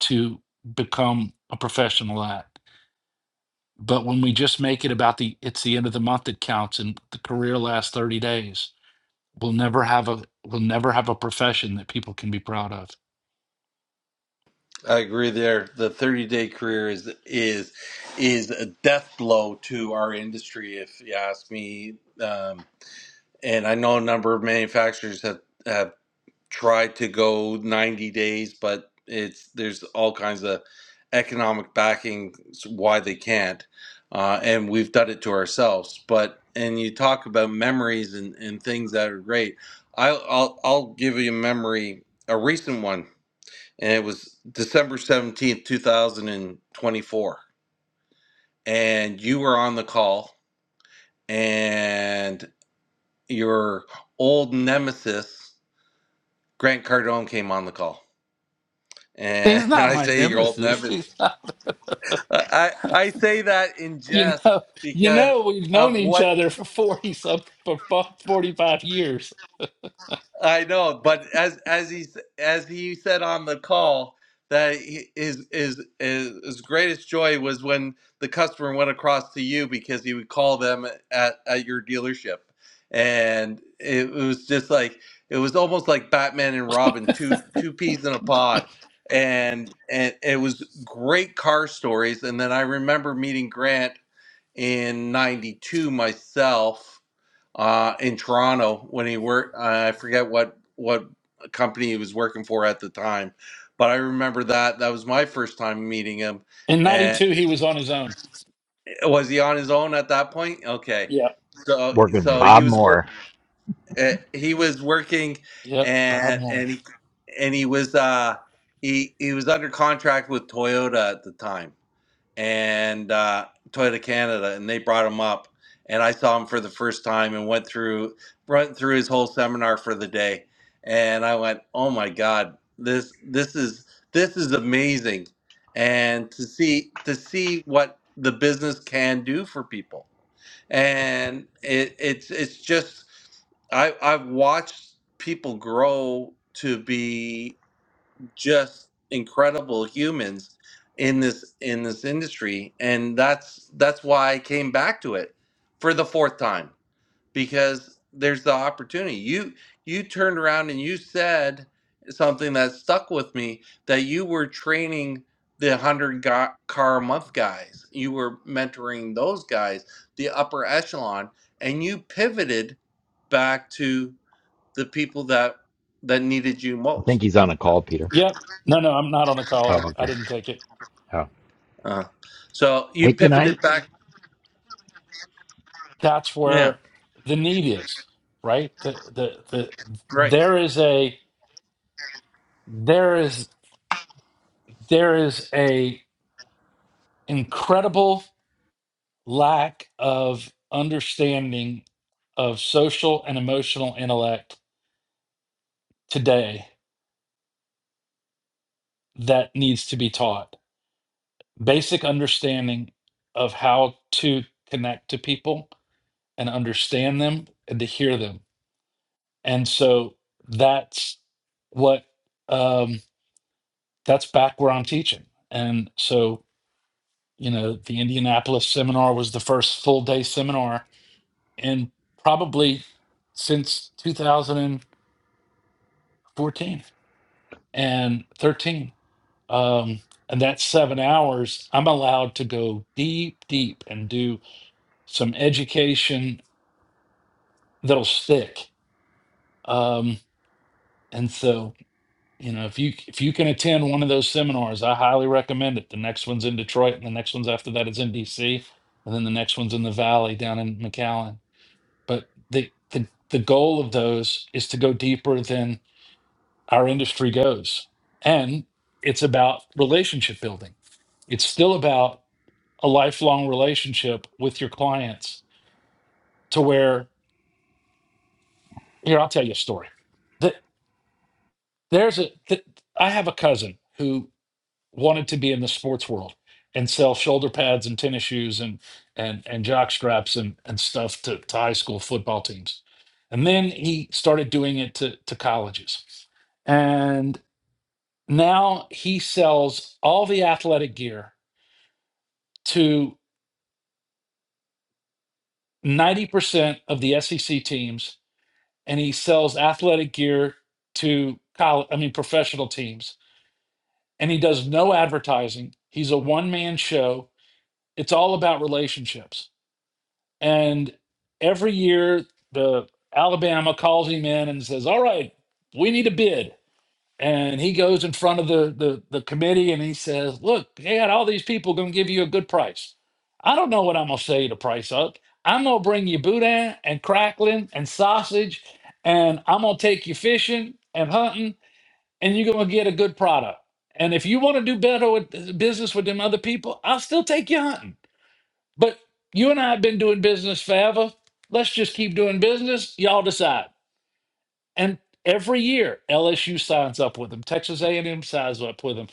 S14: to become a professional at. But when we just make it about the it's the end of the month that counts and the career lasts 30 days, we'll never have a we'll never have a profession that people can be proud of.
S1: I agree there. The 30 day career is is is a death blow to our industry, if you ask me. Um, and I know a number of manufacturers have. have tried to go 90 days, but it's there's all kinds of economic backing why they can't, uh, and we've done it to ourselves. But and you talk about memories and, and things that are great. I'll, I'll I'll give you a memory, a recent one, and it was December 17th, 2024, and twenty-four, and you were on the call, and your old nemesis Grant Cardone came on the call And
S14: He's not
S1: I
S14: my
S1: say your old
S14: nemesis. He's
S1: nemesis.
S14: not,
S1: I, I I say that in
S14: you
S1: jest
S14: know, you
S1: because
S14: know, we've known
S1: of what
S14: each other for 40 something for 45 years.
S1: I know, but as as he s- as he said on the call that he, his, his his his greatest joy was when the customer went across to you because he would call them at at your dealership, and it was just like it was almost like Batman and Robin, two two peas in a pod, and and it was great car stories. And then I remember meeting Grant in '92 myself uh, in Toronto when he worked. Uh, I forget what what company he was working for at the time, but I remember that that was my first time meeting him.
S14: In
S1: And
S14: '92, he was on his own.
S1: was he on his own at that point? Okay,
S14: Yep.
S1: so
S15: Work with
S1: so he
S15: Bob
S1: was work
S15: Moore.
S1: uh, he was working
S14: Yep.
S1: and
S14: Bob Moore.
S1: and he and he was uh he he was under contract with Toyota at the time and uh, Toyota Canada, and they brought him up, and I saw him for the first time and went through went through his whole seminar for the day, and I went, oh my god, this this is this is amazing, and to see to see what the business can do for people, and it it's it's just I I've watched people grow to be just incredible humans in this in this industry and that's that's why I came back to it for the fourth time because there's the opportunity you you turned around and you said something that stuck with me that you were training the 100 ga- car a month guys you were mentoring those guys the upper echelon and you pivoted back to the people that that needed you
S15: I
S1: most
S15: think he's on a call, Peter.
S14: Yep. No, no, I'm not on the call. I,
S15: Oh,
S14: I
S15: okay.
S14: didn't take it.
S15: Oh.
S1: Uh, so you
S15: Hey, can I,
S1: pivoted back.
S14: That's
S1: Yeah,
S14: where the need is, right? The, the the
S1: right.
S14: there is a there is there is a incredible lack of understanding of social and emotional intellect today that needs to be taught. Basic understanding of how to connect to people and understand them and to hear them. And so that's what um, that's back where I'm teaching. And so, you know, the Indianapolis seminar was the first full day seminar and probably since 2014 and 13 um and that's seven hours i'm allowed to go deep deep and do some education that'll stick um and so you know if you if you can attend one of those seminars i highly recommend it the next one's in detroit and the next one's after that is in dc and then the next one's in the valley down in mcallen but the the, the goal of those is to go deeper than our industry goes. And it's about relationship building. It's still about a lifelong relationship with your clients to where, here, I'll tell you a story. That there's a, that I have a cousin who wanted to be in the sports world and sell shoulder pads and tennis shoes and, and, and jock straps and, and stuff to, to high school football teams. And then he started doing it to, to colleges Now he sells all the athletic gear to 90% of the SEC teams, and he sells athletic gear to college, I mean, professional teams. And he does no advertising. He's a one man show. It's all about relationships. And every year, the Alabama calls him in and says, All right, we need a bid and he goes in front of the the, the committee and he says, "Look, they got all these people going to give you a good price. I don't know what I'm going to sell you the price up. I'm going to bring you boudin and crackling and sausage, and I'm going to take you fishing and hunting, and you're going to get a good product. And if you want to do better with business with them other people, I'll still take you hunting. But you and I have been doing business forever. Let's just keep doing business. Y'all decide." And every year, LSU signs up with them. Texas A&M signs up with them.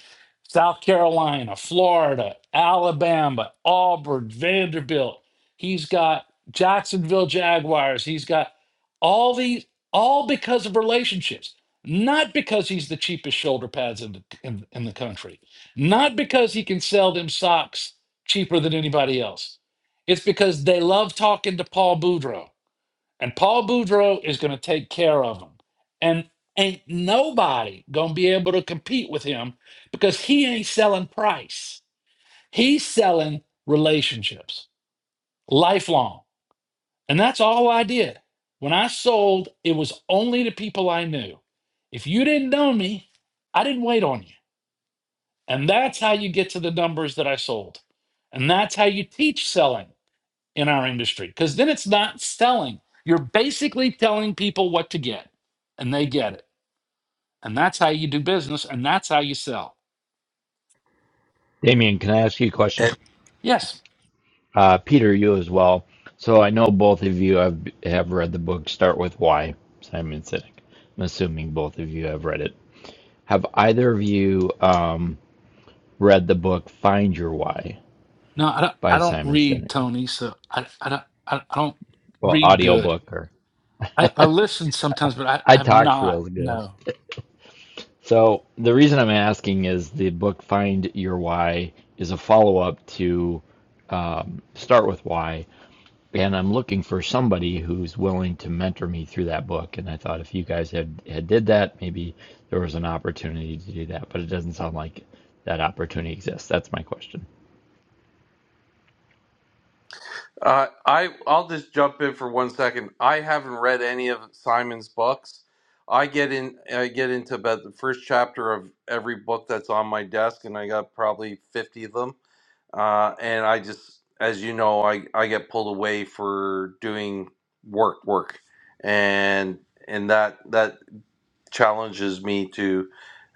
S14: South Carolina, Florida, Alabama, Auburn, Vanderbilt. He's got Jacksonville Jaguars. He's got all these, all because of relationships. Not because he's the cheapest shoulder pads in the, in, in the country. Not because he can sell them socks cheaper than anybody else. It's because they love talking to Paul Boudreaux and Paul Boudreau is going to take care of him. And ain't nobody going to be able to compete with him because he ain't selling price. He's selling relationships, lifelong. And that's all I did. When I sold, it was only to people I knew. If you didn't know me, I didn't wait on you. And that's how you get to the numbers that I sold. And that's how you teach selling in our industry because then it's not selling. You're basically telling people what to get and they get it. And that's how you do business and that's how you sell.
S15: Damien, can I ask you a question?
S14: Yes.
S15: Uh, Peter, you as well. So I know both of you have, have read the book Start With Why, Simon Sinek. I'm assuming both of you have read it. Have either of you um, read the book Find Your Why
S14: No, I don't,
S15: by
S14: I don't
S15: Simon
S14: read,
S15: Sinek?
S14: Tony. So I, I, don't, I, I don't
S15: Well,
S14: read good.
S15: audiobook or
S14: I, I listen sometimes, but I,
S15: I
S14: I have
S15: talks
S14: not.
S15: real good.
S14: No.
S15: So the reason I'm asking is the book Find Your Why is a follow up to Start With Why and I'm looking for somebody who's willing to mentor me through that book. And I thought if you guys had had did that, maybe there was an opportunity to do that. But it doesn't sound like that opportunity exists. That's my question.
S1: Uh, I I'll just jump in for one second. I haven't read any of Simon's books. I get in I get into about the first chapter of every book that's on my desk, and I got probably fifty of them. Uh, and I just, as you know, I I get pulled away for doing work, work, and and that that challenges me to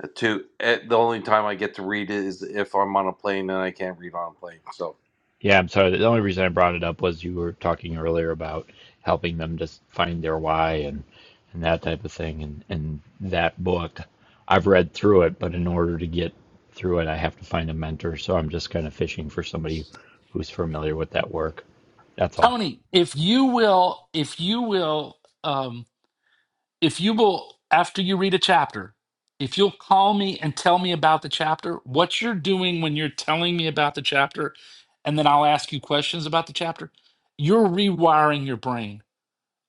S1: uh, to eh, the only time I get to read it is if I'm on a plane and I can't read on a plane. So
S15: Yeah, I'm sorry. The only reason I brought it up was you were talking earlier about helping them just find their why and and that type of thing. And and that book, I've read through it, but in order to get through it, I have to find a mentor. So I'm just kind of fishing for somebody who's familiar with that work. That's all.
S14: Tony, if you will, if you will, um, if you will, after you read a chapter, if you'll call me and tell me about the chapter, what you're doing when you're telling me about the chapter, and then I'll ask you questions about the chapter, you're rewiring your brain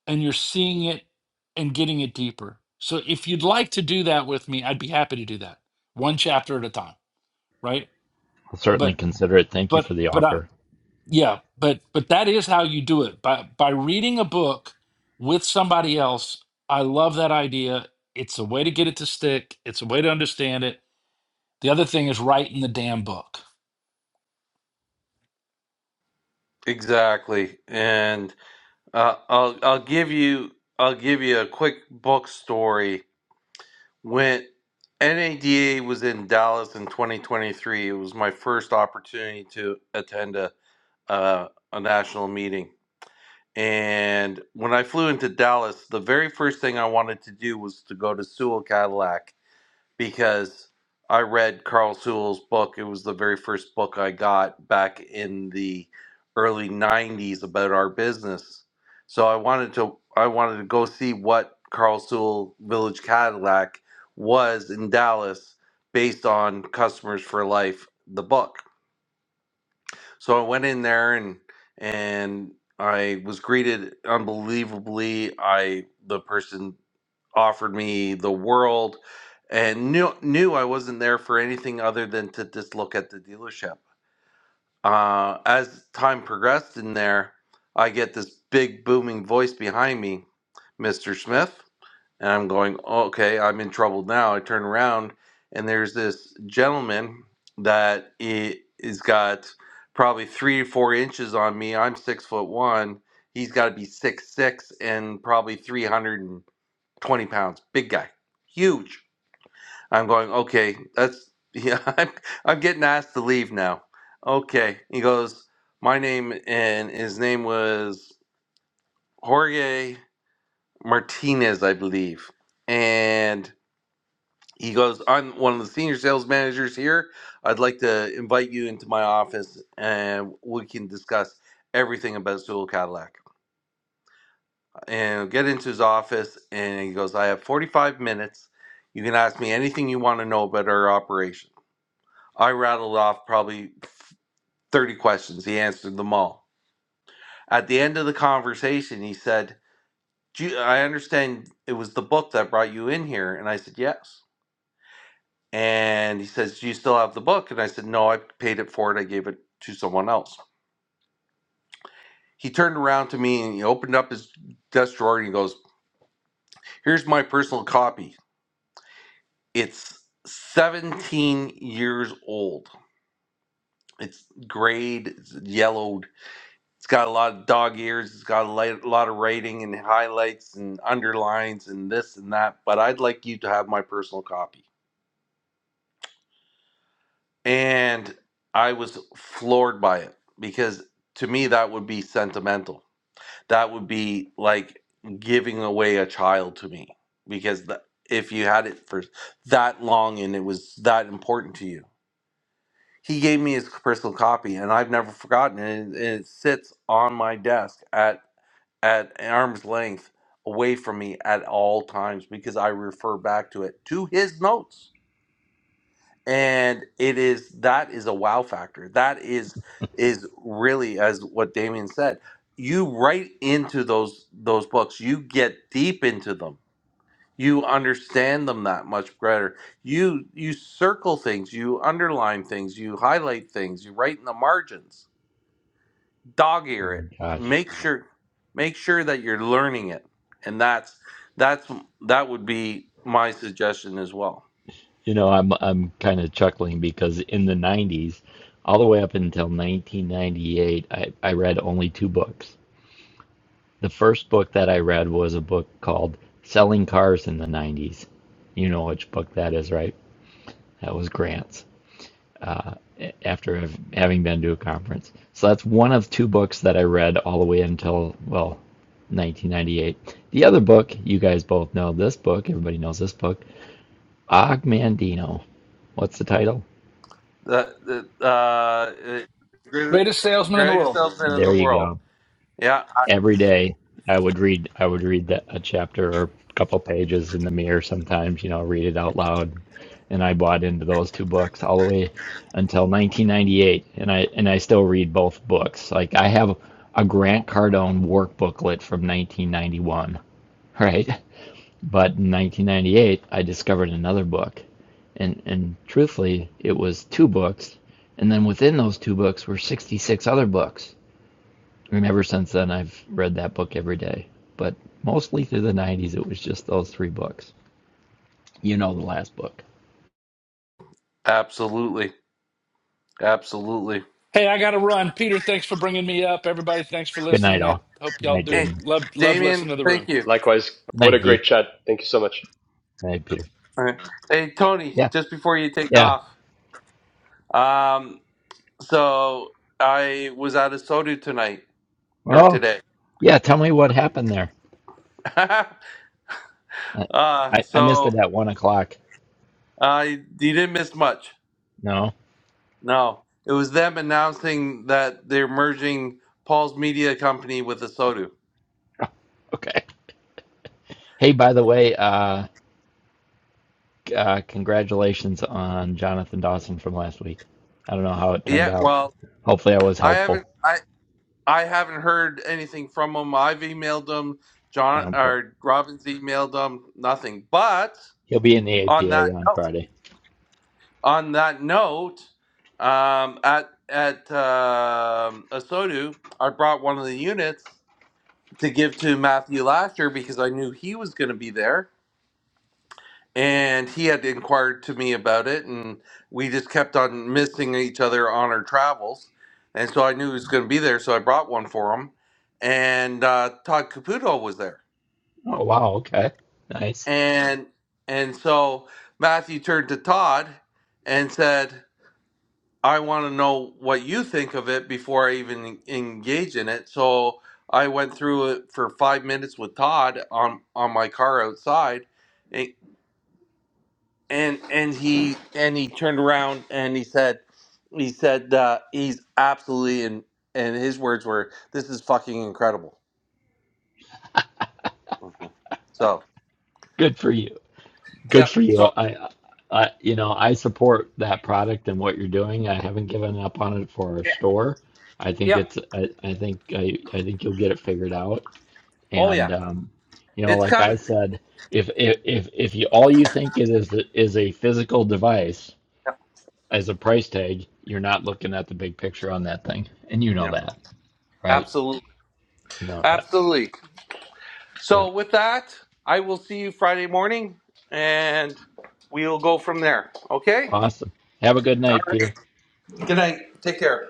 S14: and you're seeing it and getting it deeper. So if you'd like to do that with me, I'd be happy to do that one chapter at a time, right?
S15: I'll certainly
S14: But,
S15: consider it. Thank you
S14: but,
S15: for the
S14: but I'm,
S15: offer.
S14: yeah, but but that is how you do it by by reading a book with somebody else. I love that idea. It's a way to get it to stick. It's a way to understand it. The other thing is write in the damn book.
S1: exactly, and uh, I'll I'll give you I'll give you a quick book story. When NADA was in Dallas in 2023, it was my first opportunity to attend a uh, a national meeting. And when I flew into Dallas, the very first thing I wanted to do was to go to Sewell Cadillac because I read Carl Sewell's book. It was the very first book I got back in the early '90s about our business. So I wanted to I wanted to go see what Carl Sewell Village Cadillac was in Dallas, based on Customers for Life, the book. So I went in there and and I was greeted unbelievably. I the person offered me the world and knew knew I wasn't there for anything other than to just look at the dealership. Uh, as time progressed in there, I get this big booming voice behind me, Mr. Smith, and I'm going, okay, I'm in trouble now. I turn around and there's this gentleman that he's got probably three or four inches on me. I'm six foot one. He's got to be six six and probably 350 20 pounds, big guy, huge. I'm going, okay, that's, yeah, I'm, I'm getting asked to leave now. Okay. He goes, my name, and his name was Jorge Martinez, I believe. And he goes, I'm one of the senior sales managers here. I'd like to invite you into my office and we can discuss everything about Sewell Cadillac. and get into his office and he goes, I have 45 minutes. You can ask me anything you want to know about our operation. I rattled off probably 30 questions. He answered them all. At the end of the conversation, he said, "Gee, I understand it was the book that brought you in here. And I said, Yes. And he says, Do you still have the book? And I said, No, I paid it for it. I gave it to someone else. He turned around to me and he opened up his desk drawer and he goes, Here's my personal copy. It's 17 years old. It's grayed, it's yellowed. It's got a lot of dog ears. It's got a li- lot of writing and highlights and underlines and this and that. But I'd like you to have my personal copy. And I was floored by it because to me, that would be sentimental. That would be like giving away a child to me because the, if you had it for that long and it was that important to you he gave me his personal copy and i've never forgotten it and it sits on my desk at at arm's length away from me at all times because i refer back to it to his notes and it is that is a wow factor that is is really as what damien said you write into those those books you get deep into them you understand them that much better you you circle things you underline things you highlight things you write in the margins dog ear
S15: Oh my
S1: it
S15: gosh.
S1: make sure make sure that you're learning it and that's that's that would be my suggestion as well
S15: You know, I'm I'm kind of chuckling because in the 90s, all the way up until 1998, I, I read only two books. The first book that I read was a book called Selling Cars in the 90s. You know which book that is, right? That was Grant's a- after hav- having been to a conference. So that's one of two books that I read all the way until, well, 1998. The other book, you guys both know this book, everybody knows this book, Og Mandino. What's the title?
S1: that that, uh it- great-
S14: Greatest salesman in the
S1: greatest
S14: world.
S1: salesman in
S15: There
S1: the
S15: you
S1: world
S15: go.
S1: yeah I-
S15: Every day I would read I would read that a chapter or a couple pages in the mirror sometimes, you know, read it out loud. And I bought into those two books all the way until 1998 and I and I still read both books. Like I have a Grant Cardone workbooklet from 1991, right? But in 1998, I discovered another book, and and truthfully, it was two books, and then within those two books were 66 other books. And ever since then, I've read that book every day. But mostly through the 90s, it was just those three books. You know, the last book.
S1: absolutely absolutely
S14: Hey, I got to run. Peter, thanks for bringing me up. Everybody, thanks for
S15: Good night,
S14: listening. I
S15: all.
S14: hope
S15: Good
S14: y'all
S15: night,
S1: hey
S14: do
S15: Damien.
S14: love love
S1: damien
S14: listening to the room.
S1: thank you
S16: Likewise,
S15: Good
S16: what a
S15: night,
S16: great
S15: Dee.
S16: chat. Thank you so much.
S15: Good night, Peter.
S1: All right. hey tony
S15: Yeah,
S1: just before you take
S15: yeah.
S1: off um, So I was at a soda tonight or
S15: Well,
S1: today.
S15: yeah. Tell me what happened there.
S1: uh,
S15: I I, I missed
S1: so
S15: it at one o'clock.
S1: I you didn't miss much.
S15: No.
S1: No, it was them announcing that they're merging Paul's media company with Asodu.
S15: Okay. Hey, by the way, uh, uh, congratulations on Jonathan Dawson from last week. I don't know how it turned
S1: Yeah,
S15: out.
S1: well,
S15: Hopefully, I was
S1: I haven't
S15: helpful.
S1: I I haven't heard anything from them. I've emailed them. John
S15: Um,
S1: or Robin's emailed them. Nothing. But
S15: He'll be in the
S1: on
S15: APA
S1: that note.
S15: on Friday.
S1: on that note, um, at at um Osodu, I brought one of the units to give to Matthew Lasher because I knew he was going to be there, and he had inquired to me about it, and we just kept on missing each other on our travels, and so I knew he was going to be there, so I brought one for him, and uh, Todd Caputo was there,
S15: Oh wow! Okay, nice.
S1: and and so Matthew turned to Todd and said. I want to know what you think of it before I even engage in it. So I went through it for five minutes with Todd on on my car outside, and and, and he and he turned around and he said he said uh, he's absolutely and and his words were this is fucking incredible. Okay. So
S15: Good for you.
S1: yeah,
S15: Good for you.
S1: so
S15: I, I, you know, I support that product and what you're doing. I haven't given up on it for our store. I think
S1: yeah,
S15: it's. I, I think I, I think you'll get it figured out.
S1: oh
S15: And
S1: yeah,
S15: um, you know,
S1: it's
S15: like I
S1: coming.
S15: said, if if if if you all you think it is is a physical device,
S1: Yeah,
S15: as a price tag, you're not looking at the big picture on that thing. And you know
S1: yeah,
S15: that, right?
S1: absolutely,
S15: You know that.
S1: absolutely.
S15: Yeah.
S1: So with that, I will see you Friday morning, and we'll go from there. Okay.
S15: Awesome. Have a good
S1: All
S15: night, Peter.
S1: right. Good night. Take care.